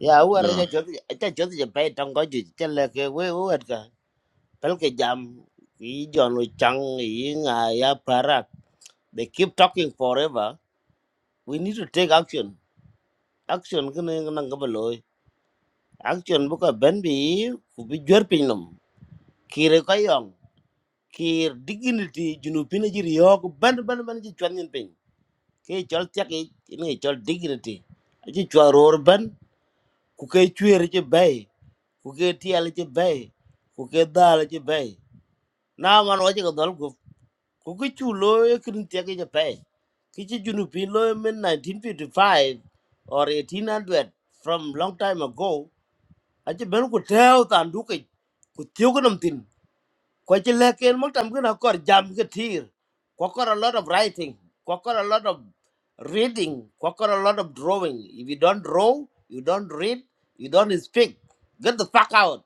[SPEAKER 3] ya war ja
[SPEAKER 8] Yeah.
[SPEAKER 3] jot ja jot ja pay tong ko ju ci le ke we wet ka pel ke jam yi jonu chang yi nga ya parak they keep talking forever we need to take action action kene nang ka baloy action bu ko ben bi ku bi jor pinom kire ko yong kir dignity junu pina ji riyok ban ban ban ji chwan nyin pin ke chol tak e ne chol dignity ji chwaror ban ku ke chwer ji bay ku ke tial ji bay ku ke dal ji bay na man wa ji ko dol gup ku ke chu lo e kin tek ji pay ki ji junu lo men 1955 or 1800 from long time ago aji ben ku teo tan du ke ku tiu ko nam tin ko ci leken mo tam gina kor jam ke tir ko kor a lot of writing ko kor a lot of reading ko kor a lot of drawing if you don't draw you don't read you don't speak get the fuck out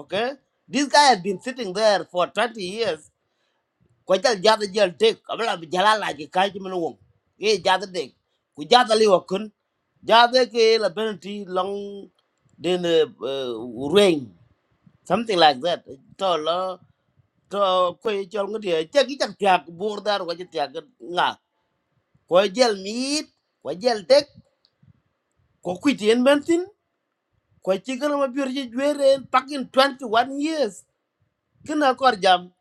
[SPEAKER 3] okay this guy has been sitting there for twenty years ko jal jada jal tek abla bi jala la ji kay ci mena wom ye jada dek ku jada li wa kun jada ke la benanti long den uh, uh, rain something like that to ko chol ngudi che gi chak tiak bur dar wa che tiak nga ko jel mit ko jel tek ko kuitien bentin ko chi gana ma biur je jwere pakin twenty one years kina kor jam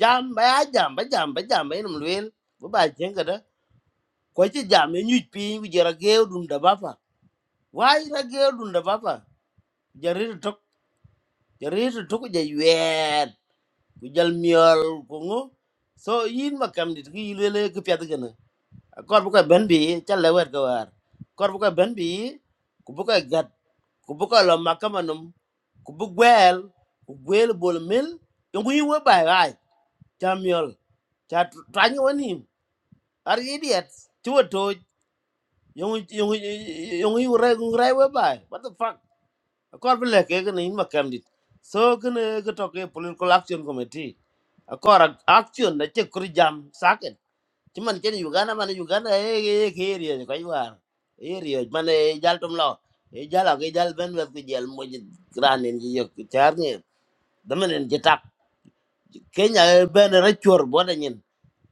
[SPEAKER 3] jam ba ya jam ba jam ba jam ba inum lwel bu ba jen kada ko chi jam e nyuj pin ku jera geu dum da bapa wai ra geu dum da bapa jarir tok jarir tok je wer ku jal miol ko ngo so yin makam dit ki lele ki pyat gana kor bu ko ben bi ca le wer ga war kor bu ko ben bi ku bu ko gat ku bu ko lo makamanum ku bu gwel ku gwel bol mil yongu yi wo bai bai cha miol cha tanya wanim ar idiot ci wo to yongu yongu yongu yi re re wo bai what the fuck kor bu le ke ni ma kam dit so kene ke to ke political action committee kor action na che kur jam sak cuman chen Uganda mana Uganda eh eh ke area ni kai war area mana jal tum lo e jal ag jal ben wet ku jal mo gran en ji yok char ni damen en ji tak Kenya eh, ben ra chor bo da nyin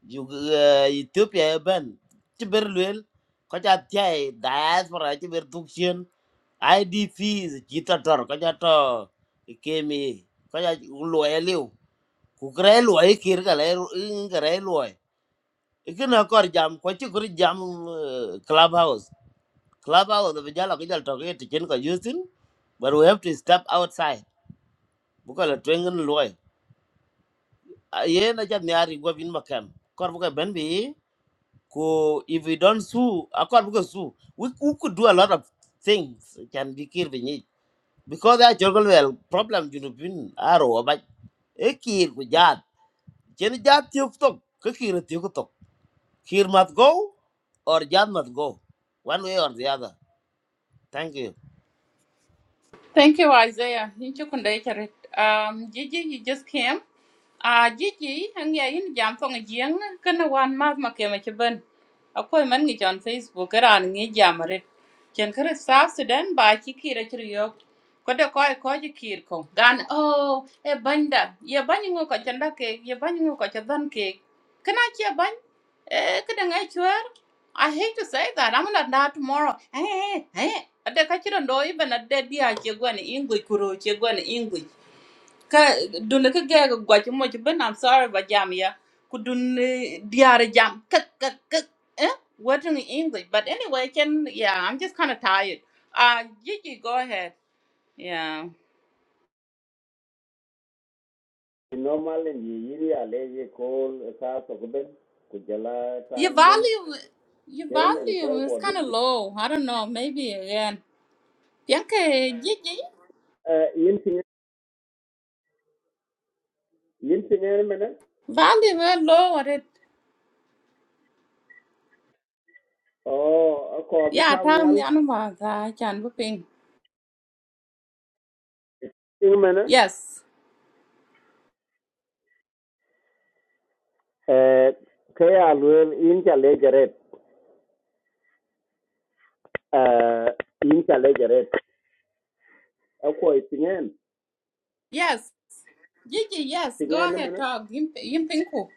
[SPEAKER 3] Ug- eh, Ethiopia eh, ben ci ber luel ko ja tay diaspora ci ber duksien IDP ci tator ko ja to kemi ko ja lo eliu ku kre lo e kir ga le ikina kor jam ko ci kuri jam uh, clubhouse clubhouse da bijala ko jal toke ti ken ko justin but we have to step outside buka la twengen loy ye na jam yari go bin makam kor buka ben bi ko if we don't sue a kor buka sue we, we could do a lot of things can be kir bi ni because that jogol well problem you know bin aro ba e kir ku jat ken jat ti tok ko kir ti Kir must go or Jan must go, one way or the other. Thank you.
[SPEAKER 1] Thank you, Isaiah. Thank you, Kunda Icharit. Um, Gigi, you just came. Ah, Gigi, ang ya yin jam tong jiang kana wan ma ma kema chiban. Akoi man ngi on Facebook era ngi jam rit. Chen South Sudan ba chi kira chriyo. Kode koi ko ji Gan oh, e banda. Ye banyi ngo ko chanda ke, ye banyi ngo ko chadan ke. Kana chi bany? Eh, kada ngai chwer. I hate to say that. I'm gonna die tomorrow. Eh, eh, eh ade ka cï dong even ade dia cë gwen English kuro cë gwen English ka dun kï gëë gwac moc ben I'm sorry ba jam ya ku dun diarë jam kek kek kek eh what in English but anyway can yeah I'm just kind of tired uh Gigi go ahead yeah
[SPEAKER 9] normal in ye yiri a leje ko ka to ben ku jala
[SPEAKER 1] your
[SPEAKER 9] time ben
[SPEAKER 1] volume your
[SPEAKER 9] yerim en
[SPEAKER 1] volume
[SPEAKER 9] ko
[SPEAKER 1] is
[SPEAKER 9] ko de
[SPEAKER 1] kind of
[SPEAKER 9] bi
[SPEAKER 1] low I don't know maybe again Bianca Gigi
[SPEAKER 9] eh yin tin yin tin yer mena
[SPEAKER 1] volume is low at it
[SPEAKER 9] o ko bi
[SPEAKER 1] yeah
[SPEAKER 9] taw
[SPEAKER 1] tell me
[SPEAKER 9] nyal
[SPEAKER 1] anuma cha chan bu ping
[SPEAKER 9] tin mena
[SPEAKER 1] yes
[SPEAKER 9] eh ke ya luen yin ja leje red eh yin ja leje red a ko tin en
[SPEAKER 1] Yes. Gigi, yes,
[SPEAKER 9] tin
[SPEAKER 1] go
[SPEAKER 9] en
[SPEAKER 1] ahead,
[SPEAKER 9] mena
[SPEAKER 1] talk. Yim yim pinku.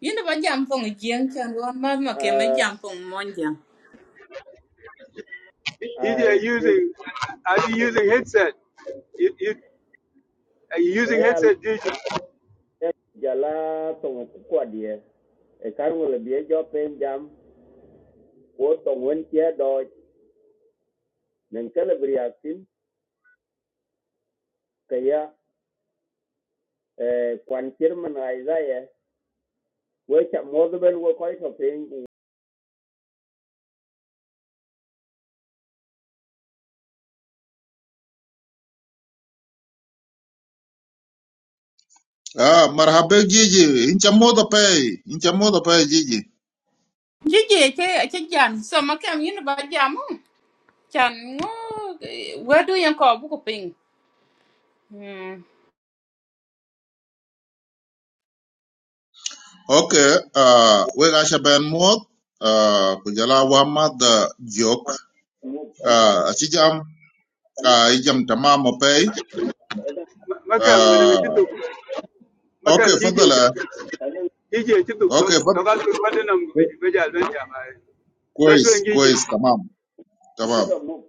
[SPEAKER 1] Yin ba jam pong jiang chan wan ma ma ke ma
[SPEAKER 9] eh
[SPEAKER 1] jam pong mon jiang.
[SPEAKER 9] ai te to e ya luen jala to ko ko die e karmo le bi jo pen jam ko to won tie do men kala briatin kaya eh, kwan kirman Isaiah we cha modben we koi to pin
[SPEAKER 8] Ah, marhaba Gigi, incha moto pale, incha moto pale Gigi.
[SPEAKER 1] Gigi, che che jam. so ma kem yin ba jam oh. chan ngo where do you call bu ping. Hmm.
[SPEAKER 8] Okay, ah, we gasha ben mot, ah, kujala wa mad jok.
[SPEAKER 9] move anan
[SPEAKER 8] Ah, achijam,
[SPEAKER 9] anan
[SPEAKER 8] ah, ijam tamamo pay. آه. اوكي اتفضل آه.
[SPEAKER 9] anan
[SPEAKER 8] اوكي اتفضل كويس كويس تمام تمام
[SPEAKER 9] kira move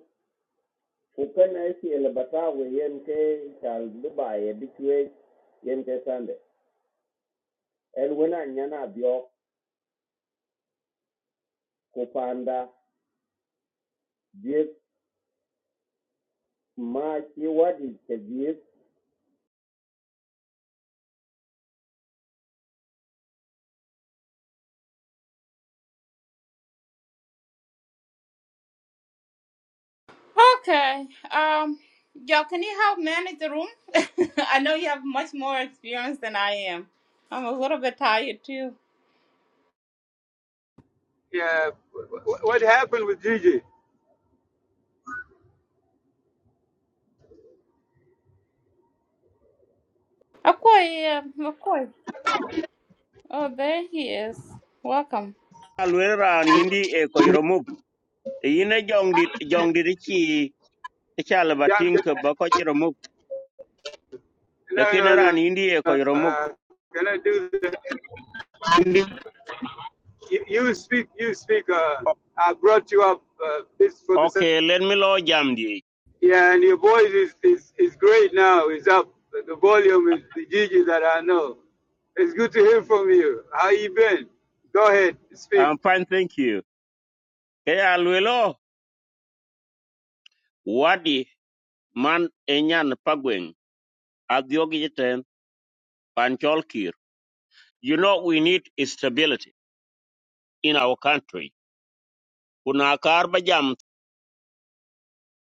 [SPEAKER 9] kukan ai ki elbata we yen ke chal dubai bitwe yen ke sande el wena nyana bio kupanda dies ma ki wadi ke dies
[SPEAKER 1] Okay. Um y'all can you help manage the room? I know you have much more experience than I am. I'm a little bit tired too. Akoy, um, Akoy. Oh, there he is. Welcome.
[SPEAKER 9] alu indi e ko remove yine jongdit jongdit ci ci ala batin ko ba ko remove lekin ran indi e ko remove
[SPEAKER 10] La...
[SPEAKER 9] Okay, let me lo jam di. I'm fine, thank you. Kaya alwelo wadi man enyan pagweng adiogi jiten pancholkir. You know we need stability in our country. Kuna karba